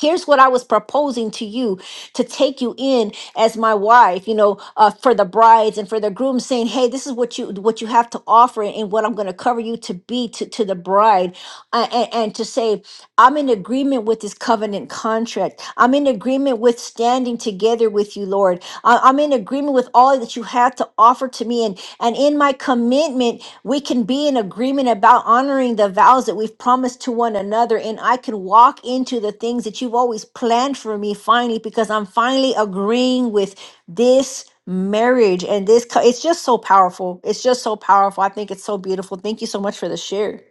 [SPEAKER 4] Here's what I was proposing to you to take you in as my wife, you know, uh, for the brides and for the grooms, saying, Hey, this is what you, what you have to offer and what I'm going to cover you to be to, to the bride. Uh, and, and to say, I'm in agreement with this covenant contract. I'm in agreement with standing together with you, Lord. I- I'm in agreement with all that you have to offer to me. And, and in my commitment, we can be in agreement about honoring the vows that we've promised to one another. And I can walk into the things that you've always planned for me finally, because I'm finally agreeing with this marriage and this. co- It's just so powerful. It's just so powerful. I think it's so beautiful. Thank you so much for the share.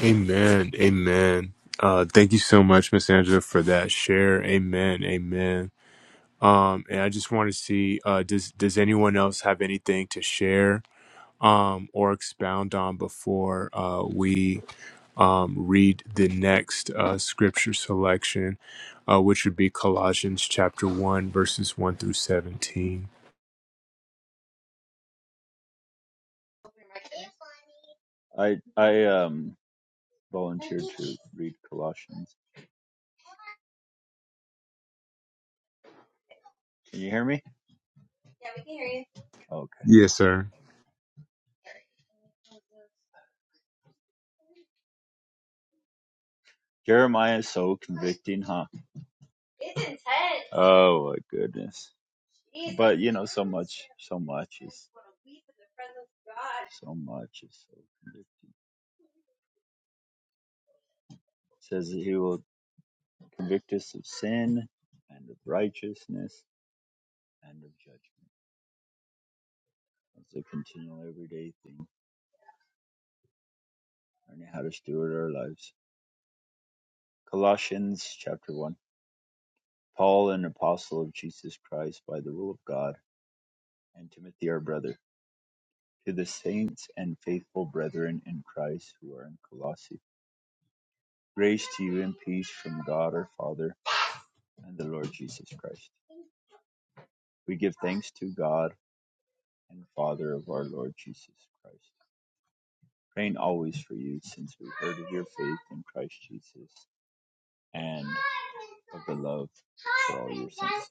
[SPEAKER 1] amen amen uh thank you so much miss angela for that share amen amen um and i just want to see uh does does anyone else have anything to share um or expound on before uh we um, read the next uh, scripture selection, uh, which would be Colossians chapter 1, verses 1 through 17.
[SPEAKER 7] I I um volunteered to read Colossians. Can you hear me? Okay.
[SPEAKER 1] Yes, sir.
[SPEAKER 7] Jeremiah is so convicting, huh? It's intense. Oh my goodness. But you know, so much, so much is so much is so convicting. It says that he will convict us of sin and of righteousness and of judgment. It's a continual everyday thing, learning how to steward our lives. Colossians chapter one. Paul, an apostle of Jesus Christ by the will of God, and Timothy our brother, to the saints and faithful brethren in Christ who are in Colossae, grace to you and peace from God our Father and the Lord Jesus Christ. We give thanks to God and Father of our Lord Jesus Christ, praying always for you since we heard of your faith in Christ Jesus and of the love for all your saints.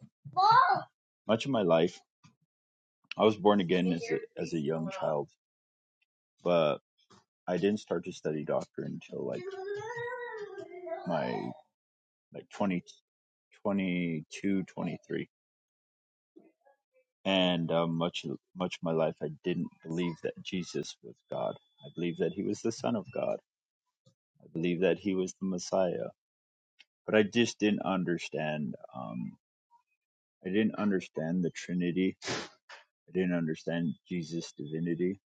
[SPEAKER 7] Much of my life, I was born again as a, as a young child, but I didn't start to study doctor until like my like 20, 22, 23, And um, much much of my life, I didn't believe that Jesus was God. I believed that he was the Son of God. I believed that he was the Messiah. But I just didn't understand. Um, I didn't understand the Trinity. I didn't understand Jesus' divinity.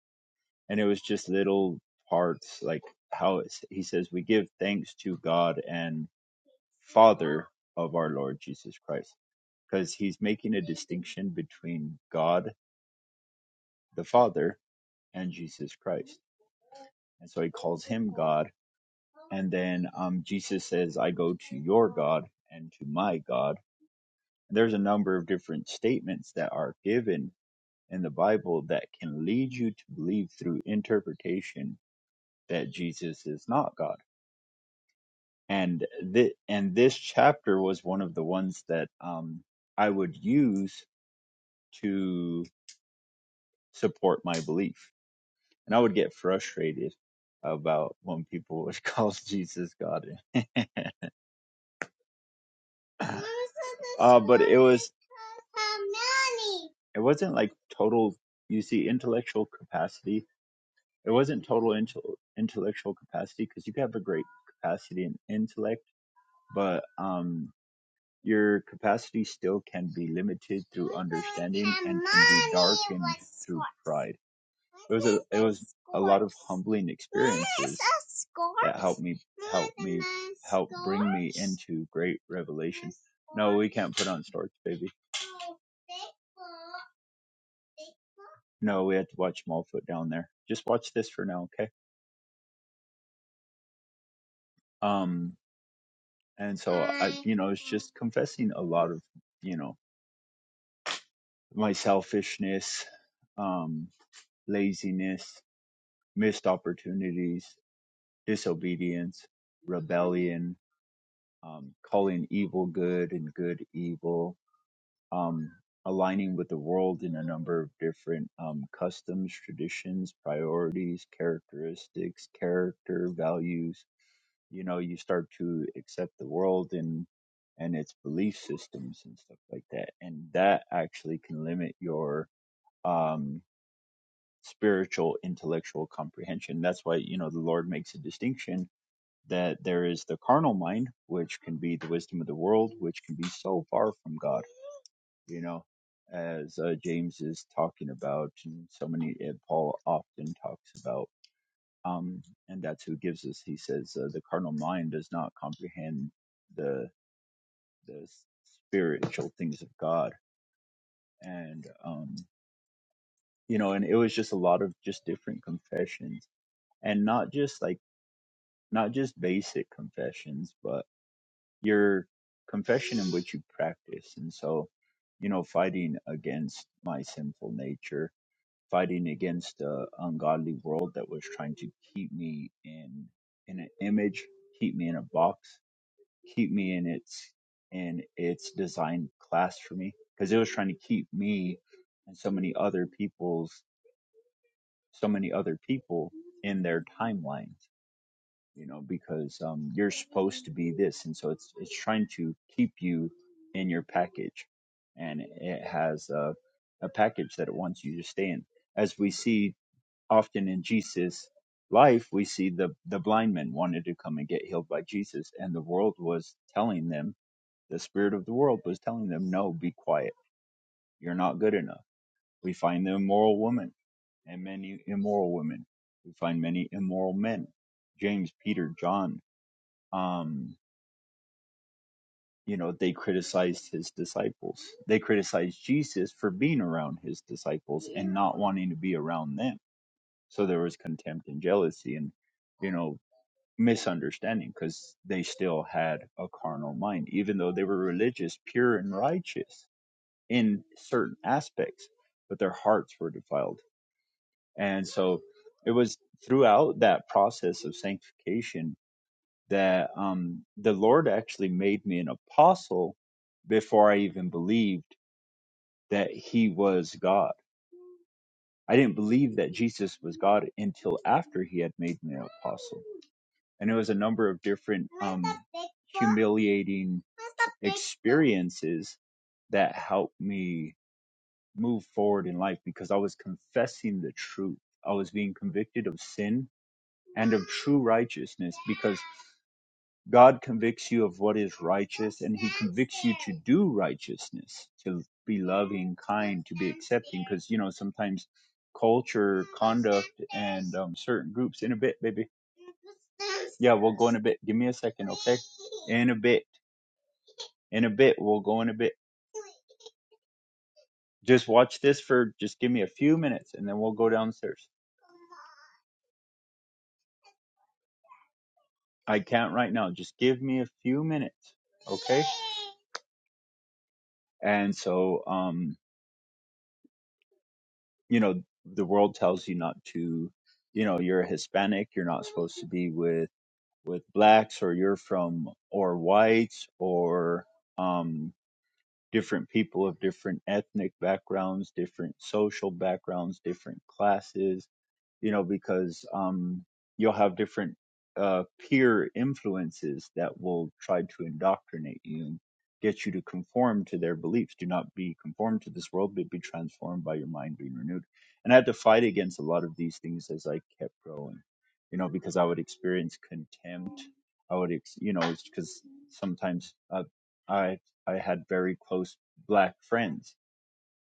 [SPEAKER 7] And it was just little parts like how it's, he says, we give thanks to God and Father of our Lord Jesus Christ, because he's making a distinction between God the Father and Jesus Christ. And so he calls him God. And then um, Jesus says, I go to your God and to my God. And there's a number of different statements that are given in the Bible that can lead you to believe through interpretation that Jesus is not God. And th- and this chapter was one of the ones that um, I would use to support my belief. And I would get frustrated about when people [LAUGHS] would call Jesus God. [LAUGHS] uh, but it was it wasn't like total. You see, intellectual capacity. It wasn't total intel intellectual capacity because you could have a great capacity and intellect, but um, your capacity still can be limited through understanding and can be darkened through pride. it was a it was a lot of humbling experiences that helped me help me help bring me into great revelation. No, we can't put on storks, baby. No, we had to watch Smallfoot down there. Just watch this for now, okay? Um, and so I, you know, it's just confessing a lot of, you know, my selfishness, um, laziness, missed opportunities, disobedience, rebellion, um, calling evil good and good evil, um, aligning with the world in a number of different um, customs, traditions, priorities, characteristics, character, values. You know, you start to accept the world and and its belief systems and stuff like that, and that actually can limit your um, spiritual intellectual comprehension. That's why you know the Lord makes a distinction that there is the carnal mind, which can be the wisdom of the world, which can be so far from God you know, as uh, James is talking about, and so many uh, Paul often talks about, um, and that's who gives us. He says uh, the carnal mind does not comprehend the the spiritual things of God, and um, you know, and it was just a lot of just different confessions, and not just like not just basic confessions, but your confession in which you practice, and so you know, fighting against my sinful nature fighting against the ungodly world that was trying to keep me in in an image, keep me in a box, keep me in its in its designed class for me because it was trying to keep me and so many other people's so many other people in their timelines you know because um you're supposed to be this and so it's it's trying to keep you in your package and it has a, a package that it wants you to stay in as we see often in Jesus' life, we see the, the blind men wanted to come and get healed by Jesus, and the world was telling them, the spirit of the world was telling them, no, be quiet. You're not good enough. We find the immoral woman and many immoral women. We find many immoral men. James, Peter, John, um, you know, they criticized his disciples. They criticized Jesus for being around his disciples and not wanting to be around them. So there was contempt and jealousy and you know misunderstanding because they still had a carnal mind, even though they were religious, pure, and righteous in certain aspects, but their hearts were defiled. And so it was throughout that process of sanctification that um, the Lord actually made me an apostle before I even believed that He was God. I didn't believe that Jesus was God until after He had made me an apostle and it was a number of different um, humiliating experiences that helped me move forward in life because I was confessing the truth. I was being convicted of sin and of true righteousness because God convicts you of what is righteous, and He convicts you to do righteousness, to be loving, kind, to be accepting. Because you know sometimes culture, conduct, and um, certain groups. In a bit, baby. Yeah, we'll go in a bit. Give me a second, okay? In a bit. In a bit, we'll go in a bit. Just watch this for. Just give me a few minutes, and then we'll go downstairs. I can't right now. Just give me a few minutes, okay? And so, um, you know the world tells you not to you know you're a hispanic you're not supposed to be with with blacks or you're from or whites or um different people of different ethnic backgrounds different social backgrounds different classes you know, because um, you'll have different uh, peer influences that will try to indoctrinate you and get you to conform to their beliefs. Do not be conformed to this world, but be transformed by your mind being renewed. And I had to fight against a lot of these things as I kept growing, you know, because I would experience contempt. I would, ex- you know, because sometimes uh, I I had very close black friends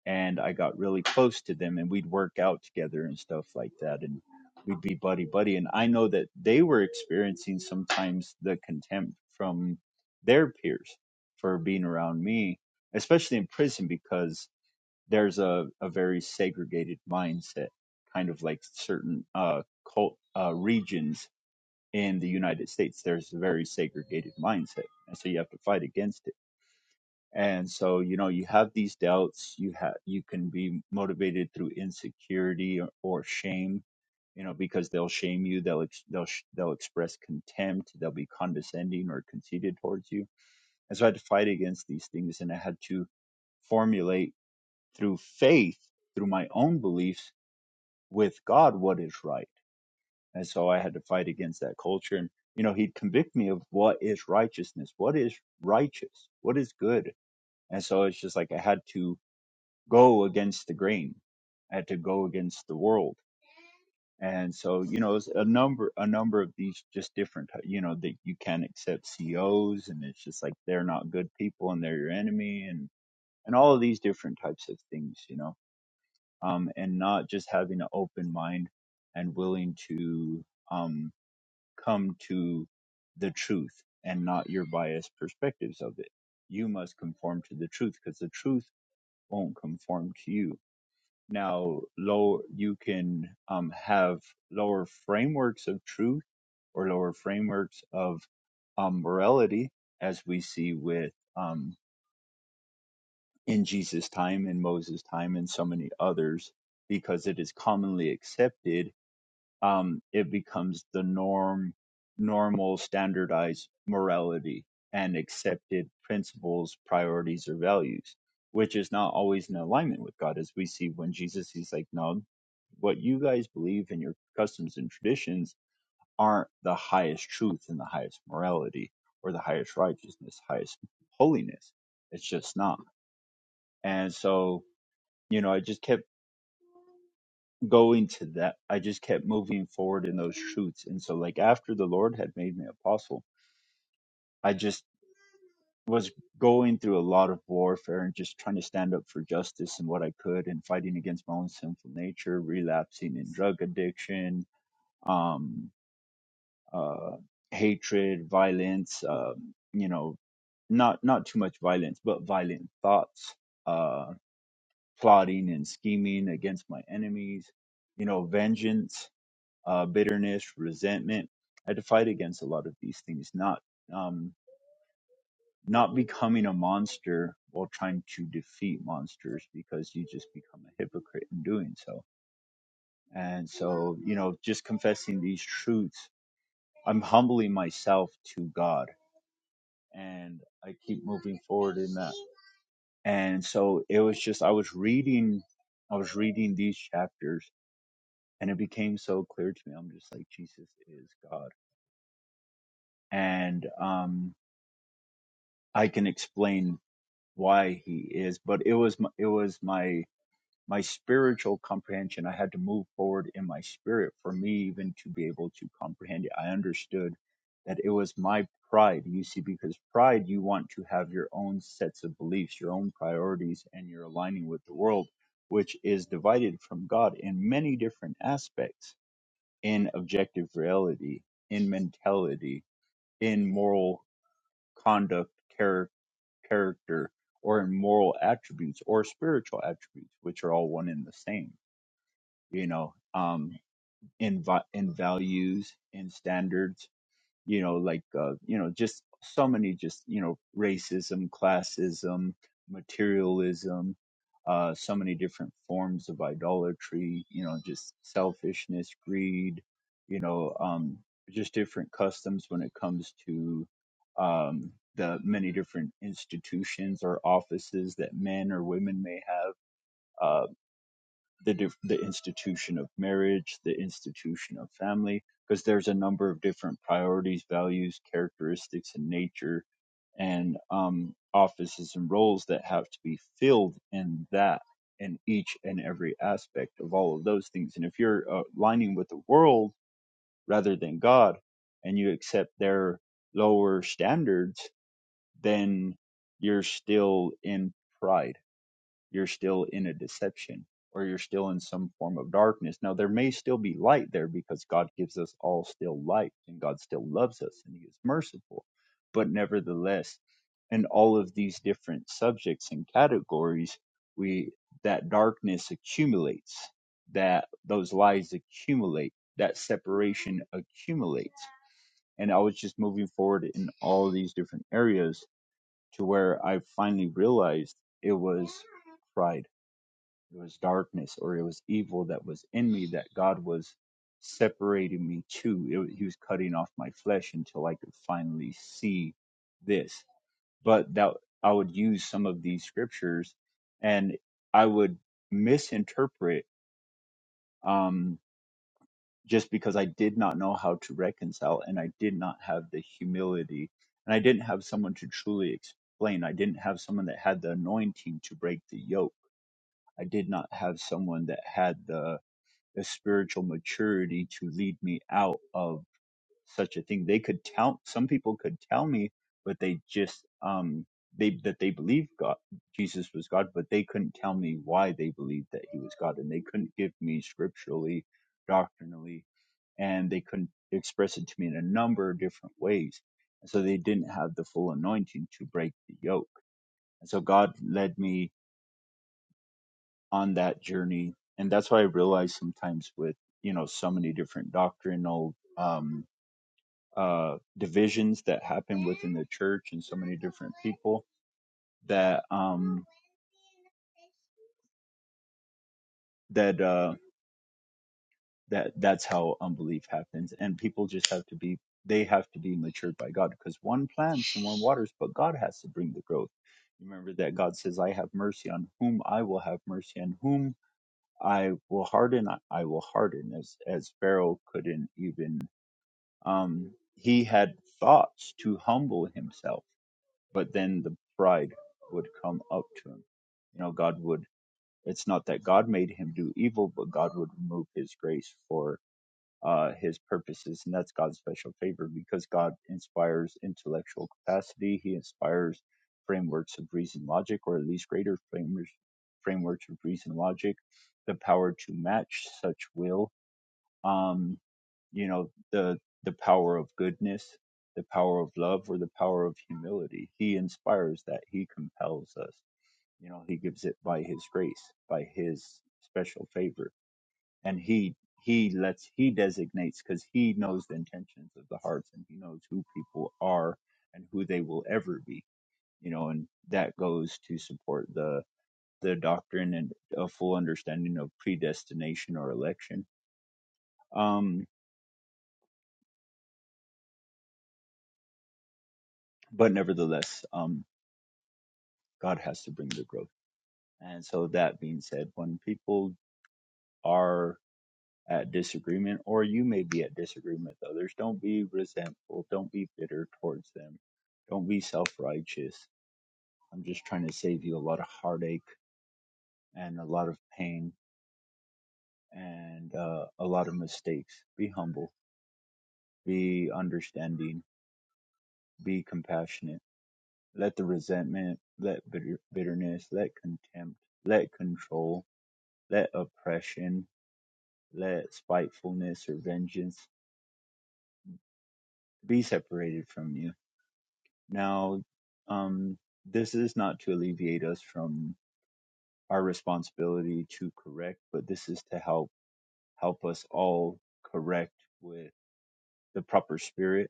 [SPEAKER 7] and I got really close to them and we'd work out together and stuff like that and we'd be buddy buddy and I know that they were experiencing sometimes the contempt from their peers for being around me especially in prison because there's a, a very segregated mindset kind of like certain uh cult uh regions in the United States there's a very segregated mindset and so you have to fight against it and so you know you have these doubts you have you can be motivated through insecurity or, or shame you know because they'll shame you they'll ex- they'll sh- they'll express contempt they'll be condescending or conceited towards you and so i had to fight against these things and i had to formulate through faith through my own beliefs with god what is right and so i had to fight against that culture and you know he'd convict me of what is righteousness what is righteous what is good and so it's just like i had to go against the grain. I had to go against the world. And so, you know, it's a number, a number of these just different, you know, that you can't accept COs and it's just like, they're not good people and they're your enemy and, and all of these different types of things, you know, um, and not just having an open mind and willing to, um, come to the truth and not your biased perspectives of it. You must conform to the truth because the truth won't conform to you now, low you can um, have lower frameworks of truth or lower frameworks of um, morality, as we see with um, in Jesus' time, in Moses' time, and so many others, because it is commonly accepted um, it becomes the norm, normal, standardized morality and accepted principles, priorities, or values, which is not always in alignment with God, as we see when Jesus is like, no, what you guys believe in your customs and traditions aren't the highest truth and the highest morality or the highest righteousness, highest holiness. It's just not. And so, you know, I just kept go into that. I just kept moving forward in those truths. And so, like, after the Lord had made me apostle, I just was going through a lot of warfare and just trying to stand up for justice and what I could and fighting against my own sinful nature, relapsing in drug addiction, um, uh, hatred, violence, um, you know, not, not too much violence, but violent thoughts, uh, plotting and scheming against my enemies, you know, vengeance uh, bitterness, resentment. I had to fight against a lot of these things, not um, not becoming a monster while trying to defeat monsters because you just become a hypocrite in doing so. And so, you know, just confessing these truths, I'm humbling myself to God and I keep moving forward in that. And so it was just, I was reading, I was reading these chapters and it became so clear to me. I'm just like, Jesus is God. And, um, I can explain why he is, but it was my, it was my my spiritual comprehension. I had to move forward in my spirit for me even to be able to comprehend it. I understood that it was my pride. You see, because pride, you want to have your own sets of beliefs, your own priorities, and you're aligning with the world, which is divided from God in many different aspects in objective reality, in mentality, in moral conduct, char- character, or in moral attributes or spiritual attributes, which are all one and the same, you know, um, in, vi- in values in standards you know like uh, you know just so many just you know racism classism materialism uh, so many different forms of idolatry you know just selfishness greed you know um, just different customs when it comes to um, the many different institutions or offices that men or women may have Uh, the diff- the institution of marriage, the institution of family, because there's a number of different priorities, values, characteristics, and nature, and um, offices and roles that have to be filled in that in each and every aspect of all of those things. And if you're uh, aligning with the world rather than God, and you accept their lower standards, then you're still in pride you're still in a deception or you're still in some form of darkness. Now, there may still be light there because God gives us all still light and God still loves us and He is merciful. But nevertheless, in all of these different subjects and categories, we that darkness accumulates, that those lies accumulate, that separation accumulates. And I was just moving forward in all these different areas to where I finally realized it was pride it was darkness or it was evil that was in me that God was separating me to. It, wa- he was cutting off my flesh until I could finally see this. But that I would use some of these scriptures and I would misinterpret um, just because I did not know how to reconcile and I did not have the humility and I didn't have someone to truly explain. I didn't have someone that had the anointing to break the yoke. I did not have someone that had the the spiritual maturity to lead me out of such a thing. They could tell some people could tell me, but they just um they that they believed God Jesus was God, but they couldn't tell me why they believed that he was God and they couldn't give me scripturally, doctrinally, and they couldn't express it to me in a number of different ways. And so they didn't have the full anointing to break the yoke. And so God led me on that journey and that's why i realize sometimes with you know so many different doctrinal um uh divisions that happen within the church and so many different people that um that uh that that's how unbelief happens and people just have to be they have to be matured by god because one plants and one waters but god has to bring the growth remember that god says i have mercy on whom i will have mercy and whom i will harden i I will harden as as pharaoh couldn't even Um, he had thoughts to humble himself, but then the pride would come up to him. You know, God would, it's not that God made him do evil, but God would remove his grace for uh, his purposes. And that's God's special favor because God inspires intellectual capacity. He inspires frameworks of reason logic, or at least greater frameworks, frameworks of reason logic, the power to match such will. Um, you know the the power of goodness the power of love or the power of humility he inspires that he compels us you know he gives it by his grace by his special favor and he he lets he designates because he knows the intentions of the hearts and he knows who people are and who they will ever be you know and that goes to support the the doctrine and a full understanding of predestination or election um but nevertheless um. God has to bring the growth. And so that being said, when people are at disagreement or you may be at disagreement with others, don't be resentful, don't be bitter towards them. Don't be self-righteous. I'm just trying to save you a lot of heartache and a lot of pain and uh, a lot of mistakes. Be humble, be understanding, be compassionate. Let the resentment, let bitter, bitterness, let contempt, let control, let oppression, let spitefulness or vengeance be separated from you. Now, um, this is not to alleviate us from our responsibility to correct, but this is to help help us all correct with the proper spirit,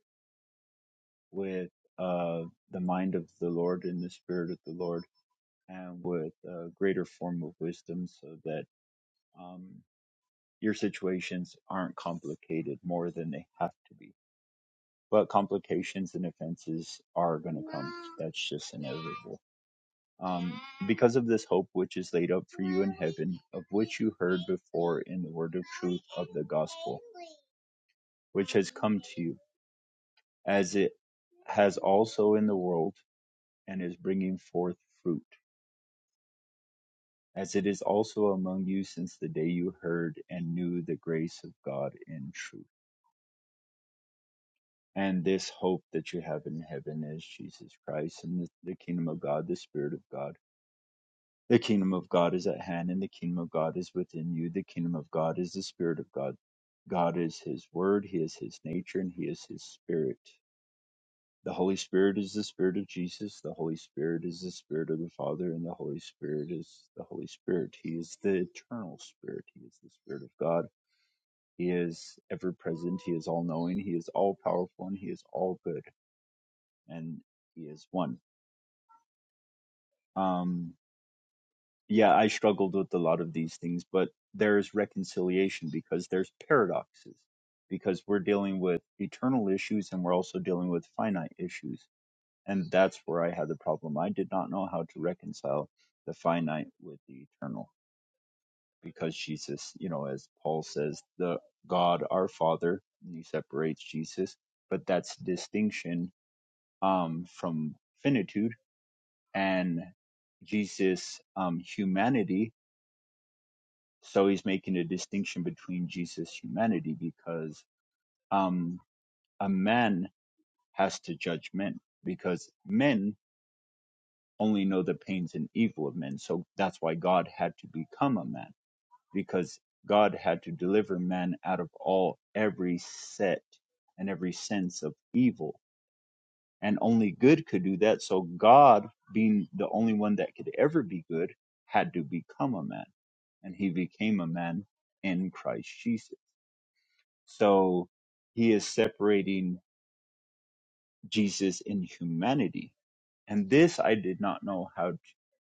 [SPEAKER 7] with uh, the mind of the Lord and the spirit of the Lord, and with a greater form of wisdom, so that um, your situations aren't complicated more than they have to be but complications and offenses are going to come. That's just inevitable. Um, because of this hope which is laid up for you in heaven, of which you heard before in the word of truth of the gospel, which has come to you, as it has also in the world, and is bringing forth fruit, as it is also among you since the day you heard and knew the grace of God in truth. And this hope that you have in heaven is Jesus Christ and the the kingdom of God, the Spirit of God The kingdom of God is at hand, and the kingdom of God is within you. The kingdom of God is the Spirit of God. God is His Word, He is His nature, and He is His Spirit. The Holy Spirit is the Spirit of Jesus. The Holy Spirit is the Spirit of the Father, and the Holy Spirit is the Holy Spirit. He is the eternal Spirit. He is the Spirit of God. He is ever present. He is all knowing. He is all powerful, and He is all good. And He is one. Um, yeah, I struggled with a lot of these things, but there's reconciliation because there's paradoxes because we're dealing with eternal issues and we're also dealing with finite issues. And that's where I had the problem. I did not know how to reconcile the finite with the eternal because Jesus, you know, as Paul says, the God our Father, and he separates Jesus, but that's distinction um, from finitude and Jesus' um, humanity So he's making a distinction between Jesus' humanity because um, a man has to judge men because men only know the pains and evil of men. So that's why God had to become a man because God had to deliver man out of all every set and every sense of evil. And only good could do that. So God, being the only one that could ever be good, had to become a man and he became a man in Christ Jesus. So he is separating Jesus in humanity. And this I did not know how to,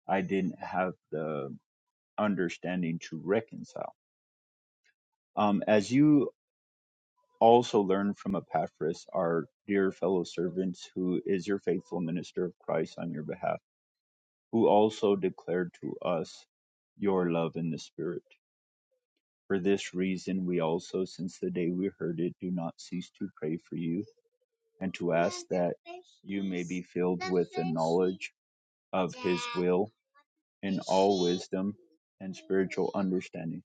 [SPEAKER 7] I didn't have the understanding to reconcile. Um, as you also learn from Epaphras, our dear fellow servants, who is your faithful minister of Christ on your behalf, who also declared to us your love in the Spirit. For this reason, we also, since the day we heard it, do not cease to pray for you and to ask that you may be filled with the knowledge of His will in all wisdom and spiritual understanding.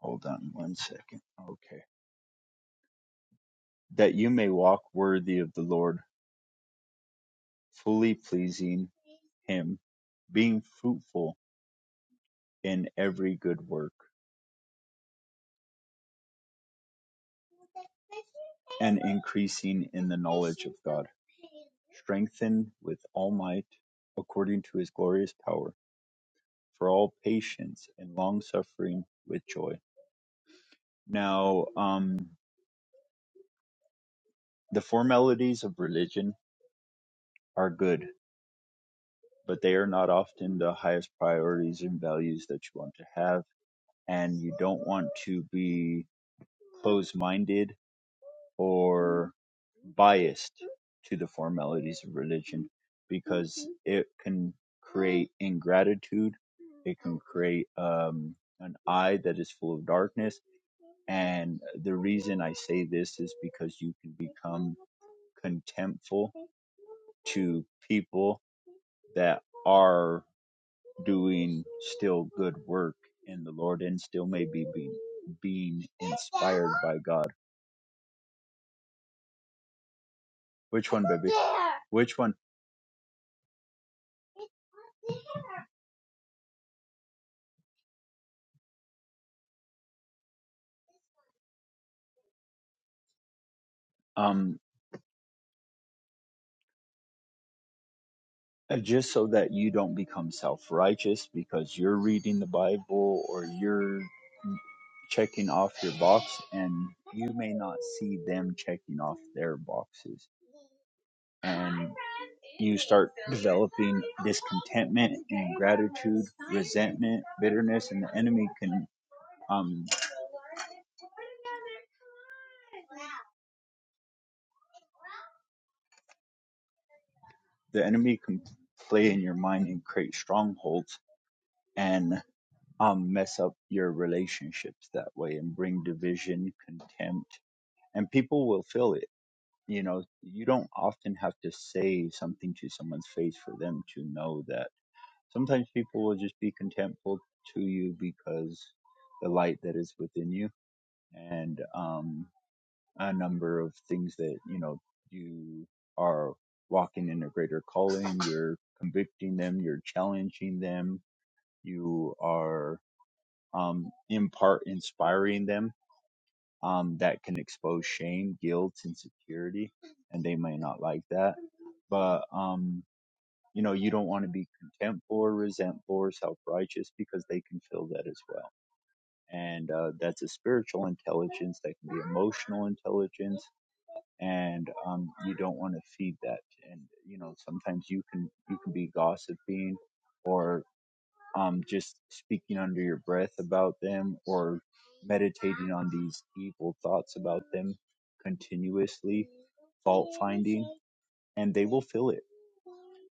[SPEAKER 7] Hold on one second. Okay. That you may walk worthy of the Lord, fully pleasing Him, being fruitful in every good work, and increasing in the knowledge of God, strengthened with all might according to His glorious power, for all patience and long suffering with joy Now, um, the four melodies of religion are good, but they are not often the highest priorities and values that you want to have. And you don't want to be closed minded or biased to the four melodies of religion because it can create ingratitude, it can create um, an eye that is full of darkness. And the reason I say this is because you can become contemptful to people that are doing still good work in the Lord and still maybe be being inspired by God. Which one, baby? Which one? Um, uh, just so that you don't become self righteous because you're reading the Bible or you're checking off your box and you may not see them checking off their boxes um, you start developing discontentment and gratitude, resentment, bitterness, and the enemy can um, the enemy can play in your mind and create strongholds and um, mess up your relationships that way and bring division, contempt, and people will feel it. You know, you don't often have to say something to someone's face for them to know that. Sometimes people will just be contemptful to you because the light that is within you and um, a number of things that you know you are walking in a greater calling. You're convicting them. You're challenging them. You are um, in part inspiring them. Um, that can expose shame, guilt, insecurity, and they may not like that. But um, you know, you don't want to be contemptful or resentful or self-righteous because they can feel that as well. And uh, that's a spiritual intelligence. That can be emotional intelligence and um, you don't want to feed that. And you know, sometimes you can you can be gossiping, or um, just speaking under your breath about them, or meditating on these evil thoughts about them continuously, fault finding, and they will feel it.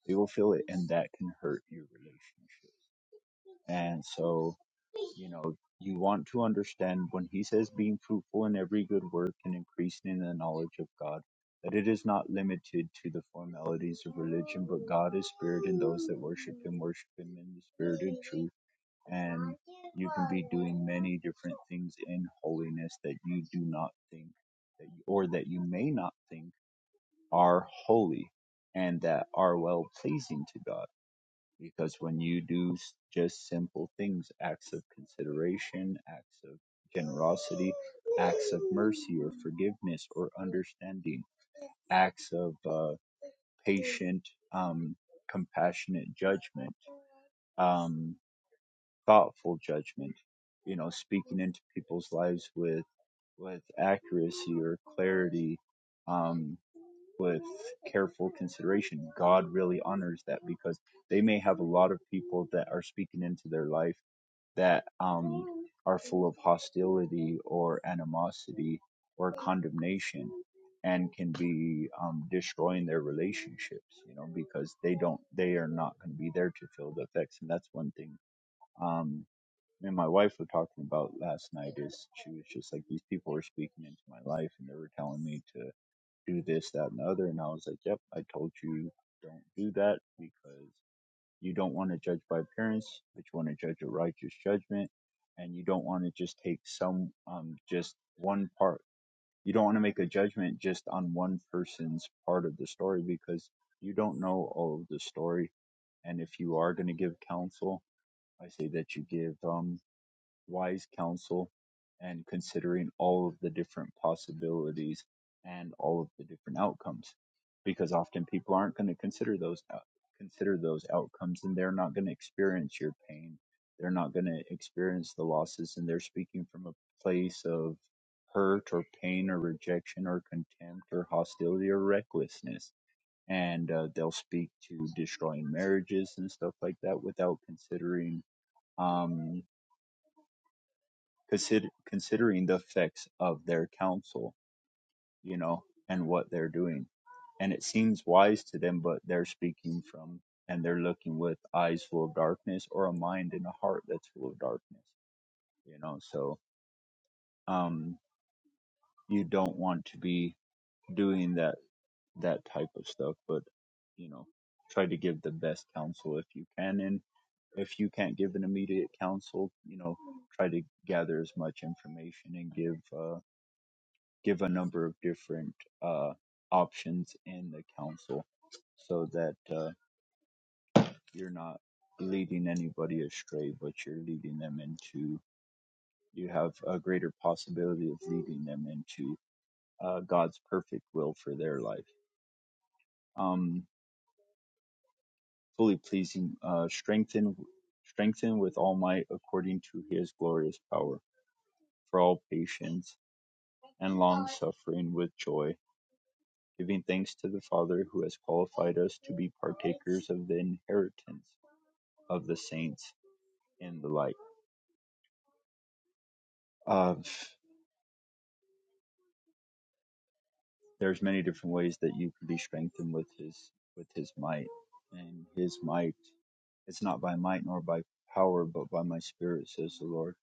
[SPEAKER 7] They will feel it, and that can hurt your relationship. And so, you know, you want to understand when he says being fruitful in every good work and increasing in the knowledge of God, that it is not limited to the formalities of religion, but God is spirit and those that worship him worship him in the spirit and truth. And you can be doing many different things in holiness that you do not think that you, or that you may not think are holy and that are well pleasing to God because when you do s- just simple things, acts of consideration, acts of generosity, acts of mercy or forgiveness or understanding, acts of uh, patient, um, compassionate judgment, um, thoughtful judgment, you know, speaking into people's lives with with accuracy or clarity, um, with careful consideration. God really honors that because they may have a lot of people that are speaking into their life that um, are full of hostility or animosity or condemnation and can be um, destroying their relationships, you know, because they don't, they are not going to be there to feel the effects. And that's one thing. Um, me and my wife were talking about last night is she was just like these people were speaking into my life and they were telling me to do this, that, and the other. And I was like, yep, I told you don't do that because you don't want to judge by appearance, but you want to judge a righteous judgment. And you don't want to just take some, um, just one part. You don't want to make a judgment just on one person's part of the story because you don't know all of the story. And if you are going to give counsel, I say that you give, um." wise counsel and considering all of the different possibilities and all of the different outcomes because often people aren't going to consider those out- consider those outcomes and they're not going to experience your pain they're not going to experience the losses and they're speaking from a place of hurt or pain or rejection or contempt or hostility or recklessness and uh, they'll speak to destroying marriages and stuff like that without considering um, consider, considering the effects of their counsel, you know, and what they're doing. And it seems wise to them, but they're speaking from and they're looking with eyes full of darkness or a mind and a heart that's full of darkness, you know. So um, you don't want to be doing that that type of stuff, but you know, try to give the best counsel if you can. And if you can't give an immediate counsel, you know, try to gather as much information and give. uh, give a number of different uh, options in the council so that uh, you're not leading anybody astray, but you're leading them into, you have a greater possibility of leading them into uh, God's perfect will for their life. Um, fully pleasing, uh, strengthen, strengthen with all might according to his glorious power for all patience and long suffering with joy giving thanks to the Father who has qualified us to be partakers of the inheritance of the saints and the like. Uh, there's many different ways that you can be strengthened with His with His might, and His might it's not by might nor by power, but by my Spirit, says the Lord.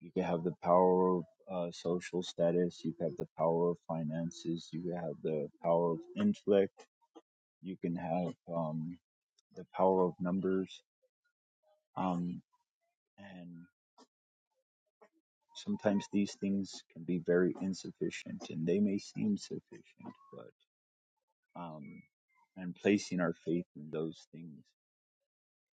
[SPEAKER 7] You can have the power of uh, social status, you can have the power of finances, you can have the power of intellect, you can have um, the power of numbers. Um, and sometimes these things can be very insufficient and they may seem sufficient but um and placing our faith in those things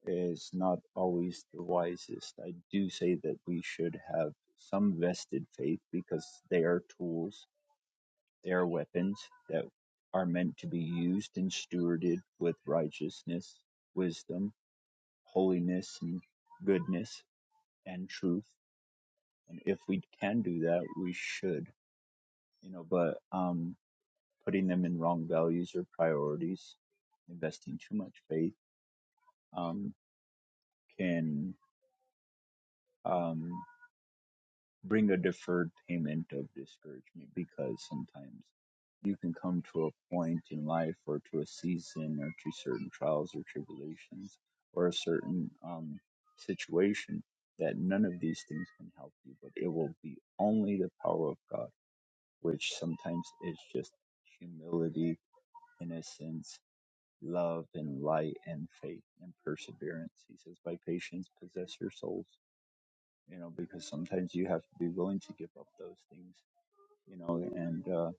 [SPEAKER 7] is not always the wisest i do say that we should have some vested faith because they are tools they are weapons that are meant to be used and stewarded with righteousness wisdom holiness and goodness and truth and if we can do that we should you know but um putting them in wrong values or priorities, investing too much faith um, can um, bring a deferred payment of discouragement because sometimes you can come to a point in life or to a season or to certain trials or tribulations or a certain um, situation that none of these things can help you, but it will be only the power of God, which sometimes is just humility, innocence, love and light and faith and perseverance. He says, by patience, possess your souls, you know, because sometimes you have to be willing to give up those things, you know, and, uh,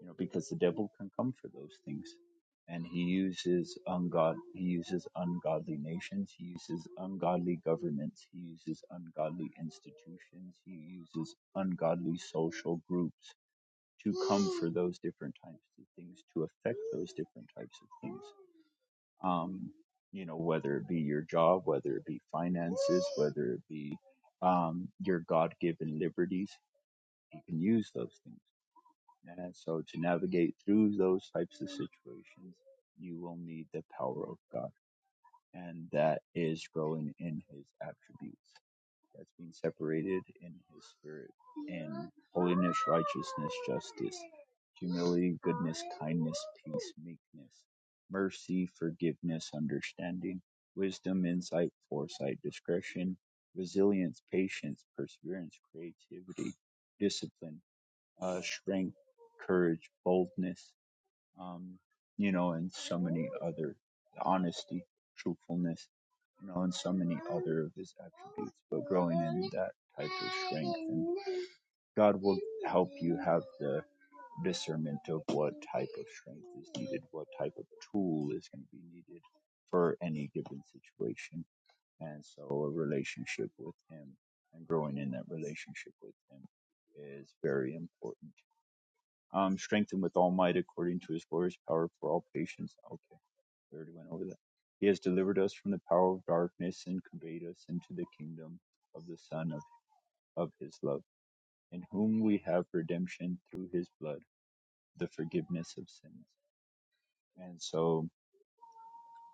[SPEAKER 7] you know, because the devil can come for those things. And he uses ungod, he uses ungodly nations, he uses ungodly governments, he uses ungodly institutions, he uses ungodly social groups to come for [GASPS] those different types of things, to affect those different types of things um, you know, whether it be your job, whether it be finances, whether it be um, your God given liberties, you can use those things. And so to navigate through those types of situations, you will need the power of God. And that is growing in his attributes has been separated in his spirit in holiness, righteousness, justice, humility, goodness, kindness, peace, meekness, mercy, forgiveness, understanding, wisdom, insight, foresight, discretion, resilience, patience, perseverance, creativity, discipline, uh, strength, courage, boldness um, you know, and so many other honesty, truthfulness, you know, and so many other of his attributes. But growing in that type of strength, and God will help you have the discernment of what type of strength is needed, what type of tool is going to be needed for any given situation. And so, a relationship with Him and growing in that relationship with Him is very important um, strengthened with all might according to his glorious power for all patience. Okay, we already went over that. He has delivered us from the power of darkness and conveyed us into the kingdom of the Son of, of his love, in whom we have redemption through his blood, the forgiveness of sins. And so,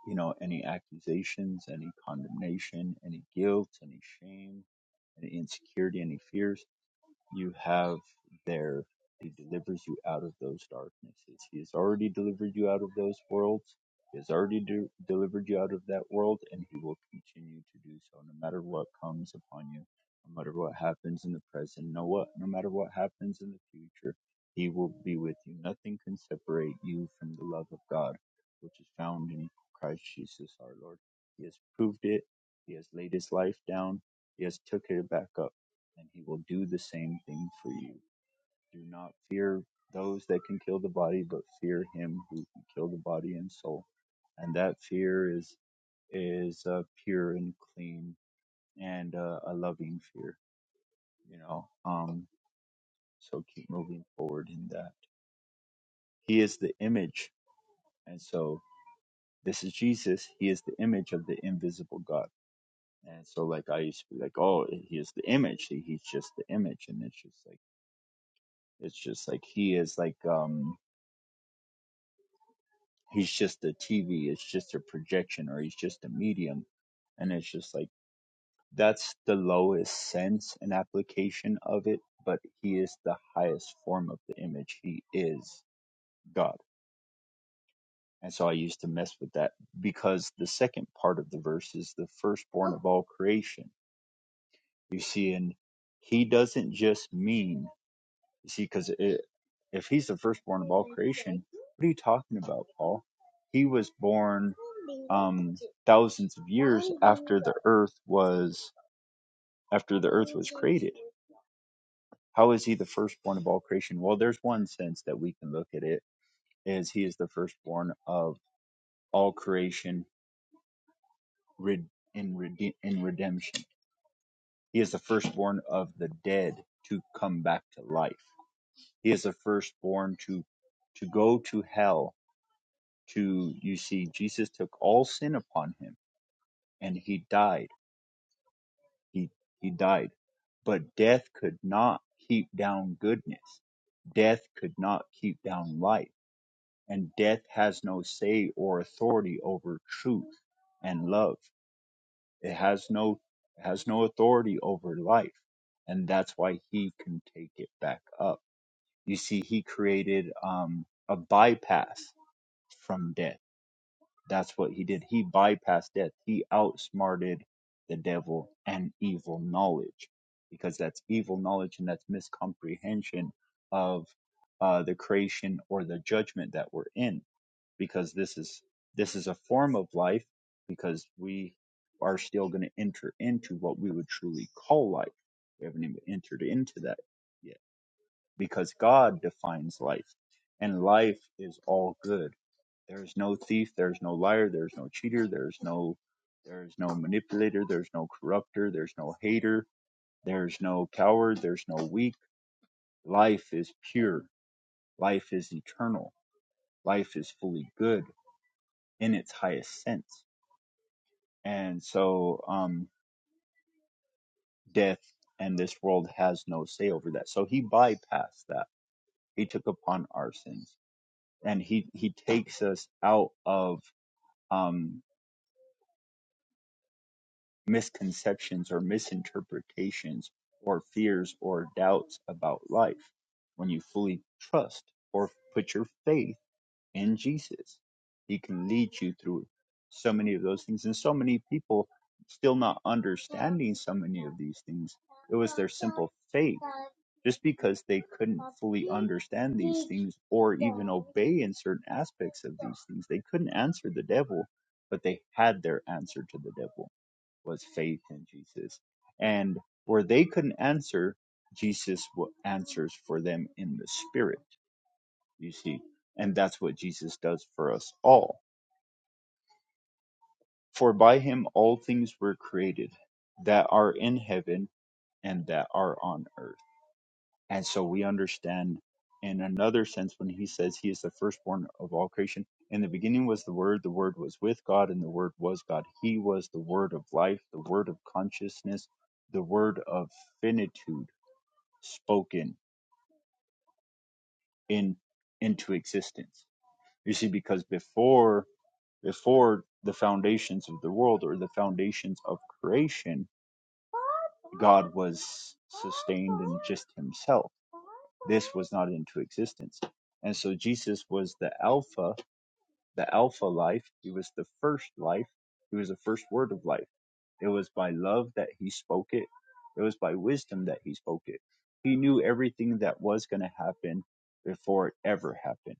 [SPEAKER 7] you know, any accusations, any condemnation, any guilt, any shame, any insecurity, any fears. you have there He delivers you out of those darknesses. He has already delivered you out of those worlds. He has already de- delivered you out of that world, and he will continue to do so no matter what comes upon you, no matter what happens in the present, no, what, no matter what happens in the future. He will be with you. Nothing can separate you from the love of God, which is found in Christ Jesus our Lord. He has proved it. He has laid his life down. He has took it back up and he will do the same thing for you. Do not fear those that can kill the body, but fear him who can kill the body and soul. And that fear is is uh, pure and clean and uh, a loving fear, you know. Um, so keep moving forward in that. He is the image, and so this is Jesus. He is the image of the invisible God. And so, like I used to be like, oh, he is the image. He, he's just the image, and it's just like it's just like he is like um he's just a TV, it's just a projection, or he's just a medium. And it's just like that's the lowest sense and application of it, but he is the highest form of the image. He is God. And so I used to mess with that because the second part of the verse is the firstborn of all creation. You see, and he doesn't just mean You see, because if he's the firstborn of all creation, [LAUGHS] what are you talking about, Paul? He was born um, thousands of years after the earth was after the earth was created. How is he the firstborn of all creation? Well, there's one sense that we can look at it is he is the firstborn of all creation in, rede- in redemption. He is the firstborn of the dead to come back to life. He is the firstborn to to go to hell to you see Jesus took all sin upon him and he died. He he died. But death could not keep down goodness. Death could not keep down life, And death has no say or authority over truth and love. It has no it has no authority over life. And that's why he can take it back up. You see, he created um, a bypass from death That's what he did. He bypassed death. He outsmarted the devil and evil knowledge because that's evil knowledge and that's miscomprehension of uh, the creation or the judgment that we're in because this is this is a form of life because we are still going to enter into what we would truly call life. We haven't even entered into that yet because God defines life and life is all good there is no thief, there is no liar, there is no cheater, there is no there is no manipulator, there's no corrupter, there's no hater, there's no coward, there's no weak. Life is pure, life is eternal, life is fully good in its highest sense. And so um death and this world has no say over that. So he bypassed that. He took upon our sins. And he he takes us out of um misconceptions or misinterpretations or fears or doubts about life when you fully trust or put your faith in Jesus. He can lead you through so many of those things. And so many people still not understanding so many of these things. It was their simple faith. Just because they couldn't fully understand these things or even obey in certain aspects of these things, they couldn't answer the devil, but they had their answer to the devil was faith in Jesus. And where they couldn't answer, Jesus answers for them in the Spirit, you see. And that's what Jesus does for us all. For by him all things were created that are in heaven and that are on earth And so we understand in another sense when he says he is the firstborn of all creation. In the beginning was the Word, the Word was with God, and the Word was God. He was the Word of life, the Word of consciousness, the Word of finitude spoken in into existence. You see, because before before the foundations of the world or the foundations of creation, God was sustained in just himself. This was not into existence. And so Jesus was the Alpha, the Alpha life. He was the first life. He was the first word of life. It was by love that he spoke it, it was by wisdom that he spoke it. He knew everything that was going to happen before it ever happened.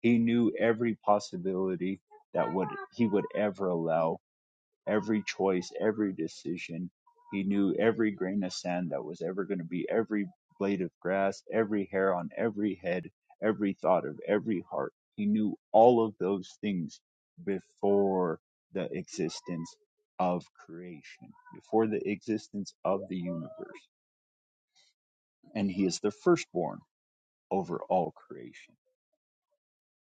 [SPEAKER 7] He knew every possibility that would he would ever allow every choice, every decision. He knew every grain of sand that was ever going to be, every blade of grass, every hair on every head, every thought of every heart. He knew all of those things before the existence of creation, before the existence of the universe. And he is the firstborn over all creation.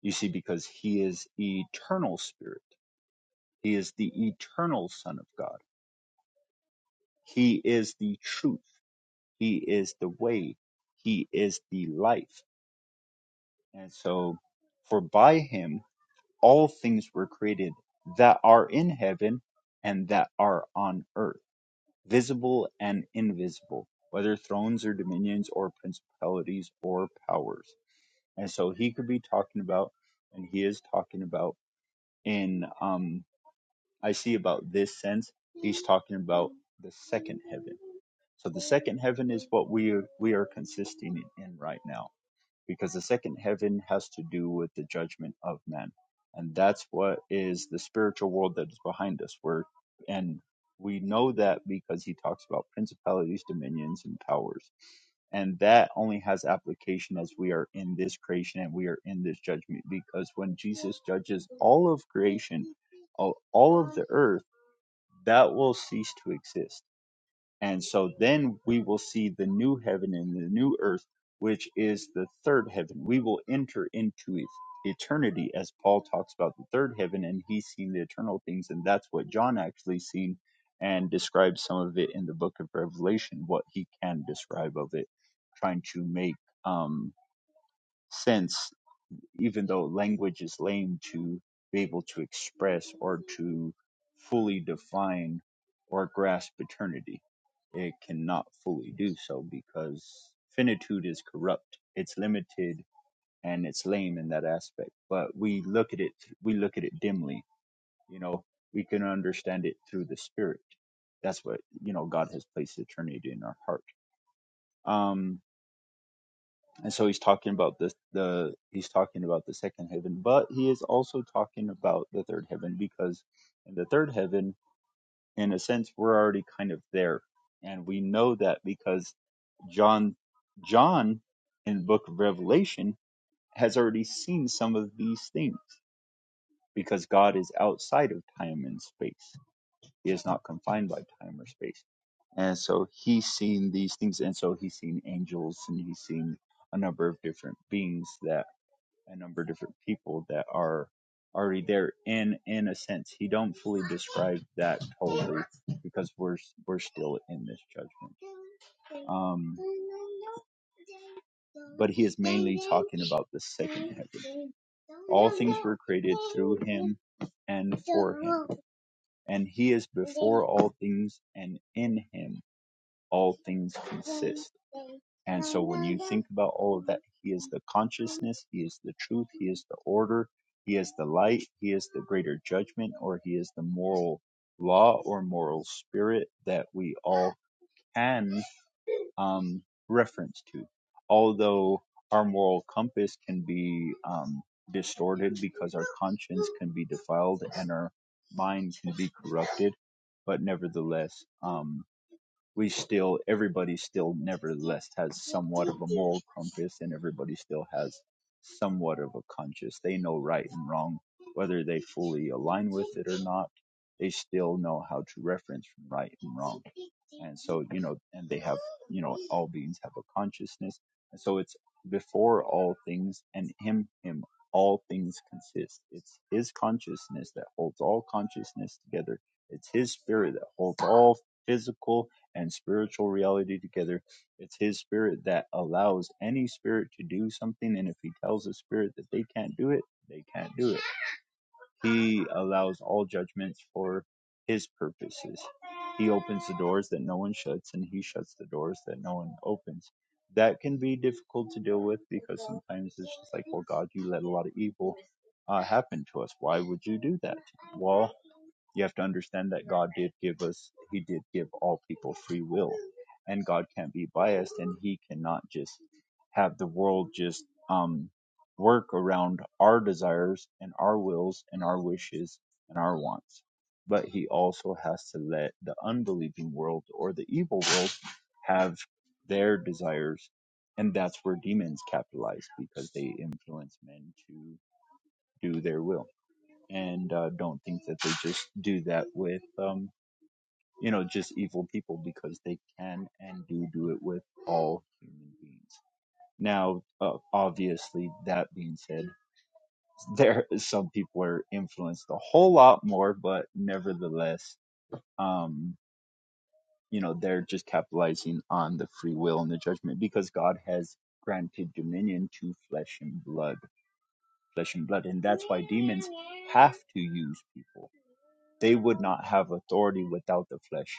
[SPEAKER 7] You see, because he is eternal spirit, he is the eternal Son of God. He is the truth. He is the way. He is the life. And so, for by him all things were created that are in heaven and that are on earth, visible and invisible, whether thrones or dominions or principalities or powers. And so, he could be talking about, and he is talking about in, um, I see about this sense, he's talking about the second heaven. So the second heaven is what we are, we are consisting in right now because the second heaven has to do with the judgment of men and that's what is the spiritual world that is behind us where and we know that because he talks about principalities dominions and powers and that only has application as we are in this creation and we are in this judgment because when jesus judges all of creation all all of the earth that will cease to exist and so then we will see the new heaven and the new earth, which is the third heaven. We will enter into e- eternity as Paul talks about the third heaven and he's seen the eternal things. And that's what John actually seen and describes some of it in the book of Revelation, what he can describe of it, trying to make um, sense even though language is lame to be able to express or to fully define or grasp eternity. It cannot fully do so because finitude is corrupt. It's limited and it's lame in that aspect. But we look at it, we look at it dimly. You know, we can understand it through the spirit. That's what, you know, God has placed eternity in our heart. Um and so he's talking about this the he's talking about the second heaven but he is also talking about the third heaven because in the third heaven in a sense we're already kind of there and we know that because john john in the book of revelation has already seen some of these things because god is outside of time and space he is not confined by time or space and so he's seen these things and so he's seen angels and he's seen a number of different beings that a number of different people that are already there and in a sense he don't fully describe that totally because we're we're still in this judgment um but he is mainly talking about the second heaven all things were created through him and for him and he is before all things and in him all things consist and so when you think about all of that, He is the consciousness, He is the truth, He is the order, He is the light, He is the greater judgment, or He is the moral law or moral spirit that we all can um, reference to. Although our moral compass can be um, distorted because our conscience can be defiled and our mind can be corrupted, but nevertheless, um, we still everybody still nevertheless has somewhat of a moral compass and everybody still has somewhat of a conscience they know right and wrong whether they fully align with it or not they still know how to reference from right and wrong and so you know and they have you know all beings have a consciousness and so it's before all things and him him all things consist it's his consciousness that holds all consciousness together it's his spirit that holds all physical and spiritual reality together. It's His Spirit that allows any spirit to do something, and if He tells the spirit that they can't do it, they can't do it he allows all judgments for his purposes. He opens the doors that no one shuts, and he shuts the doors that no one opens. That can be difficult to deal with because sometimes it's just like, well, God, you let a lot of evil uh, happen to us. Why would you do that? Well, you have to understand that God did give us, He did give all people free will, and God can't be biased, and He cannot just have the world just um work around our desires and our wills and our wishes and our wants. But he also has to let the unbelieving world or the evil world have their desires. And that's where demons capitalize because they influence men to do their will. And uh, don't think that they just do that with, um, you know, just evil people because they can and do do it with all human beings. Now, uh, obviously, that being said, there some people are influenced a whole lot more but nevertheless um you know they're just capitalizing on the free will and the judgment because god has granted dominion to flesh and blood flesh and blood and that's why demons have to use people they would not have authority without the flesh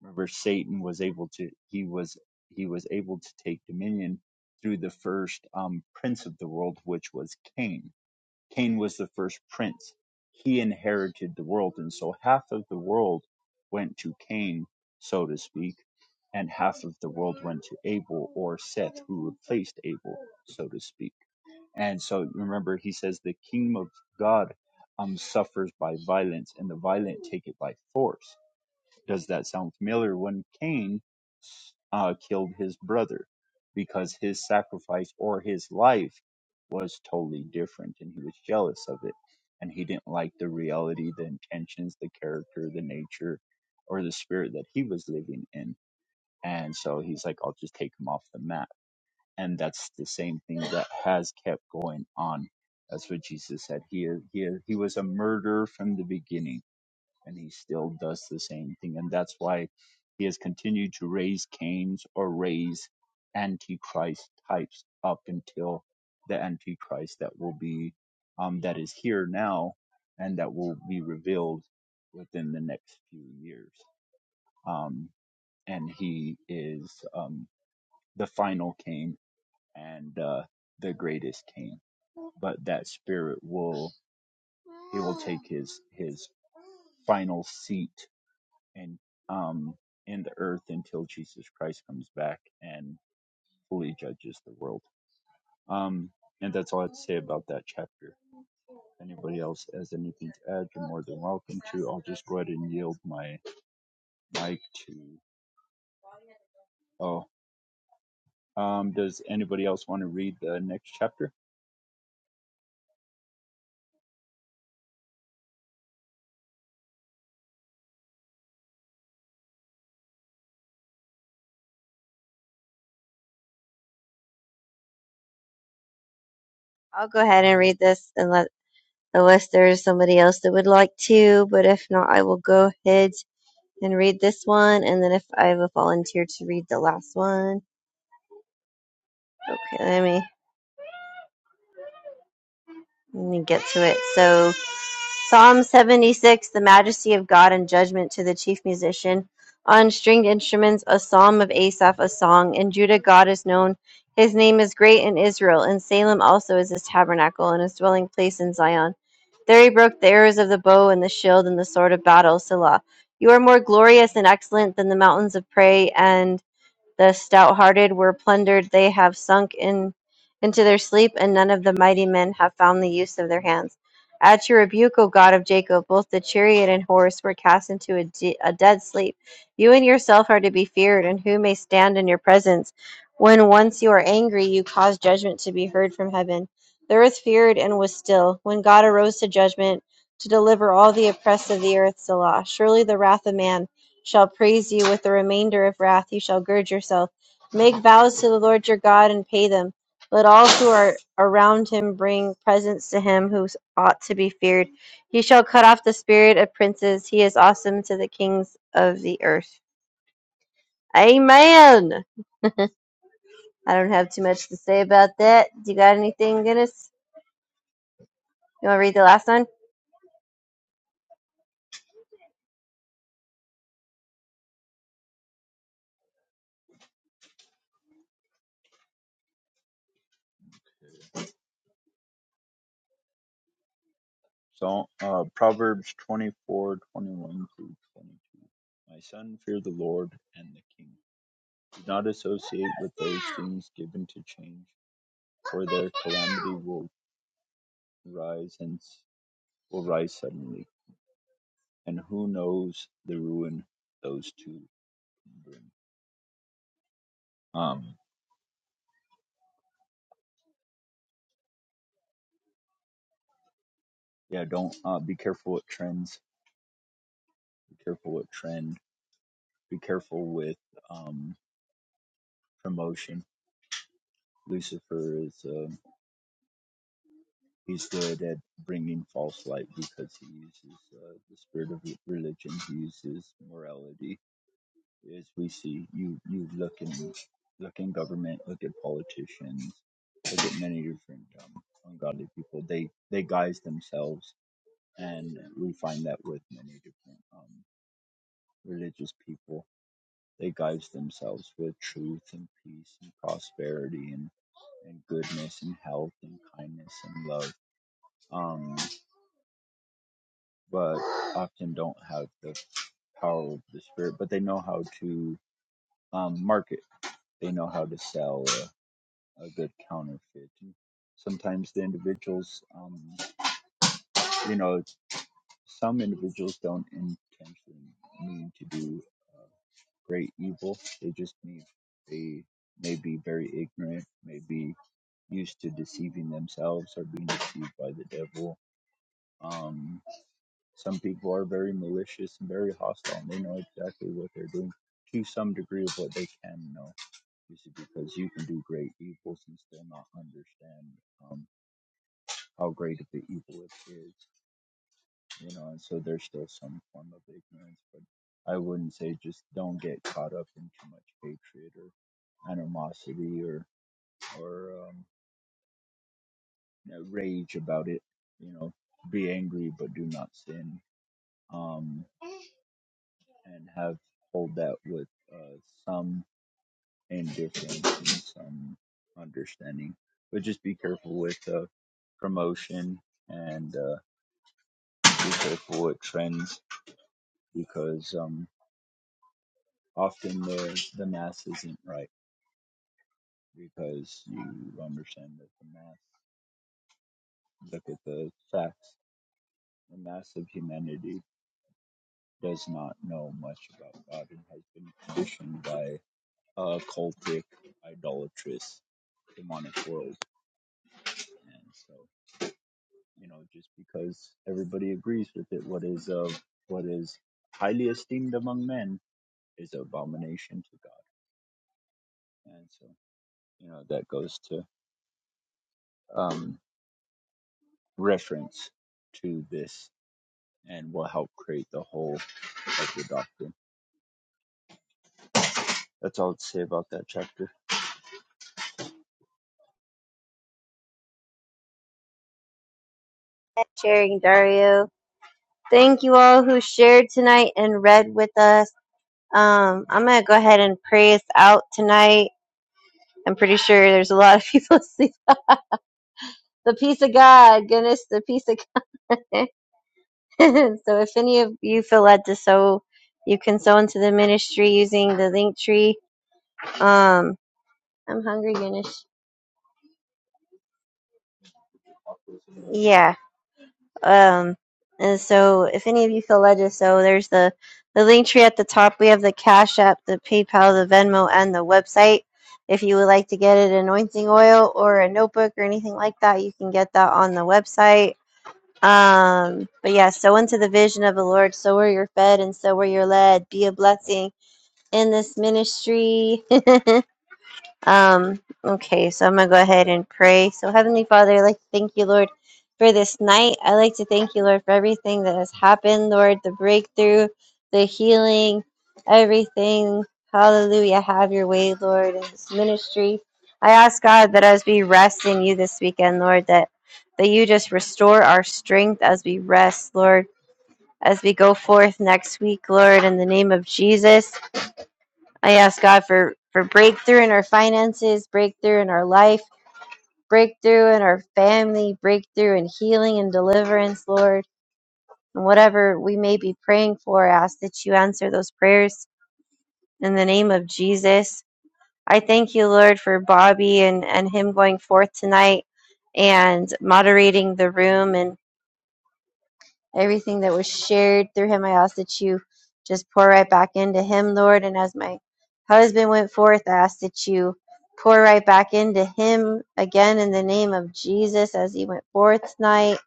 [SPEAKER 7] remember satan was able to he was he was able to take dominion through the first um prince of the world which was cain Cain was the first prince. He inherited the world. And so half of the world went to Cain, so to speak, and half of the world went to Abel or Seth, who replaced Abel, so to speak. And so remember, he says, the kingdom of God um, suffers by violence, and the violent take it by force. Does that sound familiar? When Cain uh, killed his brother because his sacrifice or his life was totally different and he was jealous of it and he didn't like the reality the intentions the character the nature or the spirit that he was living in and so he's like i'll just take him off the map and that's the same thing that has kept going on that's what jesus said he he, he was a murderer from the beginning and he still does the same thing. And that's why he has continued to raise Cain's or raise Antichrist types up until the Antichrist that will be, um, that is here now and that will be revealed within the next few years. Um, and he is, um, the final Cain and, uh, the greatest Cain. But that spirit will, he will take his, his final seat and um, in the earth until Jesus Christ comes back and fully judges the world. Um, and that's all I have to say about that chapter. If anybody else has anything to add, you're more than welcome to. I'll just go ahead and yield my mic to. Oh, um, does anybody else want to read the next chapter?
[SPEAKER 3] go ahead and read this and let unless there is somebody else that would like to. But if not, I will go ahead and read this one, and then if I have a volunteer to read the last one. Okay, let me let me get to it. So Psalm 76, the majesty of God and judgment to the chief musician. On stringed instruments, a psalm of Asaph, a song. In Judah, God is known. His name is great in Israel. In Salem also is his tabernacle and his dwelling place in Zion. There he broke the arrows of the bow and the shield and the sword of battle. Selah. You are more glorious and excellent than the mountains of prey and the stout-hearted were plundered; they have sunk in into their sleep, and none of the mighty men have found the use of their hands. At your rebuke, O God of Jacob, both the chariot and horse were cast into a, de- a dead sleep. You and yourself are to be feared, and who may stand in your presence? When once you are angry, you cause judgment to be heard from heaven. The earth feared and was still. When God arose to judgment, to deliver all the oppressed of the earth, Selah. Surely the wrath of man shall praise you with the remainder of wrath you shall gird yourself make vows to the lord your god and pay them let all who are around him bring presents to him who ought to be feared he shall cut off the spirit of princes he is awesome to the kings of the earth amen i don't have too much to say about that do you got anything Guinness? you want to read the last one
[SPEAKER 7] So, uh, Proverbs 2421 through 22. My son, fear the Lord and the king. Do not associate with those things given to change for their calamity will rise and will rise suddenly, and who knows the ruin those two can bring. Um, yeah, don't uh, be careful with trends. Be careful with trend. Be careful with um, promotion. Lucifer is um he's good at bringing false light because he uses uh, the spirit of religion. He uses morality is we see you you look in look in government, look at politicians, look at many different um, ungodly people. They they guise themselves, and we find that with many different um, religious people. They guise themselves with truth and peace and prosperity and, and goodness and health and kindness and love, um, but often don't have the power of the spirit. But they know how to um, market. They know how to sell. Uh, a good counterfeit. And sometimes the individuals, um, you know, some individuals don't intentionally mean to do uh, great evil. They just mean they may be very ignorant, may be used to deceiving themselves or being deceived by the devil. Um, some people are very malicious and very hostile, and they know exactly what they're doing to some degree of what they can know. This is because you can do great evils and still not understand. um, how great of the evil it is, you know, and so there's still some form of ignorance, but I wouldn't say just don't get caught up in too much hatred or animosity or or um, you know, rage about it. You know, be angry but do not sin, um, and have hold that with uh, some indifference and some understanding, but just be careful with uh, promotion and uh, be careful with trends because um, often the the math isn't right because you understand that the math look at the facts the mass of humanity does not know much about god and has been conditioned by a cultic idolatrous demonic world and so you know just because everybody agrees with it what is of what is highly esteemed among men is abomination to god and so you know that goes to um reference to this and will help create the whole of the doctrine. That's all I'd say about that chapter.
[SPEAKER 3] sharing dario thank you all who shared tonight and read with us um, I'm gonna go ahead and pray us out tonight. I'm pretty sure there's a lot of people [LAUGHS] see the peace of God, goodness, the peace of God. [LAUGHS] so if any of you feel led to sow, you can sow into the ministry using the link tree. Um, I'm hungry, goodness. Yeah. Um, and so if any of you feel led to sow, there's the the link tree at the top. We have the Cash App, the PayPal, the Venmo, and the website. If you would like to get an anointing oil or a notebook or anything like that, you can get that on the website Um, but yeah, so into the vision of the Lord, so where you're fed and so where you're led. Be a blessing in this ministry. [LAUGHS] Um, okay, so I'm gonna go ahead and pray. So, Heavenly Father, I'd like to thank you, Lord, for this night. I'd like to thank you, Lord, for everything that has happened, Lord, the breakthrough, the healing, everything. Hallelujah. Have your way, Lord, in this ministry. I ask God that as we rest in you this weekend, Lord, that that you just restore our strength as we rest, Lord, as we go forth next week, Lord, in the name of Jesus. I ask God for, for breakthrough in our finances, breakthrough in our life, breakthrough in our family, breakthrough in healing and deliverance, Lord. And whatever we may be praying for, I ask that you answer those prayers in the name of Jesus. I thank you, Lord, for Bobby and, and him going forth tonight and moderating the room. and. Everything that was shared through him, I ask that you just pour right back into him, Lord. And as my husband went forth, I ask that you pour right back into him again in the name of Jesus as he went forth tonight.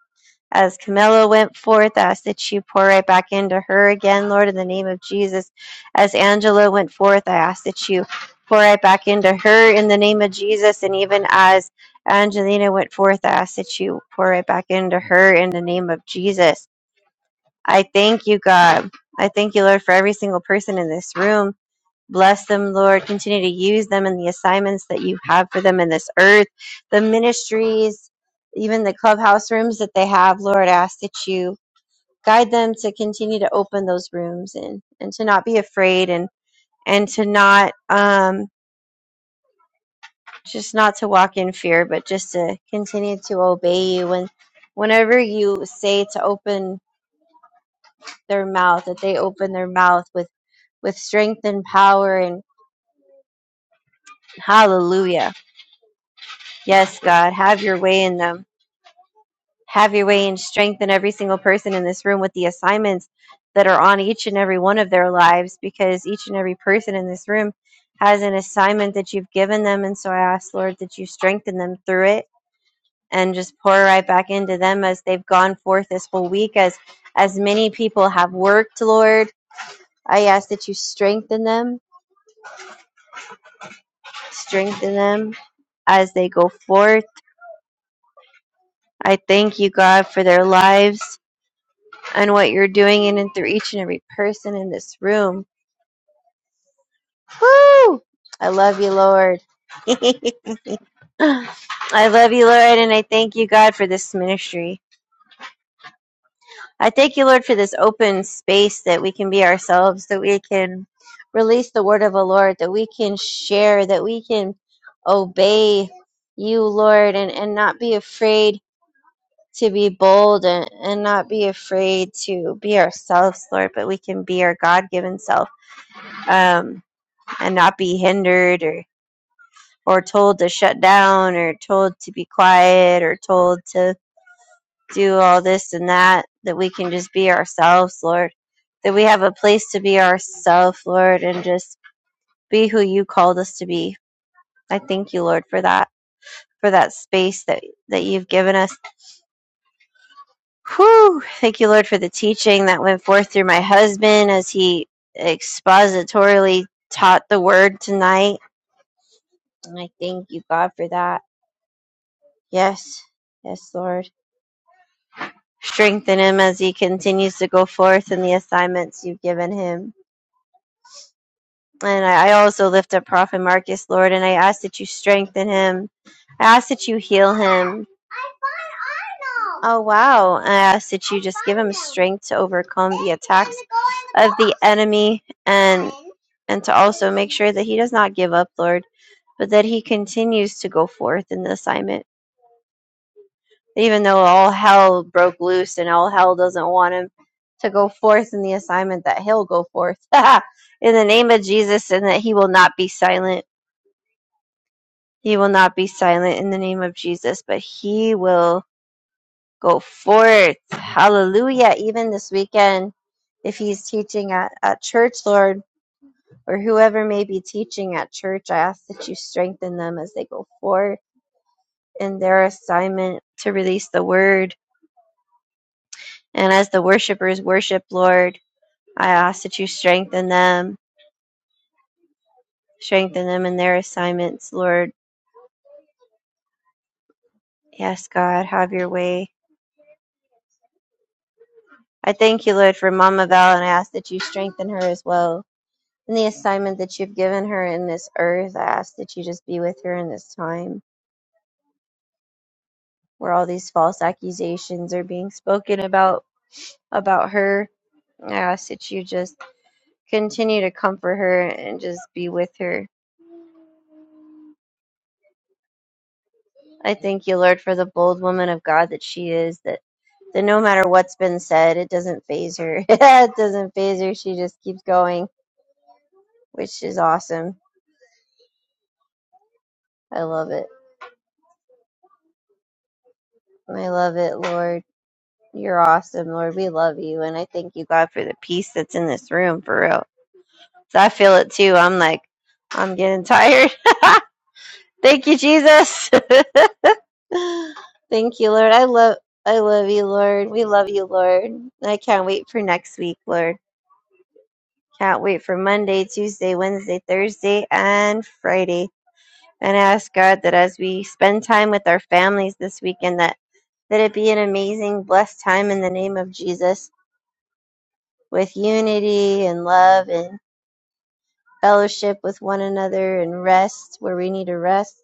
[SPEAKER 3] As Camilla went forth, I ask that you pour right back into her again, Lord, in the name of Jesus. As Angela went forth, I ask that you pour right back into her in the name of Jesus. And even as Angelina went forth, I ask that you pour right back into her in the name of Jesus. I thank you, God. I thank you, Lord, for every single person in this room. Bless them, Lord. Continue to use them in the assignments that you have for them in this earth, the ministries, even the clubhouse rooms that they have, Lord. I ask that you guide them to continue to open those rooms and, and to not be afraid and, and to not, um, just not to walk in fear, but just to continue to obey you. And whenever you say to open their mouth, that they open their mouth with with strength and power and hallelujah. Yes, God, have your way in them. Have your way and strengthen every single person in this room with the assignments that are on each and every one of their lives because each and every person in this room has an assignment that you've given them. And so I ask, Lord, that you strengthen them through it and just pour right back into them as they've gone forth this whole week as as many people have worked, Lord. I ask that you strengthen them, strengthen them as they go forth I thank you, God, for their lives and what you're doing in and through each and every person in this room. I love you, Lord. [LAUGHS] I love you, Lord, and I thank you, God, for this ministry. I thank you, Lord, for this open space that we can be ourselves, that we can release the word of the Lord, that we can share, that we can obey you, Lord, and, and not be afraid to be bold and, and not be afraid to be ourselves, Lord, but we can be our God given self um, and not be hindered or, or told to shut down or told to be quiet or told to do all this and that, that we can just be ourselves, Lord. That we have a place to be ourselves, Lord, and just be who you called us to be. I thank you, Lord, for that, for that space that, that you've given us Whew! Thank you, Lord, for the teaching that went forth through my husband as he expositorily taught the word tonight. And I thank you, God, for that. Yes, yes, Lord. Strengthen him as he continues to go forth in the assignments you've given him. And I, I also lift up Prophet Marcus, Lord, and I ask that you strengthen him. I ask that you heal him. Oh, wow. I ask that you just give him strength to overcome the attacks of the enemy and and to also make sure that he does not give up, Lord, but that he continues to go forth in the assignment even though all hell broke loose and all hell doesn't want him to go forth in the assignment that he'll go forth [LAUGHS] in the name of Jesus and that he will not be silent. He will not be silent in the name of Jesus, but he will go forth. Hallelujah. Even this weekend, if he's teaching at, at church, Lord, or whoever may be teaching at church, I ask that you strengthen them as they go forth in their assignment to release the word. And as the worshipers worship, Lord, I ask that you strengthen them, strengthen them in their assignments, Lord. Yes, God, have your way. I thank you, Lord, for Mama Val, and I ask that you strengthen her as well. In the assignment that you've given her in this earth, I ask that you just be with her in this time where all these false accusations are being spoken about about her. I ask that you just continue to comfort her and just be with her. I thank you, Lord, for the bold woman of God that she is, that that no matter what's been said, it doesn't phase her. [LAUGHS] it doesn't phase her. She just keeps going, which is awesome. I love it. I love it, Lord. You're awesome, Lord. We love you. And I thank you, God, for the peace that's in this room, for real. So I feel it too. I'm like, I'm getting tired. [LAUGHS] thank you, Jesus. [LAUGHS] thank you, Lord. I love. I love you, Lord. We love you, Lord. I can't wait for next week, Lord. Can't wait for Monday, Tuesday, Wednesday, Thursday, and Friday. And I ask God that as we spend time with our families this weekend, that, that it be an amazing, blessed time in the name of Jesus with unity and love and fellowship with one another and rest where we need to rest.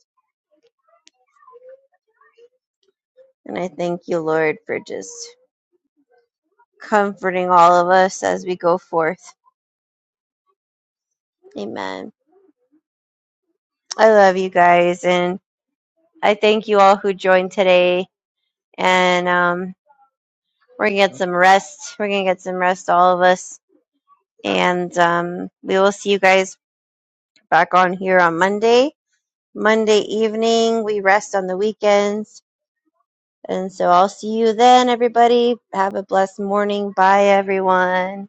[SPEAKER 3] And I thank you, Lord, for just comforting all of us as we go forth. Amen. I love you guys. And I thank you all who joined today. And, um, We're gonna get some rest. We're gonna get some rest, all of us, and um, we will see you guys back on here on Monday. Monday evening, we rest on the weekends, and so I'll see you then, everybody. Have a blessed morning. Bye, everyone.